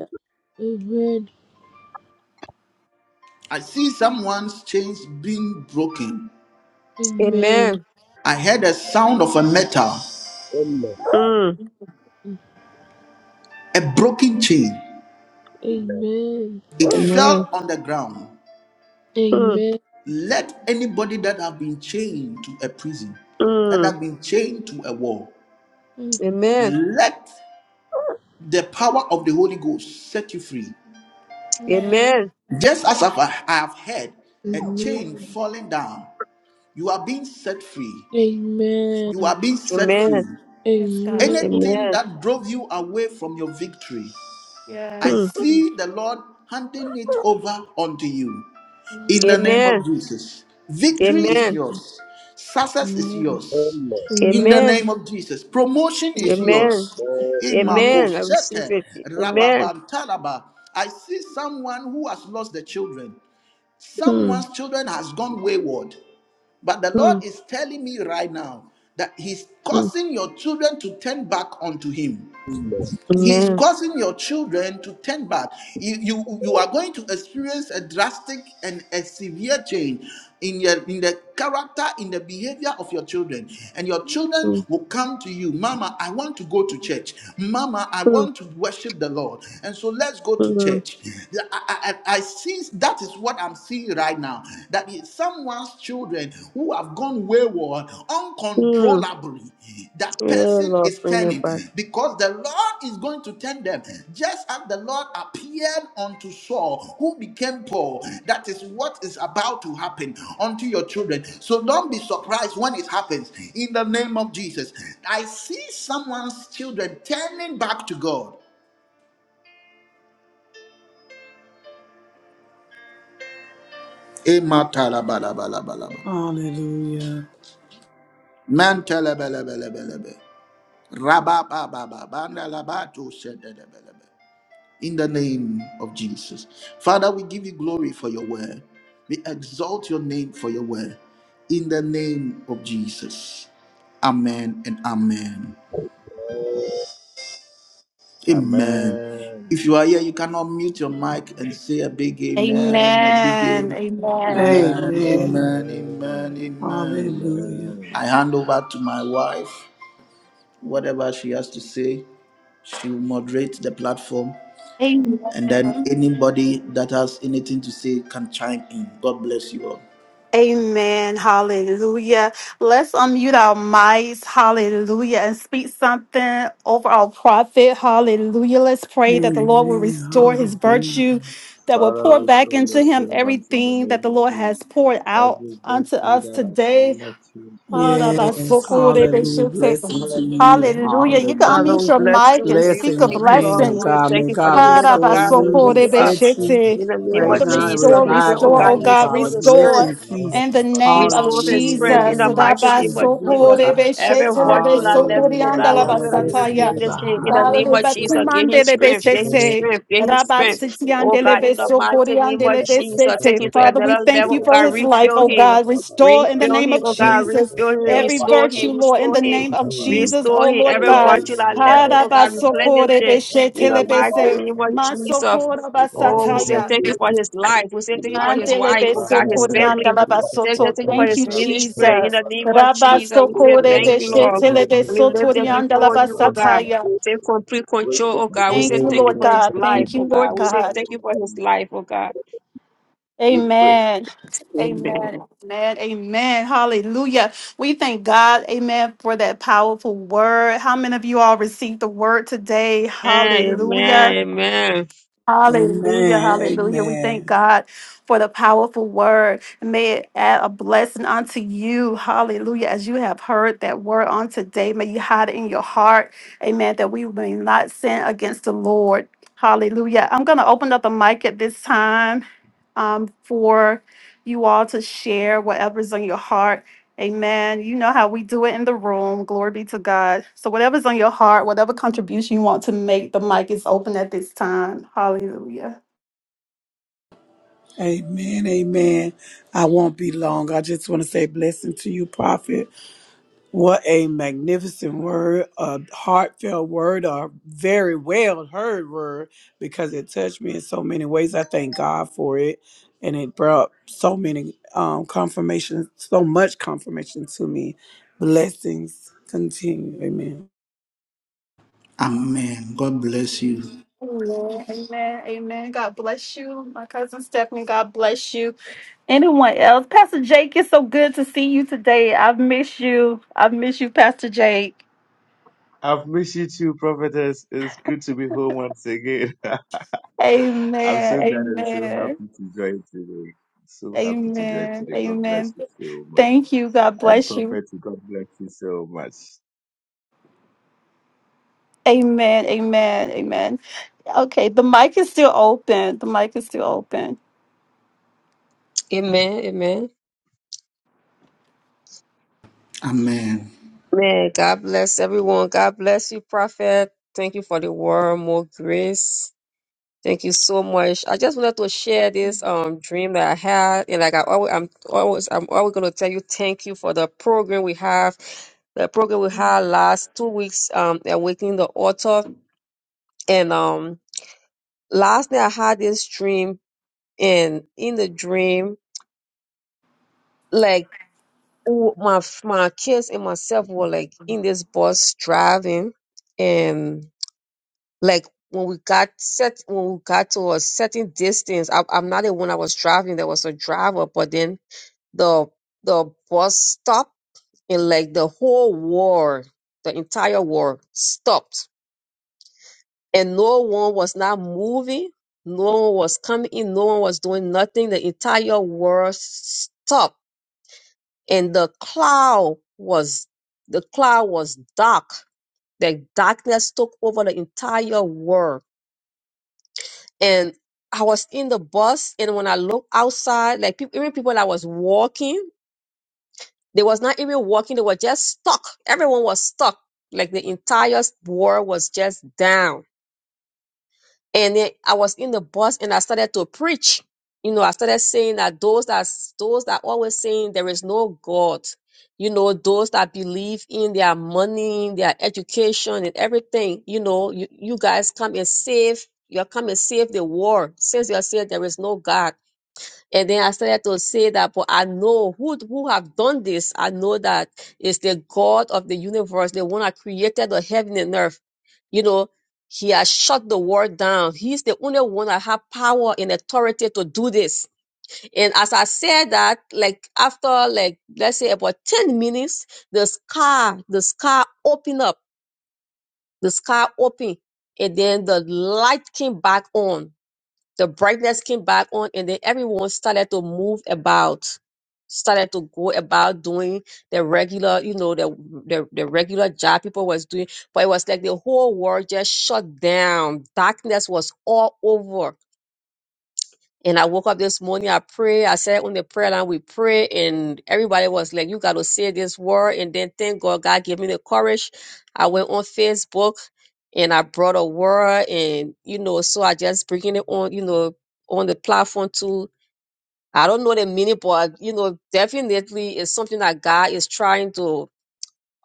[SPEAKER 1] I see someone's chains being broken.
[SPEAKER 6] Amen.
[SPEAKER 4] Amen.
[SPEAKER 1] I heard a sound of a metal,
[SPEAKER 11] Emma,
[SPEAKER 4] Mm.
[SPEAKER 1] a broken chain.
[SPEAKER 6] Amen.
[SPEAKER 1] It
[SPEAKER 4] Amen.
[SPEAKER 1] fell on the ground.
[SPEAKER 4] Mm.
[SPEAKER 6] Amen.
[SPEAKER 1] Let anybody that have been chained to a prison, that
[SPEAKER 4] Mm.
[SPEAKER 1] have been chained to a wall,
[SPEAKER 6] Amen.
[SPEAKER 4] Amen.
[SPEAKER 1] let the power of the Holy Ghost set you free.
[SPEAKER 8] Amen.
[SPEAKER 4] Amen.
[SPEAKER 1] Just as I've- I have heard a chain falling down, you are being set free. You
[SPEAKER 6] Amen.
[SPEAKER 1] are being set free.
[SPEAKER 4] Amen.
[SPEAKER 8] Yes, God.
[SPEAKER 6] Amen.
[SPEAKER 1] Anything
[SPEAKER 4] Amen.
[SPEAKER 1] that drove you away from your victory, I
[SPEAKER 8] Yes.
[SPEAKER 4] Mm.
[SPEAKER 1] see the Lord handing it over unto you in the name of
[SPEAKER 4] Amen.
[SPEAKER 1] Jesus. Victory is
[SPEAKER 6] Amen.
[SPEAKER 4] Amen.
[SPEAKER 1] yours, success is yours
[SPEAKER 11] Emma,
[SPEAKER 1] in the
[SPEAKER 6] Amen.
[SPEAKER 4] Amen.
[SPEAKER 1] name of Jesus. Promotion is
[SPEAKER 6] Amen.
[SPEAKER 4] Amen.
[SPEAKER 1] yours.
[SPEAKER 11] oh,
[SPEAKER 4] Amen. I receive
[SPEAKER 1] Imakosete
[SPEAKER 4] it. Amen.
[SPEAKER 1] rababantalaba. I see someone who has lost the children.
[SPEAKER 4] Mm.
[SPEAKER 1] Someone's children has gone wayward. But the Lord
[SPEAKER 4] Mm.
[SPEAKER 1] is telling me right now that He's
[SPEAKER 4] Mm.
[SPEAKER 1] causing your children to turn back unto Him.
[SPEAKER 11] Emma,
[SPEAKER 1] He
[SPEAKER 6] Amen.
[SPEAKER 1] is
[SPEAKER 4] Amen.
[SPEAKER 1] causing your children to turn back. You, you, you are going to experience a drastic and a severe change in, your, in the character, in the behavior of your children. And your children
[SPEAKER 4] Mm.
[SPEAKER 1] will come to you, Mama, I want to go to church. Mama, I
[SPEAKER 4] Mm.
[SPEAKER 1] want to worship the Lord. And so let's go to
[SPEAKER 4] Mm.
[SPEAKER 1] church. I, I, I I see that is what I'm seeing right now. That is someone children who have gone wayward
[SPEAKER 4] Mm.
[SPEAKER 1] uncontrollably that
[SPEAKER 4] Yeah,
[SPEAKER 1] person
[SPEAKER 4] Lord,
[SPEAKER 1] is
[SPEAKER 4] bring it
[SPEAKER 1] turning
[SPEAKER 4] back.
[SPEAKER 1] because the lord is going to turn them just as the lord appeared unto saul who became poor that is what is about to happen unto your children so don't be surprised when it happens in the name of jesus i see someone's children turning back to god Ema talabalabalaba.
[SPEAKER 7] Hallelujah.
[SPEAKER 1] Man talabalabalaba. rabba In the name of Jesus. Father, we give you glory for your word. We exalt your name for your word. In the name of Jesus. Amen and amen.
[SPEAKER 11] oh,
[SPEAKER 1] Amen. If you are here, you cannot mute your mic and say a big amen, a big
[SPEAKER 8] Amen.
[SPEAKER 1] amen.
[SPEAKER 8] Amen.
[SPEAKER 1] Amen,
[SPEAKER 10] Amen.
[SPEAKER 7] Amen.
[SPEAKER 1] amen, amen, amen.
[SPEAKER 7] Hallelujah.
[SPEAKER 10] Amen.
[SPEAKER 1] I hand over to my wife. Whatever she has to say, she will moderate the platform And then anybody that has anything to say can chime in. God bless you all.
[SPEAKER 8] Amen. Hallelujah. Let's unmute our mics. Hallelujah. And speak something over our prophet. Hallelujah. Let's pray that the Lord will restore his
[SPEAKER 7] Amen.
[SPEAKER 8] virtue,
[SPEAKER 7] Hallelujah.
[SPEAKER 8] that will
[SPEAKER 10] Father,
[SPEAKER 8] pour back
[SPEAKER 10] restore your
[SPEAKER 8] into him
[SPEAKER 10] servants in the
[SPEAKER 8] everything that
[SPEAKER 10] name
[SPEAKER 8] the
[SPEAKER 10] of
[SPEAKER 8] Lord has
[SPEAKER 10] Jesus.
[SPEAKER 8] poured out
[SPEAKER 10] Every
[SPEAKER 8] unto
[SPEAKER 10] virtue
[SPEAKER 8] us
[SPEAKER 10] that has
[SPEAKER 8] today.
[SPEAKER 10] left him, O
[SPEAKER 8] Hallelujah.
[SPEAKER 10] God,
[SPEAKER 7] Yes.
[SPEAKER 8] You
[SPEAKER 10] may you
[SPEAKER 7] Hallelujah.
[SPEAKER 10] bless
[SPEAKER 7] Blessing
[SPEAKER 10] him
[SPEAKER 7] to
[SPEAKER 10] in the
[SPEAKER 7] you.
[SPEAKER 10] name of
[SPEAKER 8] can
[SPEAKER 10] Jesus.
[SPEAKER 4] Father,
[SPEAKER 7] Hallelujah.
[SPEAKER 8] unmute
[SPEAKER 4] we
[SPEAKER 8] your
[SPEAKER 4] bless
[SPEAKER 10] Rabba,
[SPEAKER 8] mic
[SPEAKER 4] you. We
[SPEAKER 8] and
[SPEAKER 4] thank
[SPEAKER 8] speak
[SPEAKER 4] you,
[SPEAKER 8] a
[SPEAKER 10] rabba,
[SPEAKER 7] Blessings,
[SPEAKER 4] thank you,
[SPEAKER 7] man
[SPEAKER 4] Lord. We
[SPEAKER 7] of
[SPEAKER 10] dosh,
[SPEAKER 8] blessing
[SPEAKER 4] say
[SPEAKER 7] God.
[SPEAKER 4] thank
[SPEAKER 7] May
[SPEAKER 10] rabba,
[SPEAKER 4] you for the
[SPEAKER 7] God
[SPEAKER 4] man of
[SPEAKER 7] restore
[SPEAKER 4] God. We
[SPEAKER 7] you,
[SPEAKER 8] harabasoko
[SPEAKER 4] lift you up.
[SPEAKER 7] reset you
[SPEAKER 4] In the name
[SPEAKER 7] right
[SPEAKER 12] Thank
[SPEAKER 4] of
[SPEAKER 8] Father,
[SPEAKER 7] now, and
[SPEAKER 4] Jesus,
[SPEAKER 8] restore,
[SPEAKER 4] we pray,
[SPEAKER 7] revive
[SPEAKER 4] oh
[SPEAKER 7] you,
[SPEAKER 8] restore,
[SPEAKER 4] God,
[SPEAKER 8] oh
[SPEAKER 7] Heavenly
[SPEAKER 8] God,
[SPEAKER 4] restore
[SPEAKER 7] Father.
[SPEAKER 4] the strength.
[SPEAKER 8] restore
[SPEAKER 7] Blessing,
[SPEAKER 10] rabba,
[SPEAKER 7] peace.
[SPEAKER 8] in the name of
[SPEAKER 4] Restore their
[SPEAKER 7] Hallelujah. In
[SPEAKER 4] strength
[SPEAKER 7] the
[SPEAKER 4] in
[SPEAKER 8] Jesus.
[SPEAKER 4] the
[SPEAKER 7] name of
[SPEAKER 4] mighty name of
[SPEAKER 7] Jesus, we will
[SPEAKER 4] Jesus.
[SPEAKER 7] God.
[SPEAKER 4] Every
[SPEAKER 8] Rabasoko-rebeshete,
[SPEAKER 4] virtue that left, me, oh
[SPEAKER 7] Hallelujah.
[SPEAKER 4] God, we
[SPEAKER 7] Yalla
[SPEAKER 4] pray that
[SPEAKER 7] de
[SPEAKER 4] you
[SPEAKER 8] lebesokoreandalabasataya.
[SPEAKER 7] sinidi
[SPEAKER 4] replenish him in the
[SPEAKER 7] behind
[SPEAKER 8] Father,
[SPEAKER 4] name
[SPEAKER 8] de
[SPEAKER 7] me.
[SPEAKER 4] of Jesus. Give him
[SPEAKER 8] batumande de
[SPEAKER 4] strength, give him
[SPEAKER 10] rabba,
[SPEAKER 8] besete.
[SPEAKER 4] strength, give him
[SPEAKER 10] rabba,
[SPEAKER 4] strength. Oh
[SPEAKER 8] Rabasitiande de
[SPEAKER 10] rabba,
[SPEAKER 4] God, in the mighty
[SPEAKER 8] besokoriande
[SPEAKER 4] name of
[SPEAKER 8] de
[SPEAKER 4] Jesus, take
[SPEAKER 8] besete.
[SPEAKER 4] him to
[SPEAKER 8] Father, we
[SPEAKER 4] another
[SPEAKER 10] In
[SPEAKER 8] thank
[SPEAKER 10] the
[SPEAKER 4] level,
[SPEAKER 8] you
[SPEAKER 4] oh
[SPEAKER 8] for
[SPEAKER 4] God,
[SPEAKER 8] his life,
[SPEAKER 4] refill
[SPEAKER 8] oh
[SPEAKER 4] him,
[SPEAKER 8] God. Restore in the
[SPEAKER 4] refill
[SPEAKER 8] name
[SPEAKER 4] him,
[SPEAKER 8] of
[SPEAKER 4] oh God,
[SPEAKER 8] Jesus
[SPEAKER 4] refill him,
[SPEAKER 8] every
[SPEAKER 4] restore
[SPEAKER 8] virtue,
[SPEAKER 4] him,
[SPEAKER 8] Lord, in the
[SPEAKER 4] restore him,
[SPEAKER 8] name of Jesus,
[SPEAKER 4] restore
[SPEAKER 8] oh
[SPEAKER 4] him.
[SPEAKER 8] Lord
[SPEAKER 4] Every
[SPEAKER 8] God.
[SPEAKER 4] virtue that
[SPEAKER 10] name
[SPEAKER 4] left,
[SPEAKER 10] of
[SPEAKER 4] me, oh God,
[SPEAKER 10] Jesus,
[SPEAKER 4] replenish
[SPEAKER 8] Harabasokore
[SPEAKER 4] it in
[SPEAKER 8] besete
[SPEAKER 4] the
[SPEAKER 8] le
[SPEAKER 4] mighty
[SPEAKER 8] bese.
[SPEAKER 4] name of Jesus.
[SPEAKER 8] Masokora
[SPEAKER 4] Oh, we say
[SPEAKER 8] basataya.
[SPEAKER 4] thank you for his life. We say thank you for his
[SPEAKER 8] Mandele
[SPEAKER 4] wife, oh God, his family.
[SPEAKER 8] besokorianda la
[SPEAKER 4] Thank you
[SPEAKER 8] basoto.
[SPEAKER 4] thank you for
[SPEAKER 8] Thank
[SPEAKER 4] his
[SPEAKER 8] you,
[SPEAKER 4] ministry. In
[SPEAKER 8] Jesus.
[SPEAKER 4] the name of Jesus, we say
[SPEAKER 8] Rabasokore
[SPEAKER 4] thank you, Lord.
[SPEAKER 8] besete le
[SPEAKER 4] We lift him
[SPEAKER 8] besotorianda la
[SPEAKER 4] before you, oh God.
[SPEAKER 8] basataya.
[SPEAKER 4] Take complete
[SPEAKER 11] Praise
[SPEAKER 4] control, oh God. We
[SPEAKER 8] Thank
[SPEAKER 4] say
[SPEAKER 8] you,
[SPEAKER 4] thank you
[SPEAKER 8] Lord
[SPEAKER 4] for his
[SPEAKER 8] God.
[SPEAKER 4] life,
[SPEAKER 8] Thank
[SPEAKER 4] oh
[SPEAKER 8] you,
[SPEAKER 12] you.
[SPEAKER 4] God.
[SPEAKER 8] Lord
[SPEAKER 4] We say
[SPEAKER 8] God.
[SPEAKER 4] thank you for his life, oh God.
[SPEAKER 11] you, praise.
[SPEAKER 8] Amen. Amen.
[SPEAKER 4] Amen.
[SPEAKER 8] Amen. Amen. Hallelujah. We thank God, amen, for that powerful word. How many of you all received the word today?
[SPEAKER 4] Amen, amen,
[SPEAKER 8] Hallelujah.
[SPEAKER 4] amen,
[SPEAKER 8] Hallelujah,
[SPEAKER 7] Amen.
[SPEAKER 8] hallelujah. We thank
[SPEAKER 7] Amen.
[SPEAKER 8] God for the powerful word. May it add a blessing unto you. Hallelujah. As you have heard that word on today, may you hide it in your heart. Amen. That we may not sin against the Lord. Hallelujah. I'm going to open up the mic at this time um, for you all to share whatever's on your heart. Amen. You know how we do it in the room. Glory be to God. So, whatever's on your heart, whatever contribution you want to make, the mic is open at this time. Hallelujah.
[SPEAKER 7] Amen. Amen. I won't be long. I just want to say blessing to you, Prophet. What a magnificent word, a heartfelt word, a very well heard word, because it touched me in so many ways. I thank God for it. And it brought so many um, confirmations, so much confirmation to me. Blessings continue. Amen.
[SPEAKER 1] Amen. God bless you.
[SPEAKER 8] Amen. Amen. Amen. God bless you. My cousin Stephanie, God bless you. Anyone else? Pastor Jake, it's so good to see you today. I've missed you. I've missed you, Pastor Jake.
[SPEAKER 10] I've missed you too, prophetess. It's good to be home once again. I'm
[SPEAKER 8] Amen.
[SPEAKER 10] so glad and so
[SPEAKER 8] Amen.
[SPEAKER 10] happy to join today. So happy to join
[SPEAKER 8] Amen.
[SPEAKER 10] today. God bless
[SPEAKER 8] Amen.
[SPEAKER 10] you so much.
[SPEAKER 8] Thank you. God
[SPEAKER 10] And
[SPEAKER 8] bless you.
[SPEAKER 10] Prophet, God bless you so much.
[SPEAKER 8] Amen. Amen. Amen. Okay, the mic is still open. The mic is still open.
[SPEAKER 4] amen, amen.
[SPEAKER 1] Amen.
[SPEAKER 4] God bless everyone. God bless you, Prophet. Thank you for the word, more grace. Thank you so much. I just wanted to share this um dream that I had, and like I always, I'm always, I'm always gonna tell you, thank you for the program we have, the program we had last two weeks, um, awakening the author, and um, last night I had this dream, and in the dream, like w- my my kids and myself were like in this bus driving, like when we got set when we got to a certain distance I, i'm not the one i was driving there was a driver but then the the bus stopped and like the whole war the entire war stopped and no one was not moving no one was coming in no one was doing nothing the entire world stopped and the cloud was the cloud was dark the darkness took over the entire world and I was in the bus, and when I looked outside, like peop even people that was walking, they was not even walking; they were just stuck. Everyone was stuck. Like the entire world was just down and then I was in the bus and I started to preach. You know, I started saying that those that those that always saying there is no God, you know, those that believe in their money, their education and everything, you know, you, you guys come and save, you come and save the world since you are saying there is no God. And then I started to say that, but I know who who have done this. I know that it's the God of the universe, the one that created the heaven and earth. You know, He has shut the world down. He's the only one that have power and authority to do this. And as I said that, like after like let's say about ten minutes, the sky the sky opened up, the sky opened, and then the light came back on the brightness came back on, and then everyone started to move about, started to go about doing their regular, you know, their their, their regular job people was doing. But it was like the whole world just shut down. Darkness was all over and I woke up this morning, I pray, I said on the prayer line, we pray, and everybody was like, You gotta say this word. And then thank God, God gave me the courage. I went on Facebook and I brought a word, and you know, so I just bringing it on, you know, on the platform too. I don't know the meaning, but you know, definitely it's something that God is trying to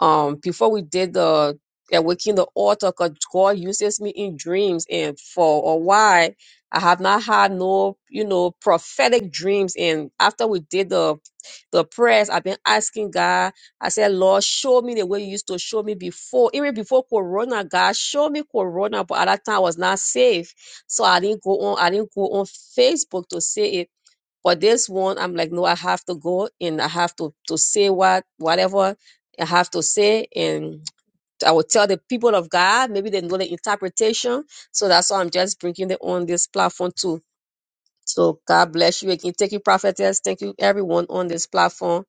[SPEAKER 4] um before we did the awakening the altar 'cause god uses me in dreams and for a while i have not had no you know prophetic dreams and after we did the the prayers i've been asking god i said lord show me the way you used to show me before even before corona god show me corona but at that time i was not safe so i didn't go on i didn't go on facebook to say it but this one, I'm like, no, I have to go and I have to to say what whatever I have to say, and I will tell the people of God. Maybe they know the interpretation, so that's why I'm just bringing it on this platform too. So God bless you again. Thank you, prophetess. Thank you, everyone on this platform,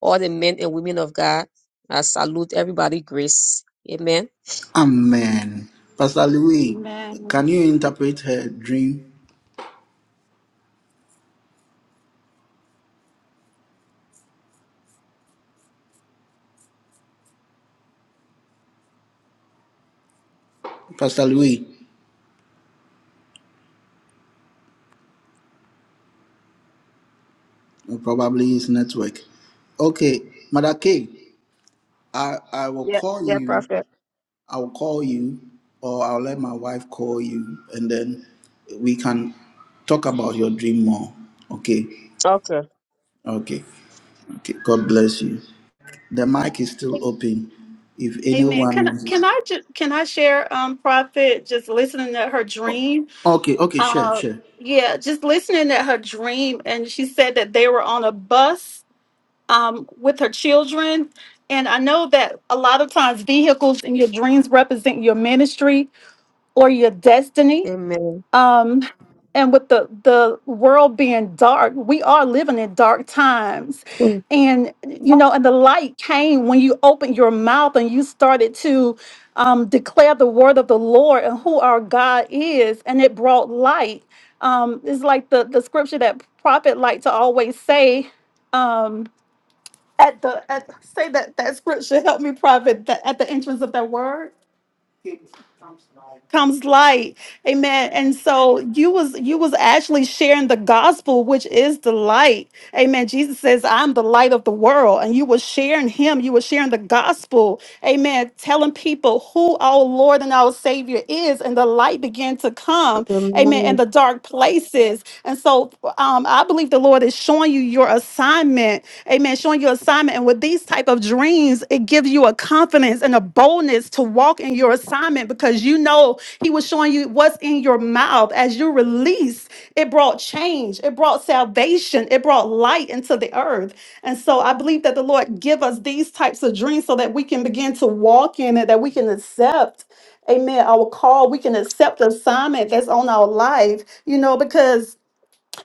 [SPEAKER 4] all the men and women of God. I salute everybody. Grace. Amen.
[SPEAKER 1] Amen. Pastor Louis,
[SPEAKER 8] Amen.
[SPEAKER 1] can you interpret her dream? Pastor Louis, well, probably his network. Okay, Mother K, I, I will
[SPEAKER 4] Yeah.
[SPEAKER 1] call
[SPEAKER 4] Yeah,
[SPEAKER 1] you.
[SPEAKER 4] prophet.
[SPEAKER 1] I will call you, or I'll let my wife call you, and then we can talk about your dream more. Okay,
[SPEAKER 4] Okay.
[SPEAKER 1] okay, okay. God bless you. The mic is still open. If
[SPEAKER 8] Amen.
[SPEAKER 1] anyone
[SPEAKER 8] Can I- can
[SPEAKER 1] wants,
[SPEAKER 8] I ju- can I share um prophet just listening to her dream?
[SPEAKER 1] okay, okay, sure,
[SPEAKER 8] Uh
[SPEAKER 1] sure.
[SPEAKER 8] yeah, just listening to her dream and she said that they were on a bus um with her children and I know that a lot of times vehicles in your dreams represent your ministry or your destiny
[SPEAKER 4] Amen.
[SPEAKER 8] um and with the the world being dark we are living in dark times and you know and the light came when you opened your mouth and you started to um, declare the word of the lord and who our god is and it brought light um it's like the the scripture that prophet like to always say um at the at say that that scripture help me prophet that at the entrance of that word comes light amen and so you was you was actually sharing the gospel which is the light amen jesus says i'm the light of the world and you were sharing him you were sharing the gospel amen telling people who our lord and our savior is and the light began to come amen, in
[SPEAKER 4] Amen.
[SPEAKER 8] the dark places. And so um, I believe the Lord is showing you your assignment, amen, showing your assignment. And with these type of dreams, it gives you a confidence and a boldness to walk in your assignment because you know He was showing you what's in your mouth. As you release, it brought change, it brought salvation, it brought light into the earth. And so I believe that the Lord give us these types of dreams so that we can begin to walk in it, that we can accept. Amen. Our call, we can accept the assignment that's on our life, you know, because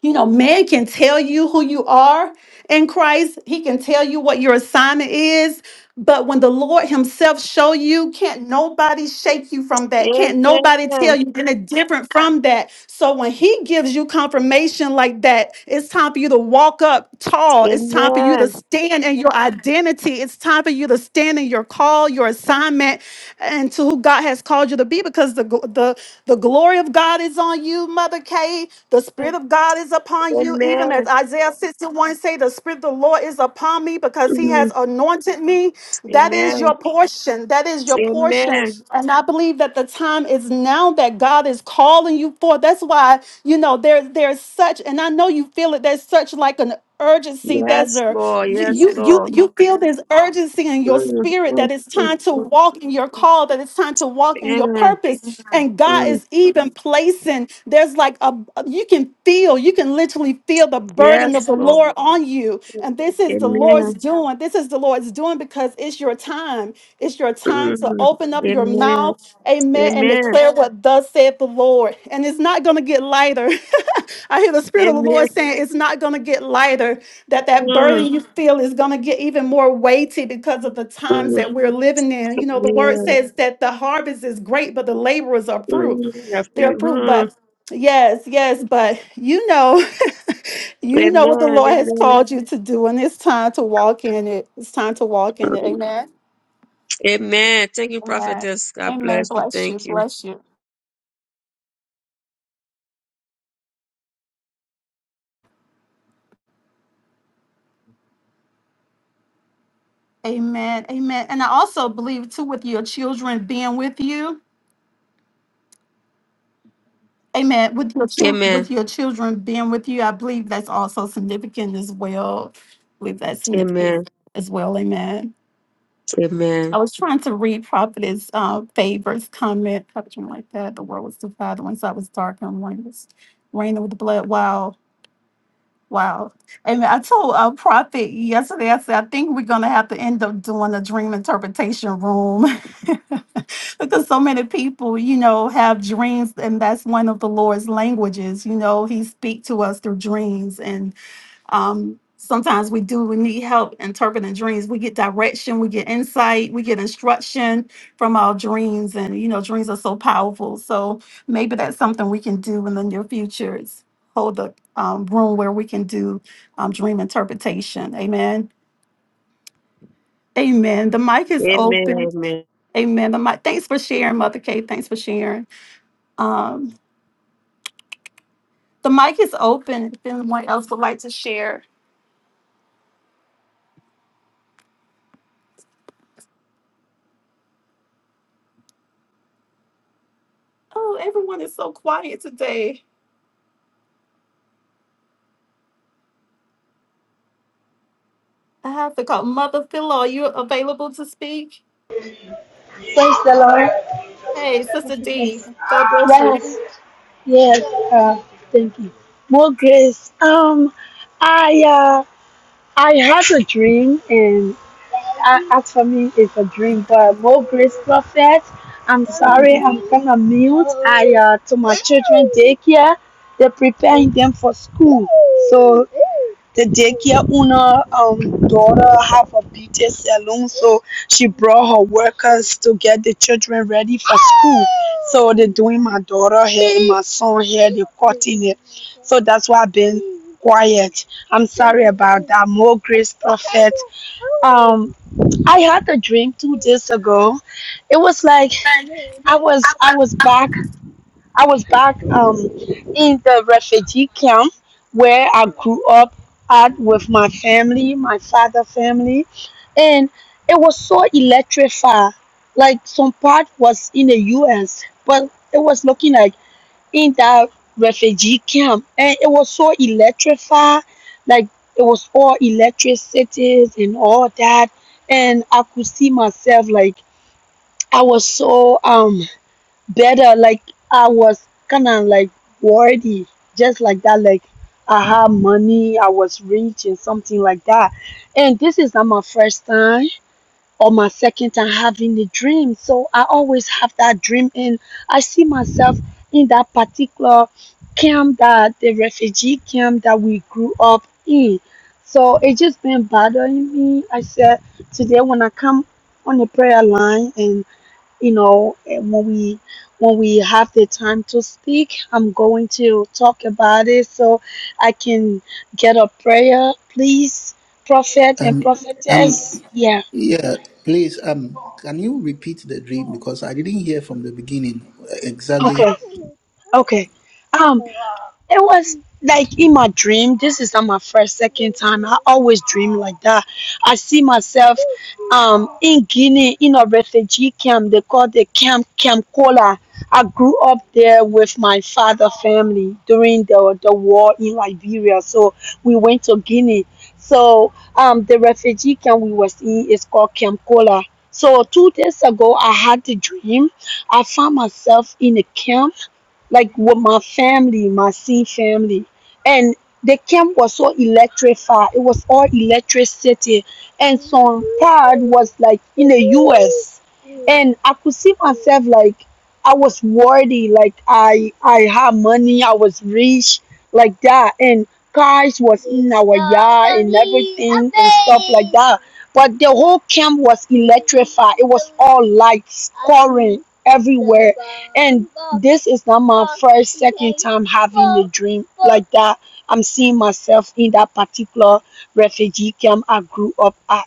[SPEAKER 8] you know, man can tell you who you are in Christ. He can tell you what your assignment is. But when the Lord Himself show you, can't nobody shake you from that. Can't nobody tell
[SPEAKER 4] Amen.
[SPEAKER 8] you anything different from that. So when He gives you confirmation like that, it's time for you to walk up tall. It's time for you to
[SPEAKER 4] Amen.
[SPEAKER 8] stand in your identity. It's time for you to stand in your call, your assignment, and to who God has called you to be. Because the gl- the the glory of God is on you, Mother K today. The Spirit of God is upon you, even
[SPEAKER 4] Amen.
[SPEAKER 8] as Isaiah 61 say, the Spirit of the Lord is upon me because he has
[SPEAKER 4] Mm.
[SPEAKER 8] anointed me. That is
[SPEAKER 4] Amen.
[SPEAKER 8] your portion. That is your portion.
[SPEAKER 4] Amen.
[SPEAKER 8] And I believe that the time is now that God is calling you forth. That's why, you know, there, there's such, and I know you feel it, there's such like an urgency. There's
[SPEAKER 4] Yes,
[SPEAKER 8] a,
[SPEAKER 4] Lord.
[SPEAKER 8] you,
[SPEAKER 4] Yes,
[SPEAKER 8] you, you,
[SPEAKER 4] Lord.
[SPEAKER 8] you feel this urgency in your your
[SPEAKER 4] Mm,
[SPEAKER 8] spirit
[SPEAKER 4] mm,
[SPEAKER 8] that it's
[SPEAKER 4] mm,
[SPEAKER 8] time to
[SPEAKER 4] mm.
[SPEAKER 8] walk in your call, that it's time to walk in your
[SPEAKER 4] Amen.
[SPEAKER 8] purpose. And God
[SPEAKER 4] Mm.
[SPEAKER 8] is even placing, there's like a, you can feel, you can literally feel the burden of
[SPEAKER 4] Yes,
[SPEAKER 8] the
[SPEAKER 4] Lord.
[SPEAKER 8] Lord on you.
[SPEAKER 4] Mm.
[SPEAKER 8] And this is the Lord's
[SPEAKER 4] Amen.
[SPEAKER 8] doing. This is the Lord's doing because it's your time. It's your time to
[SPEAKER 4] Mm.
[SPEAKER 8] open up your
[SPEAKER 4] Amen.
[SPEAKER 8] mouth, amen, and
[SPEAKER 4] Amen.
[SPEAKER 8] declare what thus saith the Lord. And it's not going to get lighter. I hear the Spirit of the
[SPEAKER 4] Amen.
[SPEAKER 8] Lord saying it's not going to get lighter, that that
[SPEAKER 4] Mm.
[SPEAKER 8] burden you feel is going to get even more weighty because of the times
[SPEAKER 4] Mm.
[SPEAKER 8] that we're living in. You know, the word
[SPEAKER 4] Amen.
[SPEAKER 8] says that the harvest is great, but the laborers are fruit.
[SPEAKER 4] Mm. I
[SPEAKER 8] They're
[SPEAKER 4] feel-
[SPEAKER 8] fruit,
[SPEAKER 4] mm.
[SPEAKER 8] but yes, yes, but you know, you know what the
[SPEAKER 4] Amen.
[SPEAKER 8] Lord has
[SPEAKER 4] Amen.
[SPEAKER 8] called you to do, and it's time to walk in it. It's time to walk in it.
[SPEAKER 4] Mm.
[SPEAKER 8] Amen.
[SPEAKER 4] Amen. Thank you,
[SPEAKER 8] Amen.
[SPEAKER 4] prophetess. God
[SPEAKER 8] Amen.
[SPEAKER 4] bless you.
[SPEAKER 8] Bless you.
[SPEAKER 4] Thank you.
[SPEAKER 8] Bless you. Amen. Amen. And I also believe too with your children being with you. Amen. With your chil- with
[SPEAKER 4] Amen.
[SPEAKER 8] your children being with you, I believe that's also significant as well. I believe that's significant
[SPEAKER 4] Amen.
[SPEAKER 8] as well. Amen.
[SPEAKER 4] Amen.
[SPEAKER 8] I was trying to read Prophetess uh, Favor's comment, something like that. The world was divided, one side was dark and one was raining with blood. Wow. Wow. Amen. I told uh, Prophet yesterday, I said, I think we're going to have to end up doing a dream interpretation room because so many people, you know, have dreams, and that's one of the Lord's languages. You know, He speaks to us through dreams. Um, sometimes we do, we need help interpreting dreams. We get direction, we get insight, we get instruction from our dreams. And, you know, dreams are so powerful. So maybe that's something we can do in the near future is hold a um, room where we can do um, dream interpretation. Amen. Amen. The mic is
[SPEAKER 4] Amen.
[SPEAKER 8] open.
[SPEAKER 4] Amen.
[SPEAKER 8] Amen. The mic. Thanks for sharing, Mother Kay. Thanks for sharing. Um, the mic is open. If anyone else would like to share. Oh, everyone is so quiet today. I have to call Mother Philo. Are you available to speak?
[SPEAKER 13] Praise the Lord,
[SPEAKER 8] Hey, Sister D.
[SPEAKER 13] prophetess.
[SPEAKER 8] God bless
[SPEAKER 13] Yes,
[SPEAKER 8] you.
[SPEAKER 13] yes. Uh, thank you. More grace. Um, I uh, I had a dream, and I, as for me, it's a dream. But more grace, prophet. I'm sorry, I'm gonna mute. I uh, to my children daycare. They're preparing them for school, so the daycare owner um, daughter have a beauty salon, so she brought her workers to get the children ready for school. So they're doing my daughter hair, my son hair, they're cutting it. So that's why I've been quiet. I'm sorry about that. More grace, prophet. Um, I had a dream two days ago. It was like I was I was back I was back um, in the refugee camp where I grew up at with my family, my father family, and it was so electrified. Like some part was in the U.S., but it was looking like in that refugee camp, and it was so electrified. Like it was all electricities and all that, and I could see myself like I was so um better. Like I was kind of like worthy, just like that. Like I had money, I was rich, and something like that. And this is not my first time or my second time having the dream. So I always have that dream, and I see myself in that particular camp that the refugee camp that we grew up in. So it just been bothering me. I said today when I come on the prayer line and you know eh, when we when we have the time to speak i'm going to talk about it so i can get a prayer please prophet and
[SPEAKER 1] Um, um,
[SPEAKER 13] prophetess yeah
[SPEAKER 1] yeah, please. Um, can you repeat the dream because I didn't hear from the beginning uh, exactly.
[SPEAKER 13] okay okay um It was like in my dream. This is not my first, second time. I always dream like that. I see myself um in Guinea in a refugee camp. They call the camp Camp Kola. I grew up there with my father family during the the war in Liberia. So we went to Guinea. So um the refugee camp we was in is called Camp Kola. So two days ago I had the dream. I found myself in a camp like with my family, my C family. And the camp was so electrified. It was all electricity. And some part was like in the US and I could see myself like I was worthy, like I I had money, I was rich, like that, and cars was in our yard and everything and stuff like that. But the whole camp was electrified. It was all lights, current everywhere. And this is not my first, second time having a dream like that. I'm seeing myself in that particular refugee camp I grew up at.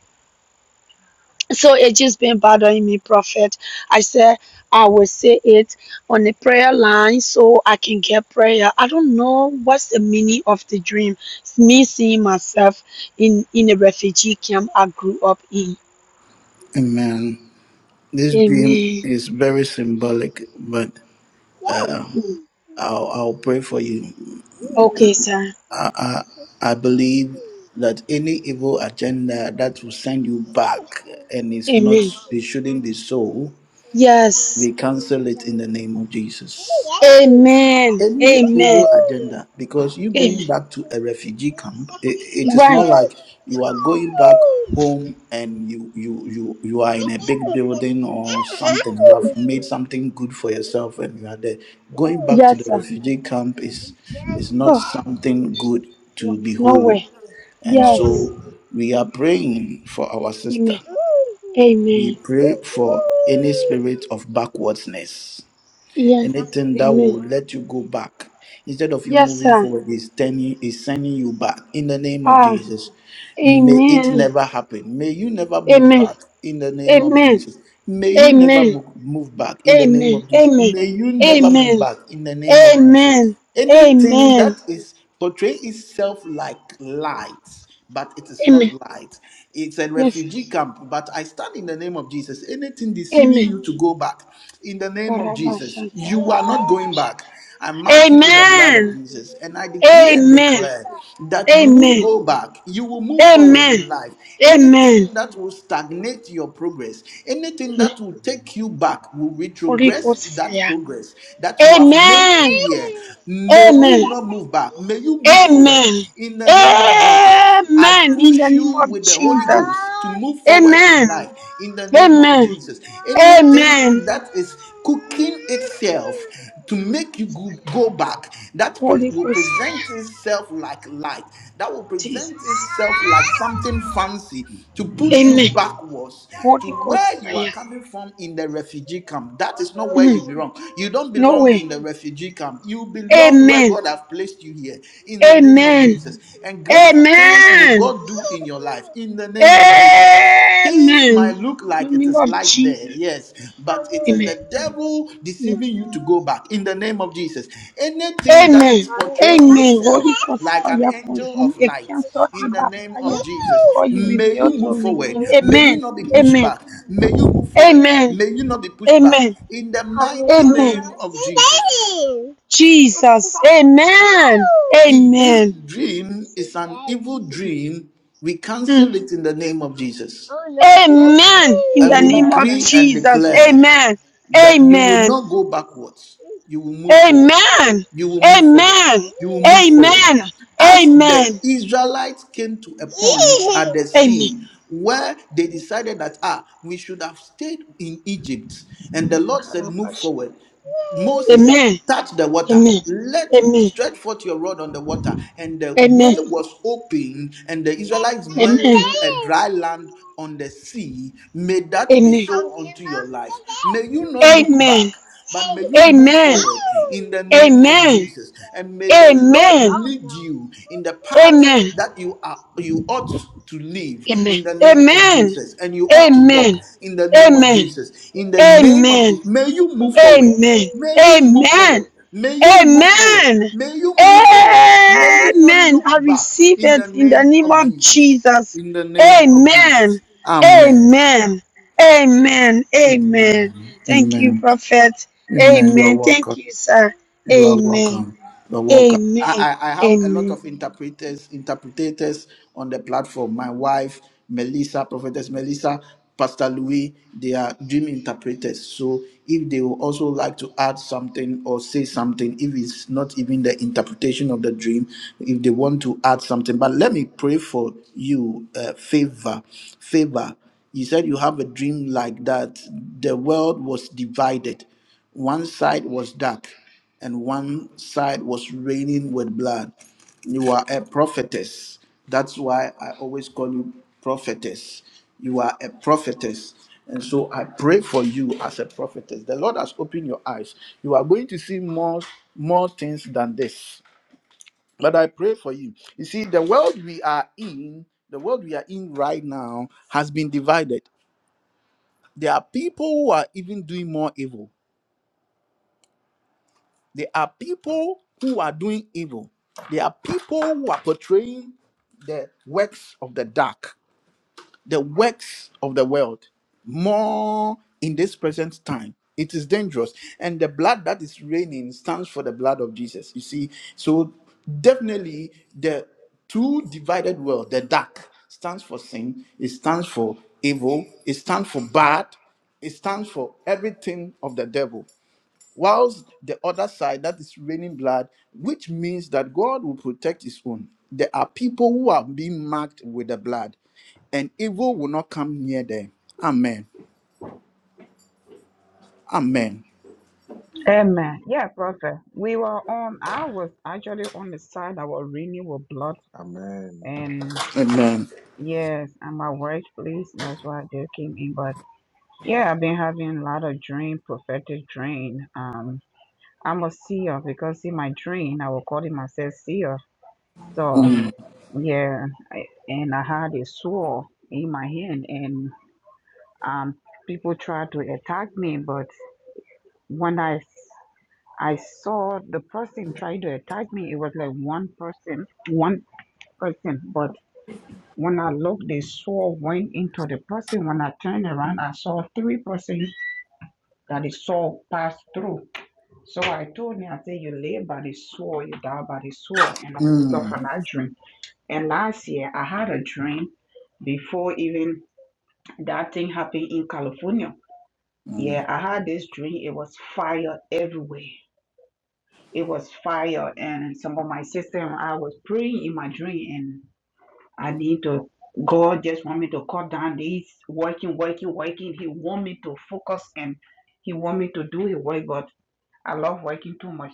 [SPEAKER 13] So it just been bothering me, Prophet. I said I will say it on the prayer line so I can get prayer. I don't know what's the meaning of the dream. It's me seeing myself in in a refugee camp I grew up in.
[SPEAKER 1] Amen. This dream
[SPEAKER 13] Amen.
[SPEAKER 1] is very symbolic, but
[SPEAKER 13] Mm.
[SPEAKER 1] I'll, I'll pray for you.
[SPEAKER 13] Okay, sir.
[SPEAKER 1] I believe that any evil agenda that will send you back and it's not,
[SPEAKER 13] Amen.
[SPEAKER 1] it shouldn't be so.
[SPEAKER 13] Yes.
[SPEAKER 1] We cancel it in the name of Jesus.
[SPEAKER 13] Amen.
[SPEAKER 1] any
[SPEAKER 13] Amen.
[SPEAKER 1] evil agenda because you going
[SPEAKER 13] Amen.
[SPEAKER 1] back to a refugee camp it, it is
[SPEAKER 13] Right.
[SPEAKER 1] not like you are going back home and you you you you are in a big building or something you have made something good for yourself and you are there going back to
[SPEAKER 13] Yes,
[SPEAKER 1] the
[SPEAKER 13] sir.
[SPEAKER 1] refugee camp is is not
[SPEAKER 13] Oh,
[SPEAKER 1] something good
[SPEAKER 13] no,
[SPEAKER 1] to
[SPEAKER 13] no
[SPEAKER 1] behold
[SPEAKER 13] way.
[SPEAKER 1] and
[SPEAKER 13] Yes.
[SPEAKER 1] so we are praying for our sister
[SPEAKER 13] Amen.
[SPEAKER 1] we
[SPEAKER 13] Amen.
[SPEAKER 1] pray for any spirit of backwardness
[SPEAKER 13] Yes.
[SPEAKER 1] Anything that
[SPEAKER 13] Amen.
[SPEAKER 1] will let you go back. Instead of you
[SPEAKER 13] Yes,
[SPEAKER 1] moving
[SPEAKER 13] sir.
[SPEAKER 1] forward, it's turning is sending you back. In the name of
[SPEAKER 13] Ah.
[SPEAKER 1] Jesus. May it
[SPEAKER 13] Amen.
[SPEAKER 1] never happen. May you never move
[SPEAKER 13] Amen.
[SPEAKER 1] back in the name of
[SPEAKER 13] Amen.
[SPEAKER 1] Jesus. May you never
[SPEAKER 13] Amen.
[SPEAKER 1] move, move back in the name
[SPEAKER 13] Amen.
[SPEAKER 1] of Jesus.
[SPEAKER 13] Amen.
[SPEAKER 1] May you never move
[SPEAKER 13] Amen.
[SPEAKER 1] back in the name of Jesus.
[SPEAKER 13] Amen.
[SPEAKER 1] Anything
[SPEAKER 13] Amen.
[SPEAKER 1] that is portray itself like light but it is not
[SPEAKER 13] Amen.
[SPEAKER 1] light. It's a
[SPEAKER 13] Yes. sir.
[SPEAKER 1] refugee camp, but I stand in the name of Jesus. Anything
[SPEAKER 13] Amen.
[SPEAKER 1] deceiving you to go back, in the name of Jesus,
[SPEAKER 13] Karabashanta
[SPEAKER 1] you are not going
[SPEAKER 13] rabakosha.
[SPEAKER 1] back. I mark you with the blood of
[SPEAKER 13] Amen.
[SPEAKER 1] Jesus, and I decree and
[SPEAKER 13] Amen.
[SPEAKER 1] declare that you won't
[SPEAKER 13] Amen.
[SPEAKER 1] go back. You will move forward
[SPEAKER 13] Amen.
[SPEAKER 1] in life.
[SPEAKER 13] Amen.
[SPEAKER 1] Anything that will stagnate your progress, anything that will take you back, will
[SPEAKER 13] Holy
[SPEAKER 1] retrogress
[SPEAKER 13] Ghost
[SPEAKER 1] that
[SPEAKER 13] fire.
[SPEAKER 1] progress that you have made
[SPEAKER 13] Amen.
[SPEAKER 1] here. May you
[SPEAKER 13] Amen.
[SPEAKER 1] not move back. May you move forward forward
[SPEAKER 13] Amen.
[SPEAKER 1] in the name of Jesus. I
[SPEAKER 13] Amen. In
[SPEAKER 1] push
[SPEAKER 13] the name
[SPEAKER 1] you
[SPEAKER 13] of
[SPEAKER 1] with the Holy
[SPEAKER 13] Jesus.
[SPEAKER 1] Ghost to move forward in
[SPEAKER 13] Amen.
[SPEAKER 1] life in the name of
[SPEAKER 13] Amen.
[SPEAKER 1] Jesus. Anything
[SPEAKER 13] Amen.
[SPEAKER 1] that is cooking itself to make you go go back, that pre-
[SPEAKER 13] Holy
[SPEAKER 1] will
[SPEAKER 13] Ghost
[SPEAKER 1] present itself
[SPEAKER 13] fire.
[SPEAKER 1] like light, that will
[SPEAKER 13] Jesus.
[SPEAKER 1] present itself like something fancy to push you
[SPEAKER 13] Amen.
[SPEAKER 1] backwards to
[SPEAKER 13] Holy Ghost
[SPEAKER 1] where you are
[SPEAKER 13] fire.
[SPEAKER 1] coming from in the refugee camp. That is not where
[SPEAKER 13] Mm.
[SPEAKER 1] you belong. You don't
[SPEAKER 13] No
[SPEAKER 1] belong
[SPEAKER 13] way.
[SPEAKER 1] in the refugee camp, you belong where God
[SPEAKER 13] Amen.
[SPEAKER 1] God have placed you here in the name of
[SPEAKER 13] Amen.
[SPEAKER 1] Jesus. And greater things will
[SPEAKER 13] Amen.
[SPEAKER 1] God do in your life in the name of Jesus. Things
[SPEAKER 13] Amen. In
[SPEAKER 1] might look
[SPEAKER 13] the
[SPEAKER 1] like it
[SPEAKER 13] name
[SPEAKER 1] is
[SPEAKER 13] of
[SPEAKER 1] light there,
[SPEAKER 13] Jesus.
[SPEAKER 1] yes, but it is
[SPEAKER 13] Amen.
[SPEAKER 1] the devil
[SPEAKER 13] Amen.
[SPEAKER 1] deceiving you to go back in the name of Jesus. Anything that
[SPEAKER 13] Amen.
[SPEAKER 1] is portraying
[SPEAKER 13] Amen.
[SPEAKER 1] itself
[SPEAKER 13] Holy Ghost
[SPEAKER 1] like an
[SPEAKER 13] fire
[SPEAKER 1] angel
[SPEAKER 13] consume
[SPEAKER 1] of
[SPEAKER 13] a
[SPEAKER 1] light
[SPEAKER 13] cancer
[SPEAKER 1] in
[SPEAKER 13] in
[SPEAKER 1] the
[SPEAKER 13] by
[SPEAKER 1] name
[SPEAKER 13] fire
[SPEAKER 1] of Jesus.
[SPEAKER 13] before you
[SPEAKER 1] May
[SPEAKER 13] reveal
[SPEAKER 1] you
[SPEAKER 13] to
[SPEAKER 1] move forward.
[SPEAKER 13] redeem.
[SPEAKER 1] May you
[SPEAKER 13] Amen.
[SPEAKER 1] not be pushed
[SPEAKER 13] Amen.
[SPEAKER 1] back. May you move forward.
[SPEAKER 13] Amen.
[SPEAKER 1] May you not be pushed back
[SPEAKER 13] Amen.
[SPEAKER 1] in the mighty
[SPEAKER 13] Amen.
[SPEAKER 1] name of Jesus.
[SPEAKER 13] Jesus. Amen.
[SPEAKER 1] If this
[SPEAKER 13] Amen.
[SPEAKER 1] dream is an evil dream, we
[SPEAKER 13] Mm.
[SPEAKER 1] cancel it in the name of Jesus.
[SPEAKER 13] Amen. In
[SPEAKER 1] And
[SPEAKER 13] the
[SPEAKER 1] we
[SPEAKER 13] name of
[SPEAKER 1] decree and
[SPEAKER 13] Jesus.
[SPEAKER 1] declare
[SPEAKER 13] Amen.
[SPEAKER 1] that you will
[SPEAKER 13] Amen.
[SPEAKER 1] not go backwards. You will move forward.
[SPEAKER 13] Amen.
[SPEAKER 1] You will move forward.
[SPEAKER 13] Amen.
[SPEAKER 1] You will move forward.
[SPEAKER 13] Amen.
[SPEAKER 1] As the
[SPEAKER 13] Amen.
[SPEAKER 1] Israelites came to a point at the
[SPEAKER 13] Amen.
[SPEAKER 1] sea where they decided that, ah, we should have stayed in Egypt. And the Lord said, move forward. Moses,
[SPEAKER 13] Amen.
[SPEAKER 1] touch the water.
[SPEAKER 13] Amen.
[SPEAKER 1] Let
[SPEAKER 13] Amen.
[SPEAKER 1] stretch forth your rod on the water. And the way
[SPEAKER 13] Amen.
[SPEAKER 1] was open, and the Israelites
[SPEAKER 13] Amen.
[SPEAKER 1] went
[SPEAKER 13] Amen.
[SPEAKER 1] through a dry land on the sea. May that
[SPEAKER 13] Amen.
[SPEAKER 1] be so unto your life. May you not look
[SPEAKER 13] Amen.
[SPEAKER 1] back, but may
[SPEAKER 13] Amen. Amen.
[SPEAKER 1] you move
[SPEAKER 13] Amen.
[SPEAKER 1] forward in the name of
[SPEAKER 13] Amen.
[SPEAKER 1] Jesus. And may the
[SPEAKER 13] Amen.
[SPEAKER 1] Lord lead you in the path that you are you ought to live in the name of Jesus. And you ought to walk in the name of Jesus. In the name of Jesus. May you move
[SPEAKER 13] Amen. Amen. Amen.
[SPEAKER 1] forward.
[SPEAKER 13] Amen.
[SPEAKER 1] May you move
[SPEAKER 13] Amen.
[SPEAKER 1] forward. May you move forward.
[SPEAKER 13] Amen.
[SPEAKER 1] May you move forward. May you not
[SPEAKER 13] Amen.
[SPEAKER 1] look
[SPEAKER 13] I
[SPEAKER 1] back
[SPEAKER 13] receive
[SPEAKER 1] in
[SPEAKER 13] it
[SPEAKER 1] the
[SPEAKER 13] in the
[SPEAKER 1] name
[SPEAKER 13] name
[SPEAKER 1] of
[SPEAKER 13] of
[SPEAKER 1] Jesus.
[SPEAKER 13] Jesus.
[SPEAKER 1] In the name of
[SPEAKER 13] Amen.
[SPEAKER 1] Jesus. Amen.
[SPEAKER 13] Amen. Amen. Amen.
[SPEAKER 1] Amen.
[SPEAKER 13] Thank you,
[SPEAKER 1] Amen.
[SPEAKER 13] prophet.
[SPEAKER 1] Amen. You are
[SPEAKER 13] Amen. Thank
[SPEAKER 1] welcome.
[SPEAKER 13] you, sir.
[SPEAKER 1] You are
[SPEAKER 13] Amen.
[SPEAKER 1] welcome. You're welcome.
[SPEAKER 13] Amen.
[SPEAKER 1] I, I, I have a lot
[SPEAKER 13] Amen.
[SPEAKER 1] of interpreters, interpretators on the platform. My wife, Melissa, Prophetess Melissa, Pastor Louis, they are dream interpreters. So if they would also like to add something or say something, if it's not even the interpretation of the dream, if they want to add something, but let me pray for you, uh, favor, favor. You said you have a dream like that. The world was divided one side was dark, and one side was raining with blood. You are a prophetess. That's why I always call you prophetess. You are a prophetess. And so I pray for you as a prophetess. The Lord has opened your eyes. You are going to see more, more things than this. But I pray for you. You see, the world we are in, the world we are in right now has been divided. There are people who are even doing more evil There are people who are doing evil. There are people who are portraying the works of the dark, the works of the world more in this present time. It is dangerous. And the blood that is raining stands for the blood of Jesus. You see, so definitely the two divided world, the dark, stands for sin, it stands for evil, it stands for bad, it stands for everything of the devil whilst the other side that is raining blood, which means that God will protect his own. There are people who are being marked with the blood, and evil will not come near them. Amen. Amen.
[SPEAKER 14] Amen. Yeah, brother. We were on, I was actually on the side that was reading with blood.
[SPEAKER 10] Amen.
[SPEAKER 14] And
[SPEAKER 1] Amen.
[SPEAKER 14] yes, at my workplace, that's why they came in. But yeah, I've been having a lot of dream, prophetic dream. Um, I'm a seer because in my dream, I was calling myself seer. So yeah, I, and I had a sword in my hand and um, people tried to attack me. But when I I saw the person try to attack me. It was like one person, one person. But when I looked, the sword went into the person. When I turned around, I saw three persons that the sword passed through. So I told him, I said, you live by the sword, you die by the sword. And I woke up
[SPEAKER 1] Mm,
[SPEAKER 14] from that dream. And last year, I had a dream before even that thing happened in California. Yeah,
[SPEAKER 1] mm.
[SPEAKER 14] I had this dream. It was fire everywhere. It was fire, and some of my sister I was praying in my dream, and I need to. God just want me to cut down this working, working, working. He want me to focus and He want me to do His work. But I love working too much.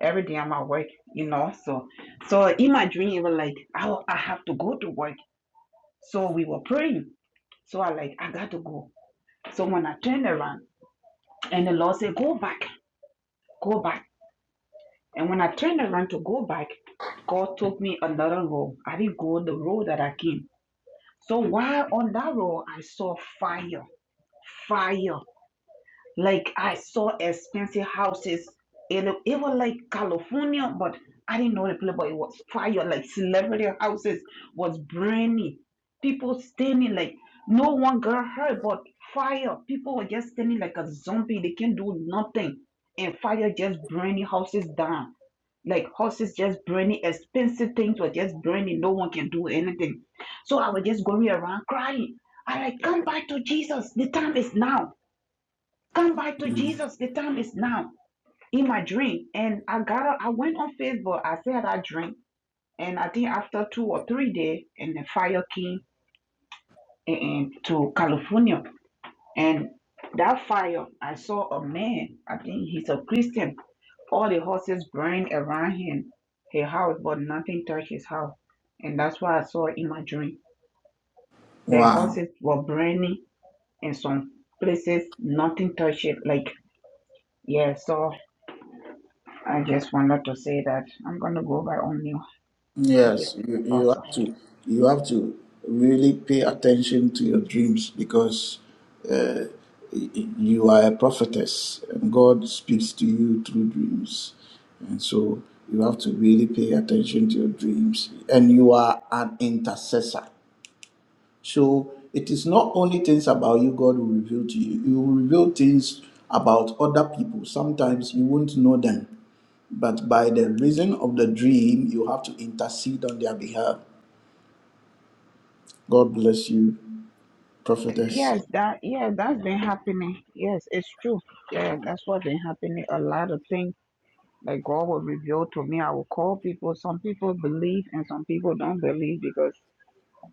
[SPEAKER 14] Every day I'm at work, you know. So, so in my dream, it was like I, I have to go to work. So we were praying. So I like I got to go. So when I turned around, and the Lord said, "Go back, go back." And when I turned around to go back, God took me another road. I didn't go the road that I came. So while on that road, I saw fire, fire. Like I saw expensive houses. It, lo- it was like California, but I didn't know the place, but it was fire. Like celebrity houses was burning. People standing like no one got hurt, but fire. People were just standing like a zombie. They can't do nothing. And fire just burning houses down. Like houses just burning, expensive things were just burning. No one can do anything. So I was just going around crying. I like come back to Jesus. The time is now come back to Jesus. The time is now in my dream. And I got up, I went on Facebook. I said I drink. And I think after two or three days, and the fire came and, to California. And that fire, I saw a man, I think he's a Christian. All the horses burned around him, his house, but nothing touched his house. And that's why I saw in my dream. The
[SPEAKER 1] Wow.
[SPEAKER 14] horses were burning and some places, nothing touched it. Like, yeah, so I just wanted to say that I'm gonna go by Omni. Thank you,
[SPEAKER 1] Yes, you, you
[SPEAKER 14] Apostle.
[SPEAKER 1] have to you have to really pay attention to your dreams because you are a prophetess and God speaks to you through dreams. And so you have to really pay attention to your dreams. And you are an intercessor. So it is not only things about you God will reveal to you, you will reveal things about other people. Sometimes you won't know them, but by the reason of the dream, you have to intercede on their behalf. God bless you, prophetess.
[SPEAKER 14] Yes, that yeah, that's been happening. Yes, it's true. Yeah, that's what been happening. A lot of things that God will reveal to me. I will call people. Some people believe and some people don't believe because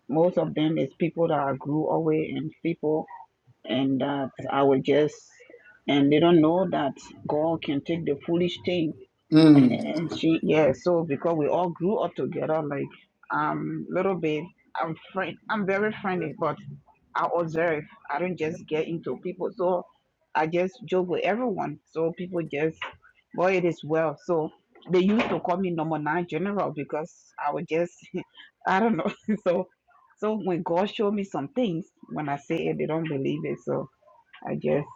[SPEAKER 14] most of them is people that I grew away and people and that I will just and they don't know that God can take the foolish thing
[SPEAKER 1] Mm,
[SPEAKER 14] And she, yeah, so because we all grew up together, like um, little bit, I'm friend, I'm very friendly, but I observe. I don't just get into people, so I just joke with everyone. So people just, boy, it is well. So they used to call me number nine general because I would just, I don't know. so, so when God showed me some things, when I say it, they don't believe it. So I just,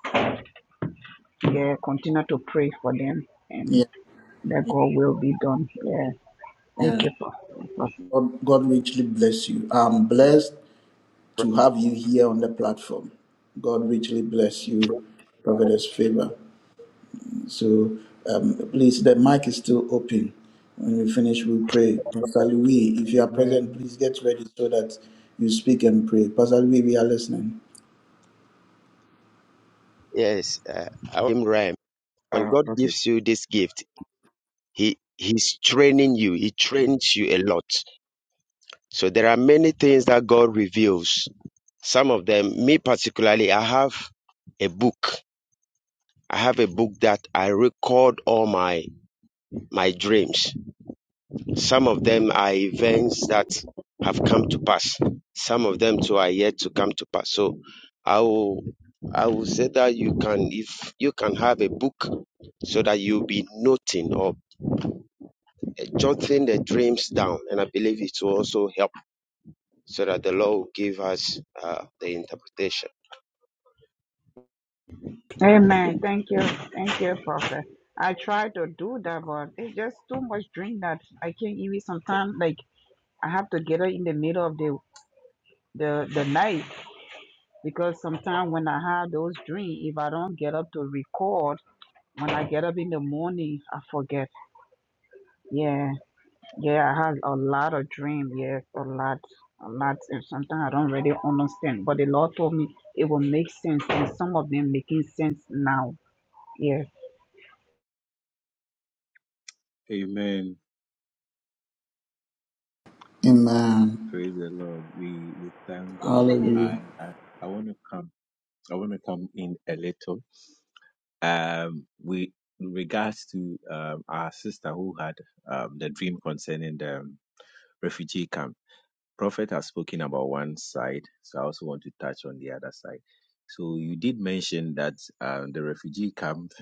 [SPEAKER 14] yeah, continue to pray for them
[SPEAKER 1] yeah,
[SPEAKER 14] and that God will be done. Yeah. Thank
[SPEAKER 1] yeah.
[SPEAKER 14] you, Prophet.
[SPEAKER 1] God, God richly bless you. I'm blessed to have you here on the platform. God richly bless you, Prophetess Favor. So um, please, the mic is still open. When we finish, we'll pray. Pastor Louis, if you are present,
[SPEAKER 10] Amen.
[SPEAKER 1] please get ready so that you speak and pray. Pastor Louis, we are listening.
[SPEAKER 11] Yes, uh, I'm Rhyme. When
[SPEAKER 10] Ah,
[SPEAKER 11] God
[SPEAKER 10] okay.
[SPEAKER 11] gives you this gift, He He's training you. He trains you a lot. So there are many things that God reveals. Some of them, me particularly, I have a book. I have a book that I record all my my dreams Some of them are events that have come to pass. Some of them too are yet to come to pass. So I will I will say that you can if you can have a book so that you'll be noting or jotting the dreams down. And I believe it will also help so that the Lord will give us uh, the interpretation.
[SPEAKER 14] Amen. Thank you. Thank you, Prophet. I try to do that, but it's just too much drink that I can't even sometimes like I have to get up in the middle of the the, the night because sometimes when I have those dreams, if I don't get up to record, when I get up in the morning, I forget. Yeah, yeah, I have a lot of dreams. Yes, a lot, a lot. And sometimes I don't really understand. But the Lord told me it will make sense, and some of them making sense now. Yes.
[SPEAKER 10] Amen.
[SPEAKER 1] Amen.
[SPEAKER 10] Praise the Lord. We we thank God.
[SPEAKER 1] Hallelujah.
[SPEAKER 10] I I, I want to come. I want to come in a little. Um, we in regards to um, our sister who had um, the dream concerning the refugee camp. Prophet has spoken about one side, so I also want to touch on the other side. So you did mention that um, the refugee camp.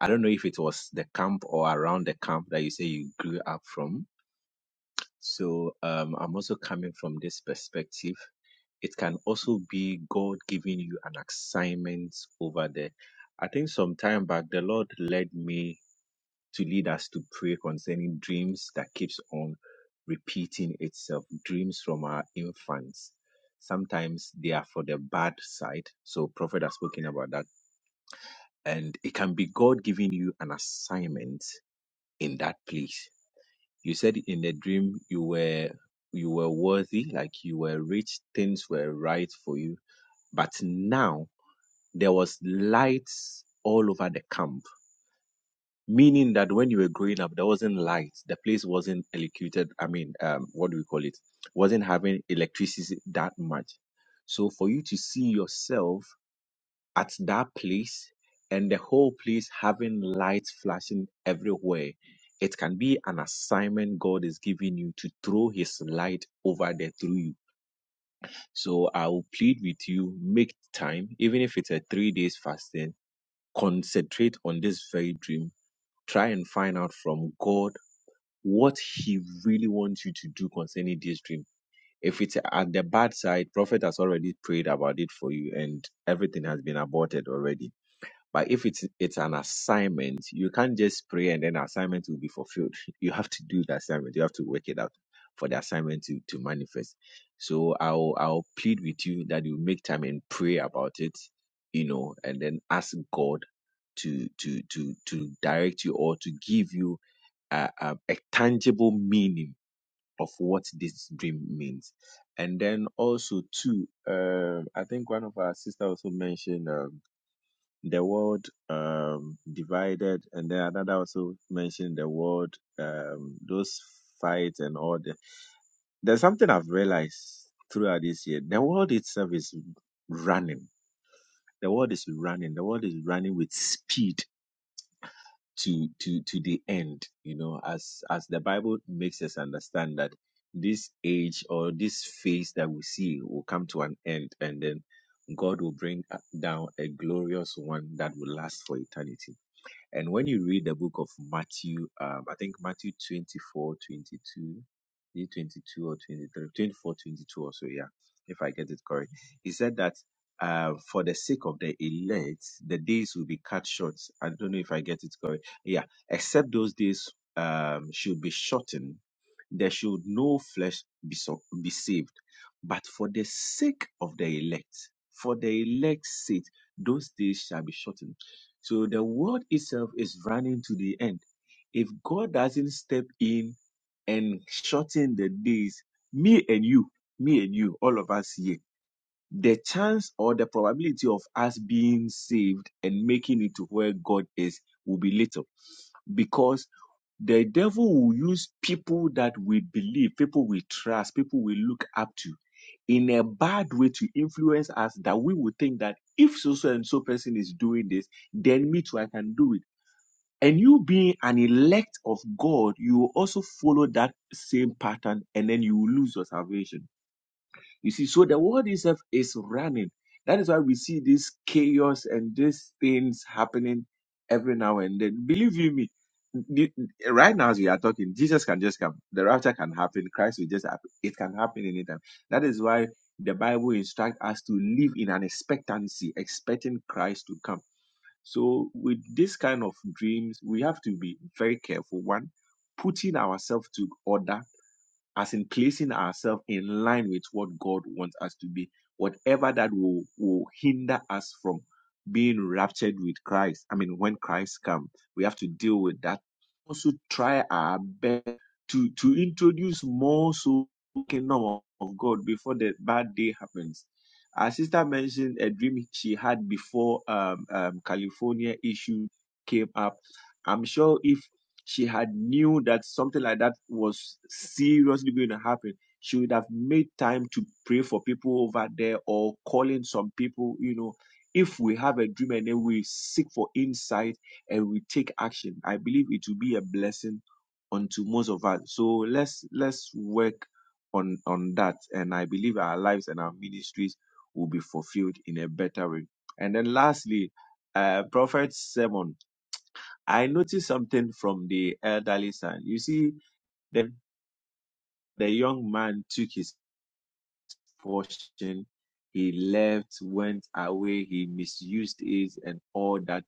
[SPEAKER 10] I don't know if it was the camp or around the camp that you say you grew up from. So um, I'm also coming from this perspective. It can also be God giving you an assignment over there. I think some time back, the Lord led me to lead us to pray concerning dreams that keeps on repeating itself dreams from our infants sometimes they are for the bad side so prophet has spoken about that and it can be god giving you an assignment in that place you said in the dream you were you were worthy like you were rich things were right for you but now there was lights all over the camp meaning that when you were growing up, there wasn't light. The place wasn't electrocuted. I mean, um, what do we call it? Wasn't having electricity that much. So for you to see yourself at that place and the whole place having lights flashing everywhere, it can be an assignment God is giving you to throw His light over there through you. So I will plead with you, make time, even if it's a three days fasting, concentrate on this very dream try and find out from God what he really wants you to do concerning this dream. If it's at the bad side, prophet has already prayed about it for you and everything has been aborted already. But if it's it's an assignment, you can't just pray and then assignment will be fulfilled. You have to do the assignment. You have to work it out for the assignment to, to manifest. So I'll I'll plead with you that you make time and pray about it, you know, and then ask God to to to to direct you or to give you a, a, a tangible meaning of what this dream means. And then also too, um, I think one of our sister also mentioned um, the world um, divided, and then another also mentioned the world um, those fights and all the. There's something I've realized throughout this year: the world itself is running. The world is running. The world is running with speed to to to the end you know as as the bible makes us understand that this age or this phase that we see will come to an end and then god will bring uh, down a glorious one that will last for eternity and when you read the book of Matthew, um, I think Matthew 24, twenty-two, is it 22 or 23, 24, twenty-two or so, yeah, if I get it correct. He said that uh, for the sake of the elect, the days will be cut short. I don't know if I get it correct. Yeah, except those days um, should be shortened there should no flesh be, so, be saved. But for the sake of the elect, for the elect's sake, those days shall be shortened. So the world itself is running to the end. If God doesn't step in and shorten the days, me and you, me and you, all of us here, the chance or the probability of us being saved and making it to where God is will be little because. The devil will use people that we believe, people we trust, people we look up to in a bad way to influence us that we would think that if so so and so person is doing this, then me too, I can do it. And you being an elect of God, you will also follow that same pattern and then you will lose your salvation. You see, so the world itself is running. That is why we see this chaos and these things happening every now and then. Believe you me, the- right now as we are talking, Jesus can just come. The rapture can happen. Christ will just happen. It can happen anytime. That is why the Bible instructs us to live in an expectancy, expecting Christ to come. So with this kind of dreams, we have to be very careful. One, putting ourselves to order as in placing ourselves in line with what God wants us to be, whatever that will, will hinder us from being raptured with Christ. I mean, when Christ comes, we have to deal with that. Also, try our best to, to introduce more so kingdom of God before the bad day happens. Our sister mentioned a dream she had before um, um, California issue came up. I'm sure if she had knew that something like that was seriously going to happen, she would have made time to pray for people over there or calling some people, you know. If we have a dream and then we seek for insight and we take action, I believe it will be a blessing unto most of us. So let's let's work on on that, and I believe our lives and our ministries will be fulfilled in a better way. And then lastly, uh, Prophet Sermon I noticed something from the elderly son. You see, the, the young man took his portion. He left, went away, he misused it and all that.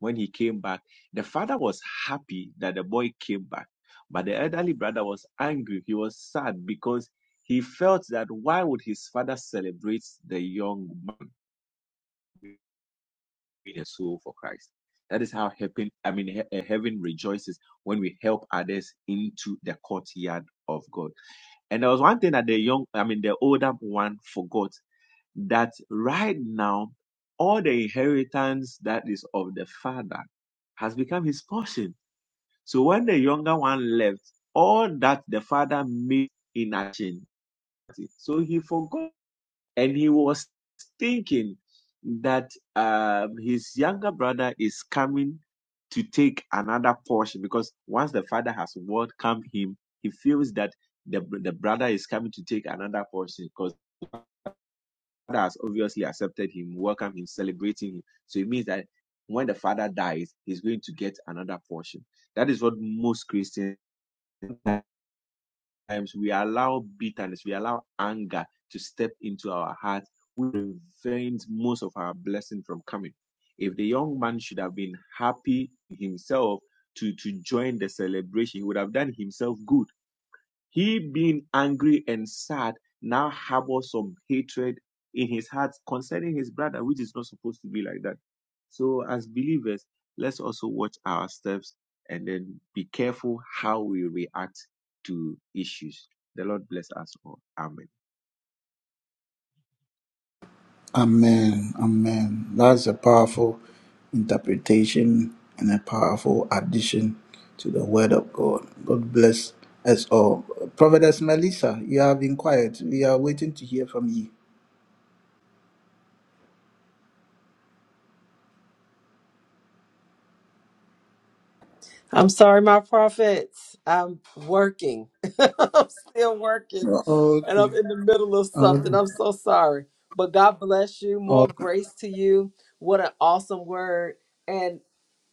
[SPEAKER 10] When he came back, the father was happy that the boy came back. But the elderly brother was angry. He was sad because he felt that why would his father celebrate the young man? being a soul for Christ. That is how heaven, I mean, he- uh, heaven rejoices when we help others into the courtyard of God. And there was one thing that the young, I mean, the older one forgot that right now, all the inheritance that is of the father has become his portion. So when the younger one left, all that the father made in action. So he forgot and he was thinking that um, his younger brother is coming to take another portion because once the father has welcomed him, he feels that the, the brother is coming to take another portion because the father has obviously accepted him, welcomed him, celebrating him. So it means that when the father dies, he's going to get another portion. That is what most Christians times we allow bitterness, we allow anger to step into our hearts, we prevent most of our blessing from coming. If the young man should have been happy himself to, to join the celebration, he would have done himself good he, being angry and sad, now harbors some hatred in his heart concerning his brother, which is not supposed to be like that. So, as believers, let's also watch our steps and then be careful how we react to issues. The Lord bless us all. Amen.
[SPEAKER 1] Amen. Amen. That's a powerful interpretation and a powerful addition to the word of God. God bless us all. Prophetess Melissa, you have been quiet. We are waiting to hear from you.
[SPEAKER 2] I'm sorry, my prophets. I'm working. I'm still working and
[SPEAKER 1] Okay.
[SPEAKER 2] I'm in the middle of something. I'm so sorry. But God bless you. More
[SPEAKER 1] Oh,
[SPEAKER 2] grace to you. What an awesome word.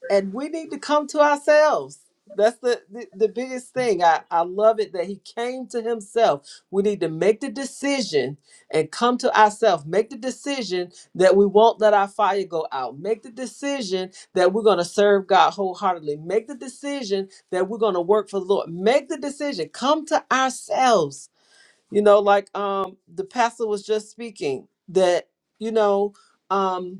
[SPEAKER 2] and we need to come to ourselves that's the, the the biggest thing i i love it that he came to himself we need to make the decision and come to ourselves make the decision that we won't let our fire go out make the decision that we're going to serve god wholeheartedly make the decision that we're going to work for the lord make the decision come to ourselves you know like um the pastor was just speaking that you know um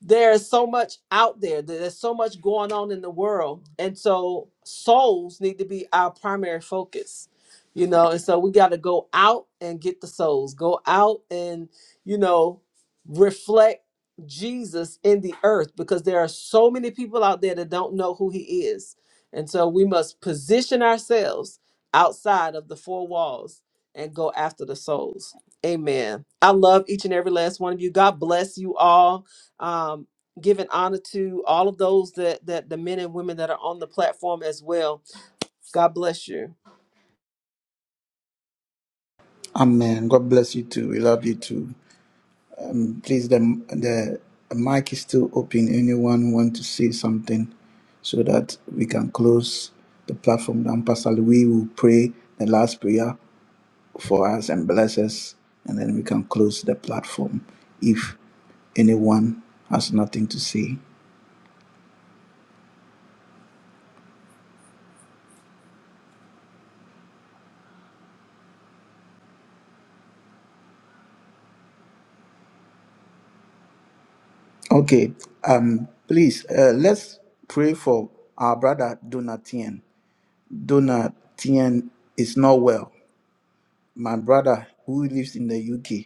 [SPEAKER 2] there's so much out there there's so much going on in the world and so souls need to be our primary focus you know and so we got to go out and get the souls go out and you know reflect jesus in the earth because there are so many people out there that don't know who he is and so we must position ourselves outside of the four walls and go after the souls amen i love each and every last one of you god bless you all um, giving honor to all of those that that the men and women that are on the platform as well. God bless you.
[SPEAKER 1] amen. God bless you too. We love you too. Mm, Please, the, the mic is still open. Anyone want to say something so that we can close the platform down? Pastor Louis will pray the last prayer for us and bless us, and then we can close the platform if anyone has nothing to say. Okay, um, please uh, let's pray for our brother Donatien. Donatien is not well. My brother who lives in the UK.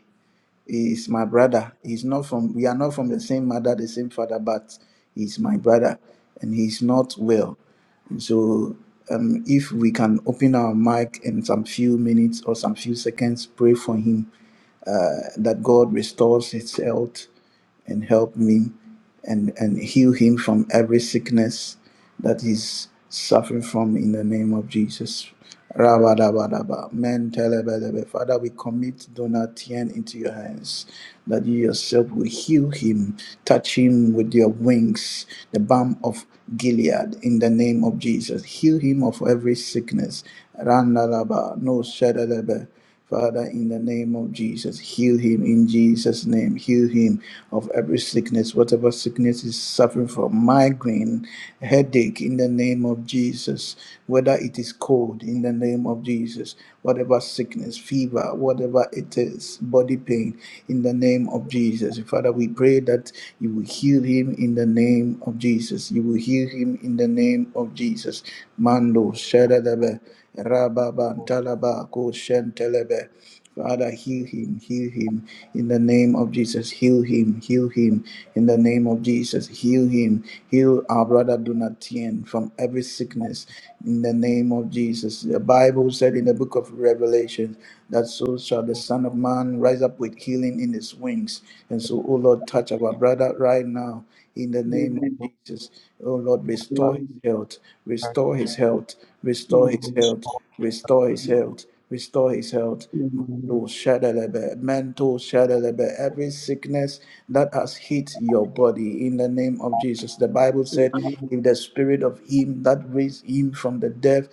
[SPEAKER 1] He's my brother. He's not from we are not from the same mother, the same father, but he's my brother and he's not well. And so um, if we can open our mic in some few minutes or some few seconds, pray for him that God restores his health and help me and, and heal him from every sickness that he's suffering from in the name of Jesus. Rabadabadaba. Men telebelebe. Father, we commit Donatien into your hands that you yourself will heal him, touch him with your wings, the balm of Gilead, in the name of Jesus. Heal him of every sickness. Randalaba, no shadalebe. Father, in the name of Jesus, heal him in Jesus' name. Heal him of every sickness, whatever sickness is suffering from, migraine, headache, in the name of Jesus. Whether it is cold, in the name of Jesus, whatever sickness, fever, whatever it is, body pain, in the name of Jesus. Father, we pray that you will heal him in the name of Jesus. You will heal him in the name of Jesus. Mando, Shadadabe. Rababan Talaba, Koshen Telebe, Father, heal him, heal him in the name of Jesus. Heal him, heal him in the name of Jesus. Heal him, heal our brother Donatien from every sickness in the name of Jesus. The Bible said in the book of Revelation that so shall the Son of Man rise up with healing in his wings. And so, oh Lord, touch our brother right now in the name of
[SPEAKER 15] Amen.
[SPEAKER 1] Jesus. Oh Lord, restore his
[SPEAKER 15] Amen.
[SPEAKER 1] health, restore his health, restore his
[SPEAKER 15] Amen.
[SPEAKER 1] health, restore his health, restore his health.
[SPEAKER 15] Amen.
[SPEAKER 1] Mando shadalebe, mento shadalebe, every sickness that has hit your body in the name of Jesus. The Bible said,
[SPEAKER 15] Amen.
[SPEAKER 1] if the spirit of him that raised him from the dead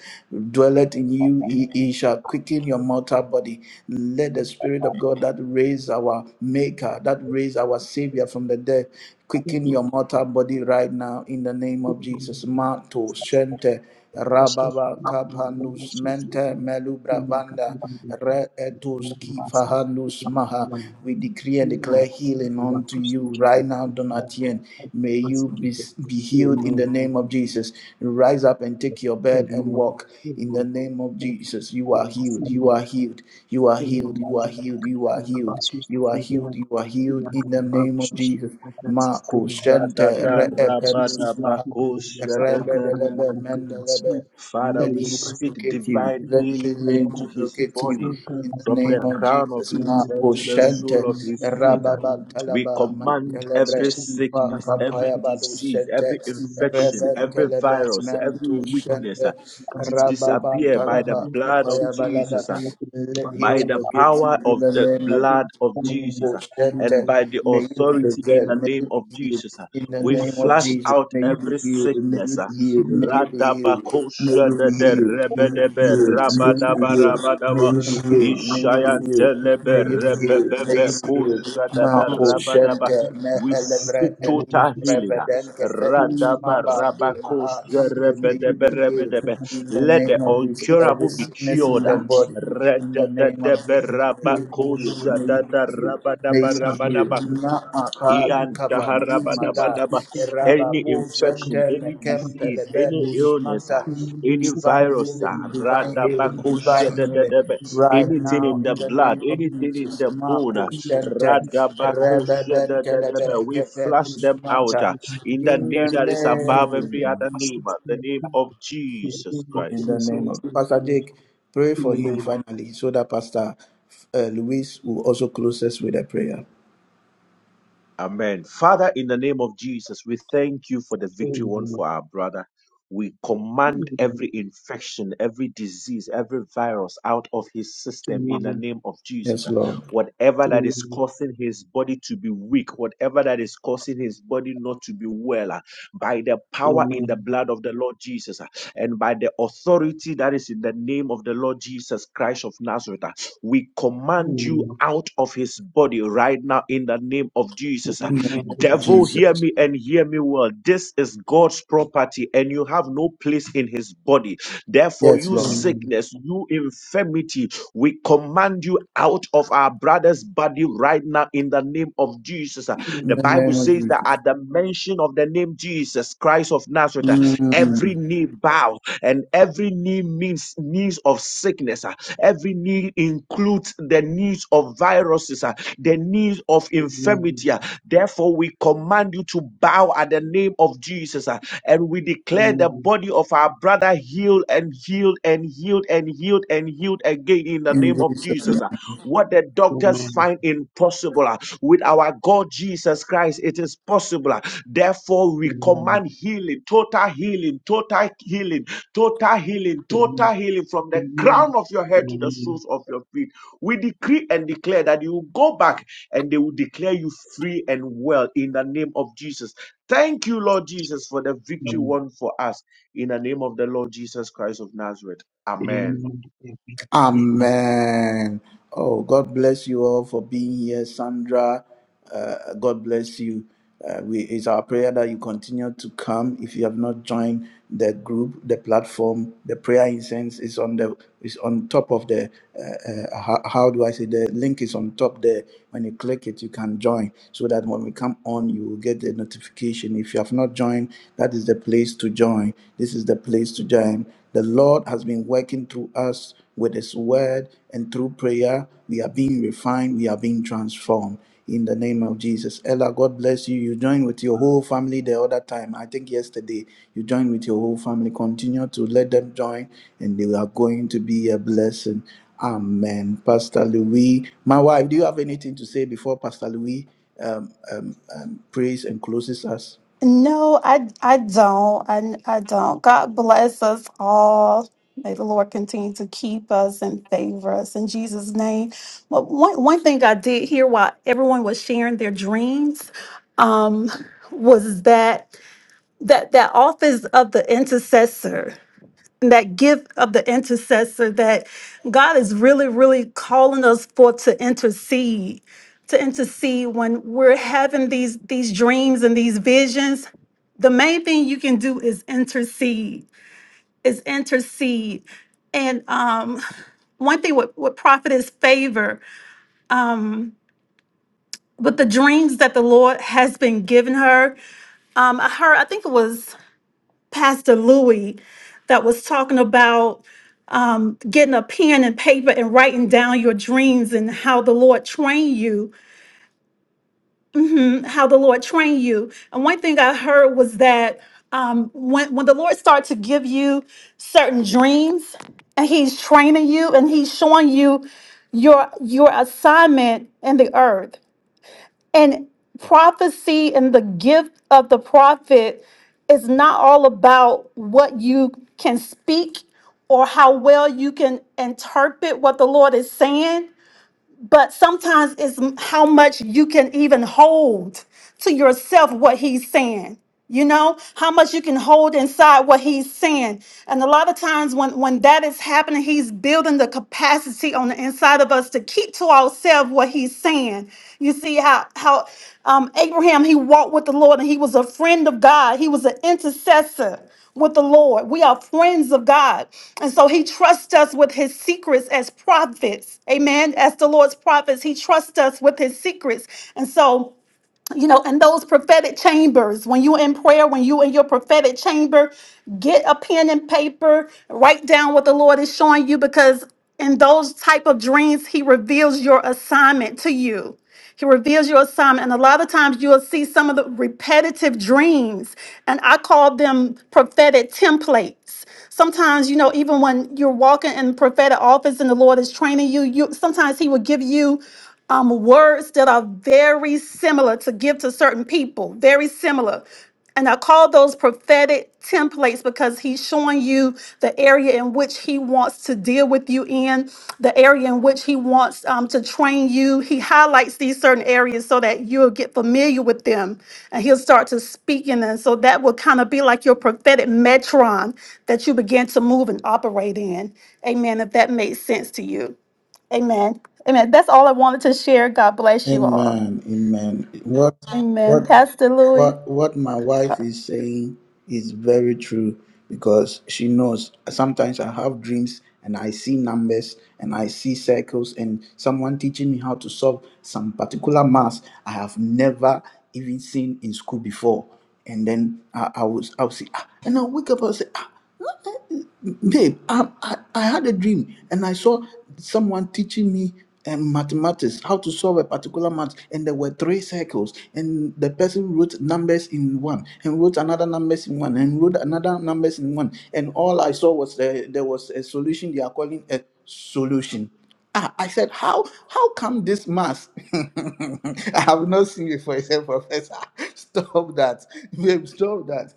[SPEAKER 1] dwelleth in you, he, he shall quicken your mortal body. Let the Spirit of God that raised our Maker, that raised our Savior from the dead, quicken your mortal body right now in the name of Jesus. Mato, Shente,
[SPEAKER 15] Aşırı
[SPEAKER 1] Rababa,
[SPEAKER 15] kullanımlarla
[SPEAKER 1] Kapandus, Mente,
[SPEAKER 15] sosyete
[SPEAKER 1] Melubravanda,
[SPEAKER 15] yöneliklerden
[SPEAKER 1] Re Etus,
[SPEAKER 15] desteklenmesi
[SPEAKER 1] Kifahandus, Maha
[SPEAKER 15] kullanımlarla
[SPEAKER 1] decree and declare
[SPEAKER 15] yöneliklerden
[SPEAKER 1] healing unto
[SPEAKER 15] güvensiz
[SPEAKER 1] you right
[SPEAKER 15] şekilde
[SPEAKER 1] now,
[SPEAKER 15] tutmalarla
[SPEAKER 1] Donatien. May
[SPEAKER 15] basit
[SPEAKER 1] you be,
[SPEAKER 15] edildi.
[SPEAKER 1] be healed in the name of
[SPEAKER 15] Yöneliklerden
[SPEAKER 1] Jesus. Rise up and take your bed and walk in the name of
[SPEAKER 15] yöneliklerden
[SPEAKER 1] Jesus. You are healed. You are healed. You are
[SPEAKER 15] Thank
[SPEAKER 1] healed. You are
[SPEAKER 15] you.
[SPEAKER 1] healed. You are healed. You are healed. You are healed in the name of Jesus. Marco Shente Reependus Rebelebe, Mendelebe.
[SPEAKER 10] Father,
[SPEAKER 1] Let
[SPEAKER 10] we
[SPEAKER 1] healing
[SPEAKER 10] speak
[SPEAKER 1] locate you.
[SPEAKER 10] divine
[SPEAKER 1] Let
[SPEAKER 10] healing into
[SPEAKER 1] healing
[SPEAKER 10] his
[SPEAKER 1] locate you.
[SPEAKER 10] body
[SPEAKER 1] In the
[SPEAKER 10] from
[SPEAKER 1] name
[SPEAKER 10] the
[SPEAKER 1] of
[SPEAKER 10] crown of
[SPEAKER 1] Jesus.
[SPEAKER 10] his head
[SPEAKER 1] Marco
[SPEAKER 10] to the
[SPEAKER 1] Shente.
[SPEAKER 10] sole of his feet. We
[SPEAKER 1] Rababantalaba.
[SPEAKER 10] command
[SPEAKER 1] Mantelebre.
[SPEAKER 10] every
[SPEAKER 1] Ipa
[SPEAKER 10] sickness, every
[SPEAKER 1] Kapayabadu
[SPEAKER 10] disease,
[SPEAKER 1] Shente.
[SPEAKER 10] every infection, every
[SPEAKER 1] Rebentelebe.
[SPEAKER 10] virus, every
[SPEAKER 1] Mentu
[SPEAKER 10] weakness
[SPEAKER 1] Shente.
[SPEAKER 10] uh, to disappear by the
[SPEAKER 1] Rababantalaba.
[SPEAKER 10] blood of
[SPEAKER 1] Kapayabalaba.
[SPEAKER 10] Jesus. uh
[SPEAKER 1] Let
[SPEAKER 10] by
[SPEAKER 1] healing
[SPEAKER 10] the
[SPEAKER 1] locate
[SPEAKER 10] power
[SPEAKER 1] you. In
[SPEAKER 10] of
[SPEAKER 1] the
[SPEAKER 10] the
[SPEAKER 1] name of
[SPEAKER 15] Thank
[SPEAKER 10] blood of Jesus
[SPEAKER 1] Oh,
[SPEAKER 10] uh, and
[SPEAKER 1] Shanta,
[SPEAKER 10] by the
[SPEAKER 1] May you be
[SPEAKER 10] authority in
[SPEAKER 1] preserved,
[SPEAKER 10] the
[SPEAKER 1] may
[SPEAKER 10] name
[SPEAKER 1] you be
[SPEAKER 10] of
[SPEAKER 1] healed
[SPEAKER 10] Jesus. uh,
[SPEAKER 1] in the
[SPEAKER 10] We
[SPEAKER 1] name of
[SPEAKER 10] flush
[SPEAKER 1] Jesus.
[SPEAKER 10] out
[SPEAKER 1] May you be
[SPEAKER 10] every
[SPEAKER 1] healed, may you
[SPEAKER 10] sickness. uh,
[SPEAKER 1] be healed, may you be healed, may
[SPEAKER 10] Radabakosha
[SPEAKER 1] you
[SPEAKER 10] de
[SPEAKER 1] be
[SPEAKER 10] de
[SPEAKER 1] healed, may
[SPEAKER 10] rebedebe
[SPEAKER 1] you be
[SPEAKER 10] rabadaba
[SPEAKER 1] healed, may
[SPEAKER 10] rabadaba
[SPEAKER 1] you be healed, may you be healed, may you be healed,
[SPEAKER 10] ishayandelebe
[SPEAKER 1] may you be healed, may
[SPEAKER 10] rebebebe
[SPEAKER 1] you be healed.
[SPEAKER 10] kusha da
[SPEAKER 1] Ma
[SPEAKER 10] da
[SPEAKER 1] oh,
[SPEAKER 10] rabadaba.
[SPEAKER 1] Shanta, me
[SPEAKER 10] We
[SPEAKER 1] elevre
[SPEAKER 10] speak
[SPEAKER 1] elus
[SPEAKER 10] total healing. uh,
[SPEAKER 1] brevedente fedus ma
[SPEAKER 10] Radaba
[SPEAKER 1] bambe maha.
[SPEAKER 10] rabakosha
[SPEAKER 1] May you
[SPEAKER 10] rebedebe
[SPEAKER 1] be healed
[SPEAKER 10] rebedebe.
[SPEAKER 1] in the
[SPEAKER 10] Let the
[SPEAKER 1] name of Jesus. Every
[SPEAKER 10] incurable be
[SPEAKER 1] sickness sickness in
[SPEAKER 10] cured.
[SPEAKER 1] their
[SPEAKER 10] uh,
[SPEAKER 1] body. In the name of Jesus, may you be healed. May you be
[SPEAKER 15] you.
[SPEAKER 1] healed. May you be healed.
[SPEAKER 10] Ra-da-da-da-ba-ra-ba-ko-sha-da-da-ra-ba-da-ba-ra-ba-da-ba.
[SPEAKER 1] Na
[SPEAKER 15] Amen.
[SPEAKER 1] apalu kava
[SPEAKER 15] Amen.
[SPEAKER 1] mi mada
[SPEAKER 10] Ian-ta-ha-ra-ba-da-ba-da-ba.
[SPEAKER 15] Amen.
[SPEAKER 10] Any
[SPEAKER 1] rababu
[SPEAKER 10] infection,
[SPEAKER 1] zente
[SPEAKER 10] any
[SPEAKER 1] mekempe
[SPEAKER 10] disease, any
[SPEAKER 1] levendus
[SPEAKER 10] illness, ah,
[SPEAKER 1] manta.
[SPEAKER 10] any
[SPEAKER 1] Divine
[SPEAKER 10] virus, ah,
[SPEAKER 1] healing, divine healing, divine healing.
[SPEAKER 10] ra-da-ba-ko-sha-da-da-da-ba.
[SPEAKER 1] Right
[SPEAKER 10] anything
[SPEAKER 1] now,
[SPEAKER 10] in
[SPEAKER 1] in
[SPEAKER 10] the
[SPEAKER 1] the
[SPEAKER 10] blood,
[SPEAKER 1] name of
[SPEAKER 10] anything in
[SPEAKER 1] Jesus,
[SPEAKER 10] the bone, ah,
[SPEAKER 1] Marco Center, Rebeben
[SPEAKER 10] ra-da-ba-ko-sha-da-da-da-ba.
[SPEAKER 1] Telebe,
[SPEAKER 10] we flush
[SPEAKER 1] Kependus
[SPEAKER 10] them out
[SPEAKER 1] Manta.
[SPEAKER 10] ah, in the
[SPEAKER 1] In the
[SPEAKER 10] name that is above every
[SPEAKER 1] name.
[SPEAKER 10] other name, ah, the name of Jesus Christ.
[SPEAKER 1] In the name of Pastor Jake, pray for him
[SPEAKER 15] Amen.
[SPEAKER 1] finally, so that Pastor uh, Luis will also close us with a prayer.
[SPEAKER 10] Amen. Father, in the name of Jesus, we thank you for the victory won for our brother. We command every infection, every disease, every virus out of his system in the name of Jesus. Whatever that is causing his body to be weak, whatever that is causing his body not to be well, ah, by the power in the blood of the Lord Jesus ah, and by the authority that is in the name of the Lord Jesus Christ of Nazareth, ah, we command you out of his body right now in the name of Jesus. ah.
[SPEAKER 15] Amen.
[SPEAKER 10] Devil, hear
[SPEAKER 1] Jesus.
[SPEAKER 10] me and hear me well. This is God's property and you have no place in his body. Therefore,
[SPEAKER 1] Yes,
[SPEAKER 10] you
[SPEAKER 1] Lord.
[SPEAKER 15] Amen.
[SPEAKER 10] sickness, you infirmity, we command you out of our brother's body right now in the name of Jesus. ah.
[SPEAKER 1] In
[SPEAKER 10] The
[SPEAKER 1] the
[SPEAKER 10] Bible
[SPEAKER 1] name
[SPEAKER 15] Amen.
[SPEAKER 1] of
[SPEAKER 10] says that
[SPEAKER 1] Jesus.
[SPEAKER 10] at the mention of the name Jesus Christ of Nazareth, ah, every
[SPEAKER 1] Mm.
[SPEAKER 10] knee bow bow and every knee means knees of sickness. ah. Every knee includes the knees of viruses, ah, the knees of
[SPEAKER 15] Amen.
[SPEAKER 10] infirmity. ah. Therefore, we command you to bow at the name of Jesus ah, and we
[SPEAKER 15] Amen.
[SPEAKER 10] declare the
[SPEAKER 15] Amen.
[SPEAKER 10] body of our brother healed and healed and healed and healed and healed again in the
[SPEAKER 1] In
[SPEAKER 10] name of
[SPEAKER 1] Jesus'
[SPEAKER 10] Jesus. ah. What the doctors
[SPEAKER 15] Amen.
[SPEAKER 10] find impossible ah, with our God Jesus Christ, it is possible. ah. Therefore, we
[SPEAKER 15] Amen.
[SPEAKER 10] command healing, total healing, total healing, total healing, total healing from the
[SPEAKER 15] Amen.
[SPEAKER 10] crown of your head to the soles
[SPEAKER 15] Amen.
[SPEAKER 10] of your feet. We decree and declare that you will go back and they will declare you free and well in the name of Jesus. Thank you, Lord Jesus, for the victory won for us in the name of the Lord Jesus Christ of Nazareth. Amen.
[SPEAKER 15] Amen. Amen. Amen.
[SPEAKER 1] Amen. Oh, God bless you all for being here, Sandra. Uh, God bless you. Uh, we, it's our prayer that you continue to come. If you have not joined the group, the platform, the prayer incense is on the is on top of the. Uh, uh, how, how do I say? The link is on top there. When you click it, you can join. So that when we come on, you will get the notification. If you have not joined, that is the place to join. This is the place to join. The Lord has been working through us with His word and through prayer, we are being refined, we are being transformed in the name of Jesus. Ella, God bless you. You joined with your whole family the other time. I think yesterday you joined with your whole family. Continue to let them join, and they are going to be a blessing. Amen. Pastor Louis, my wife, do you have anything to say before Pastor Louis um, um, um, prays and closes us?
[SPEAKER 8] No, I I don't. I I don't. God bless us all. May the Lord continue to keep us and favor us in Jesus' name. But one one thing I did hear while everyone was sharing their dreams, um, was that that that office of the intercessor. that gift of the intercessor that God is really, really calling us for to intercede, to intercede when we're having these these dreams and these visions. The main thing you can do is intercede, is intercede. And um, one thing with, with prophetess favor, um, with the dreams that the Lord has been giving her, um, I heard, I think it was Pastor Louis that was talking about um, getting a pen and paper and writing down your dreams and how the Lord trained you, Mhm, how the Lord trained you. And one thing I heard was that um, when when the Lord starts to give you certain dreams, and He's training you and He's showing you your your assignment in the earth and prophecy and the gift of the prophet is not all about what you can speak or how well you can interpret what the Lord is saying, but sometimes it's m- how much you can even hold to yourself what He's saying. You know how much you can hold inside what he's saying, and a lot of times when when that is happening, he's building the capacity on the inside of us to keep to ourselves what he's saying you see how how um, Abraham he walked with the Lord and he was a friend of God. He was an intercessor with the Lord. We are friends of God. And so he trusts us with his secrets as prophets. Amen. As the Lord's prophets, he trusts us with his secrets. And so you know, and those prophetic chambers, when you in prayer, when you in your prophetic chamber, get a pen and paper, write down what the Lord is showing you because in those type of dreams, he reveals your assignment to you. He reveals your assignment. And a lot of times you'll see some of the repetitive dreams, and I call them prophetic templates gifts. Sometimes, you know, even when you're walking in the prophetic office and the Lord is training you, you sometimes He will give you um, words that are very similar to give to certain people, very similar. And I call those prophetic templates because he's showing you the area in which he wants wants to deal with you in, the area in which he wants um, to train you. He highlights these certain areas so that you'll get familiar with them and he'll start to speak in them. So that will kind of be like your prophetic metron that you begin to move and operate in. Amen. If that makes sense to you. Amen. Amen. That's all I wanted to share. God bless you all.
[SPEAKER 1] Amen. Amen. What
[SPEAKER 8] Amen.
[SPEAKER 1] what
[SPEAKER 8] Pastor Louis.
[SPEAKER 1] what what my wife is saying is very true because she knows sometimes I have dreams and I see numbers and I see circles and someone teaching me how to solve some particular math I have never even seen in school before. And then I, I was I would say ah, and I wake up and say ah babe, um, I, I had a dream and I saw someone teaching me um, mathematics, how to solve a particular math, and there were three circles, and the person wrote numbers in one, and wrote another numbers in one, and wrote another numbers in one, and all I saw was uh, there was a solution they are calling a solution. Ah, I said, how how come this mask? I have not seen before. He said, Professor, stop that. Babe, stop that.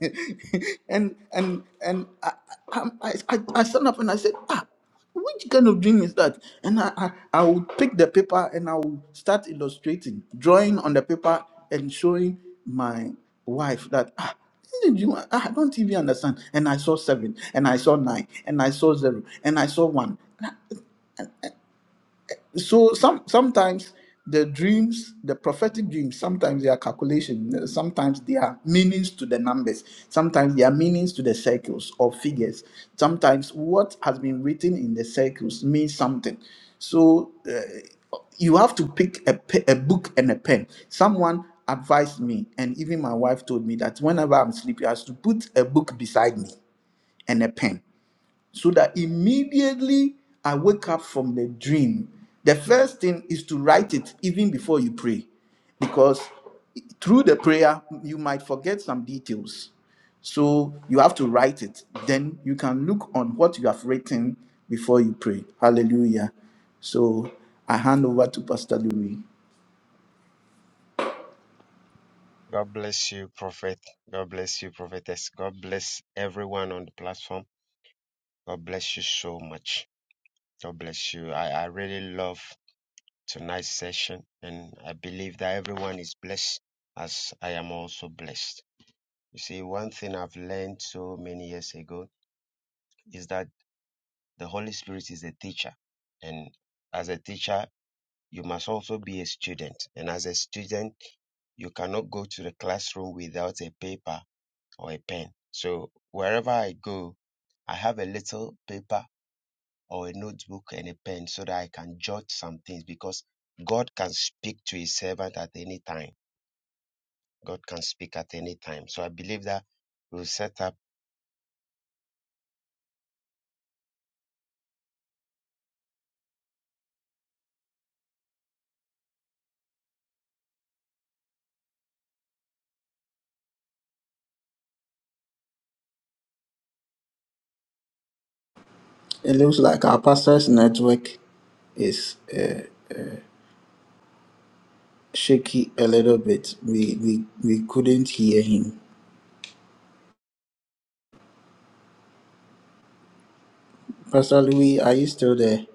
[SPEAKER 1] and and and I, I, I, I I stand up and I said, ah, which kind of dream is that? And I, I, I would pick the paper and I would start illustrating, drawing on the paper and showing my wife that ah, this is a I I don't even understand. And I saw seven, and I saw nine, and I saw zero, and I saw one so some sometimes the dreams the prophetic dreams sometimes they are calculation sometimes they are meanings to the numbers sometimes they are meanings to the circles or figures sometimes what has been written in the circles means something so uh, you have to pick a, pe- a book and a pen someone advised me and even my wife told me that whenever i'm sleepy i should put a book beside me and a pen so that immediately I wake up from the dream. The first thing is to write it even before you pray, because through the prayer, you might forget some details. So you have to write it. Then you can look on what you have written before you pray. Hallelujah. So I hand over to Pastor Louis.
[SPEAKER 11] God bless you, Prophet. God bless you, Prophetess. God bless everyone on the platform. God bless you so much. God bless you. I, I really love tonight's session, and I believe that everyone is blessed as I am also blessed. You see, one thing I've learned so many years ago is that the Holy Spirit is a teacher, and as a teacher, you must also be a student, and as a student, you cannot go to the classroom without a paper or a pen. So wherever I go, I have a little paper or a notebook and a pen so that I can jot some things because God can speak to his servant at any time. God can speak at any time. So I believe that we'll set up
[SPEAKER 1] It looks like our pastor's network is uh, shaky a little bit. We, we we couldn't hear him. Pastor Louis, are you still there?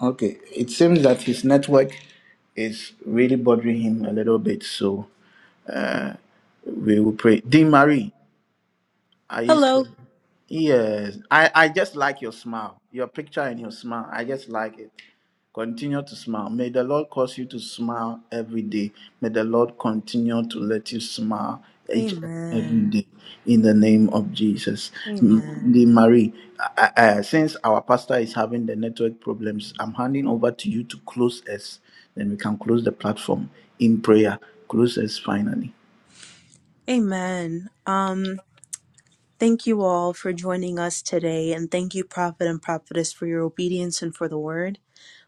[SPEAKER 1] Okay. It seems that his network is really bothering him a little bit, so we will pray. Dean Marie. I used to.
[SPEAKER 9] Hello.
[SPEAKER 1] Yes, I, I just like your smile, your picture and your smile. I just like it. Continue to smile. May the Lord cause you to smile every day. May the Lord continue to let you smile each and every
[SPEAKER 9] Amen.
[SPEAKER 1] day in the name of Jesus. The
[SPEAKER 9] Amen.
[SPEAKER 1] Marie, I, I, I- since our pastor is having the network problems, I'm handing over to you to close us. Then we can close the platform in prayer. Close us finally.
[SPEAKER 9] Amen. Um, thank you all for joining us today, and thank you, Prophet and Prophetess, for your obedience and for the word.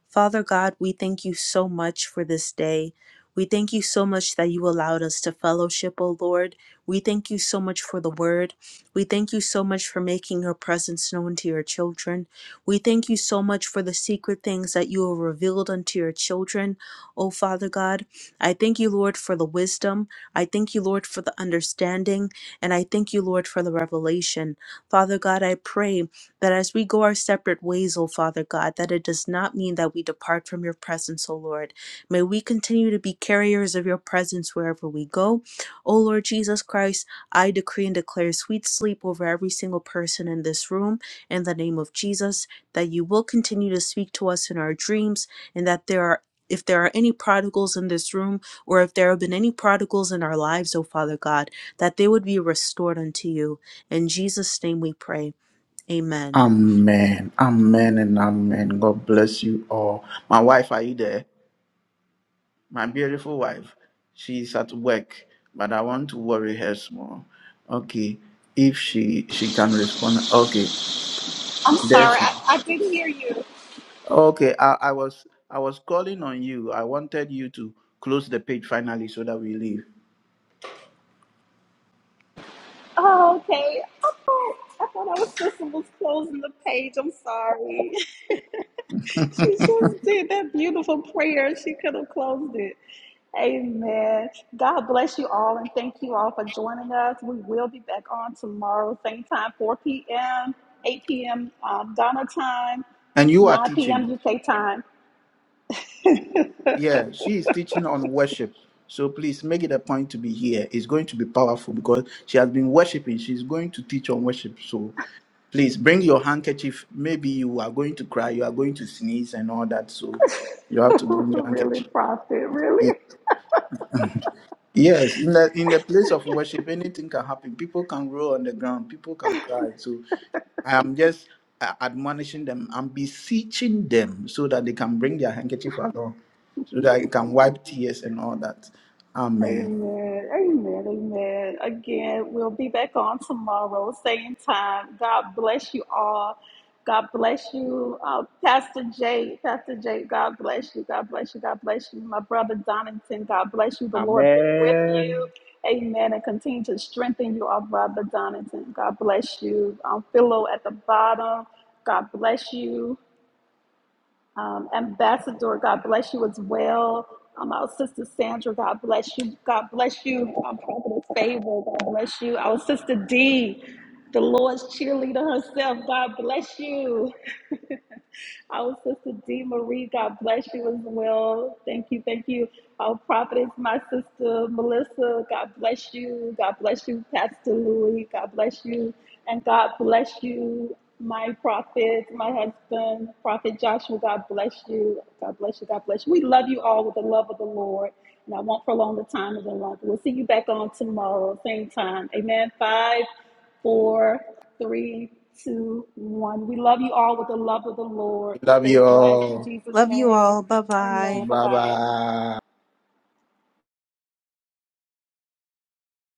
[SPEAKER 9] Father God, we thank you so much for this day. We thank you so much that you allowed us to fellowship, O Lord. We thank you so much for the word. We thank you so much for making your presence known to your children. We thank you so much for the secret things that you have revealed unto your children, O Father God. I thank you, Lord, for the wisdom. I thank you, Lord, for the understanding. And I thank you, Lord, for the revelation. Father God, I pray that as we go our separate ways, O Father God, that it does not mean that we depart from your presence, O Lord. May we continue to be carriers of your presence wherever we go. O Lord Jesus Christ, I decree and declare sweet sleep over every single person in this room in the name of Jesus, that you will continue to speak to us in our dreams, and that there are if there are any prodigals in this room, or if there have been any prodigals in our lives, O Father God, that they would be restored unto you. In Jesus' name we pray. Amen.
[SPEAKER 1] Amen. Amen and amen. God bless you all. My wife, are you there? My beautiful wife. She's at work, but I want to worry her small. Okay. If she she can respond. Okay. There she okay. I, I was I was calling on you. I wanted you to close the page finally so that we leave.
[SPEAKER 8] Oh, our sister was closing the page. I'm sorry. She just did that beautiful prayer. She could have put it. God bless. Thank you all for joining us. We will be back on tomorrow, same time, 4 p.m., 8 p.m. Um, Ghana time,
[SPEAKER 1] And you are
[SPEAKER 8] 9
[SPEAKER 1] teaching.
[SPEAKER 8] p.m. UK time.
[SPEAKER 1] Yeah, she is teaching on worship. So please make it a point to be here. It's going to be powerful because she has been worshiping. She's going to teach on worship. So please bring your handkerchief. Maybe you are going to cry, you are going to sneeze and all that. So you have to bring your
[SPEAKER 8] Really
[SPEAKER 1] handkerchief.
[SPEAKER 8] proud.
[SPEAKER 1] Yeah. Yes, in the in the place of worship, anything can happen. People can roll on the ground, people can cry. So I'm just uh, admonishing them. I'm beseeching them so that they can bring their handkerchief along, so that I can wipe tears and all that. Amen.
[SPEAKER 8] Amen. Amen. Amen. Again, we'll be back on tomorrow, same time. God bless you all. God bless you, uh, Pastor Jay. Pastor Jay, God bless you. God bless you. God bless you. My brother Donington, God bless you. The Lord be with
[SPEAKER 10] Amen.
[SPEAKER 8] you. Amen. And continue to strengthen you, our brother Donington. God bless you. Um, Philo at the bottom. God bless you. Um, Ambassador, God bless you as well. Um, our sister Sandra, God bless you. God bless you. Um, Prophetess Favor, God bless you. Our sister D, the Lord's cheerleader herself, God bless you. Our sister D. Marie, God bless you as well. Thank you, thank you. Our prophetess, my sister Melissa, God bless you. God bless you, Pastor Louis. God bless you. And God bless you, my prophet, my husband, Prophet Joshua. God bless you. God bless you. God bless you. We love you all with the love of the Lord. And I won't prolong the time any longer. We'll see you back on tomorrow, same time. Amen. Five, four three, two, one. We love you all with the love of the Lord.
[SPEAKER 1] Love
[SPEAKER 8] Stay blessed in Jesus'
[SPEAKER 9] Love you
[SPEAKER 8] name.
[SPEAKER 9] all. Bye bye.
[SPEAKER 8] Amen.
[SPEAKER 1] you.
[SPEAKER 8] Bye
[SPEAKER 1] Bye
[SPEAKER 8] bye.
[SPEAKER 1] bye.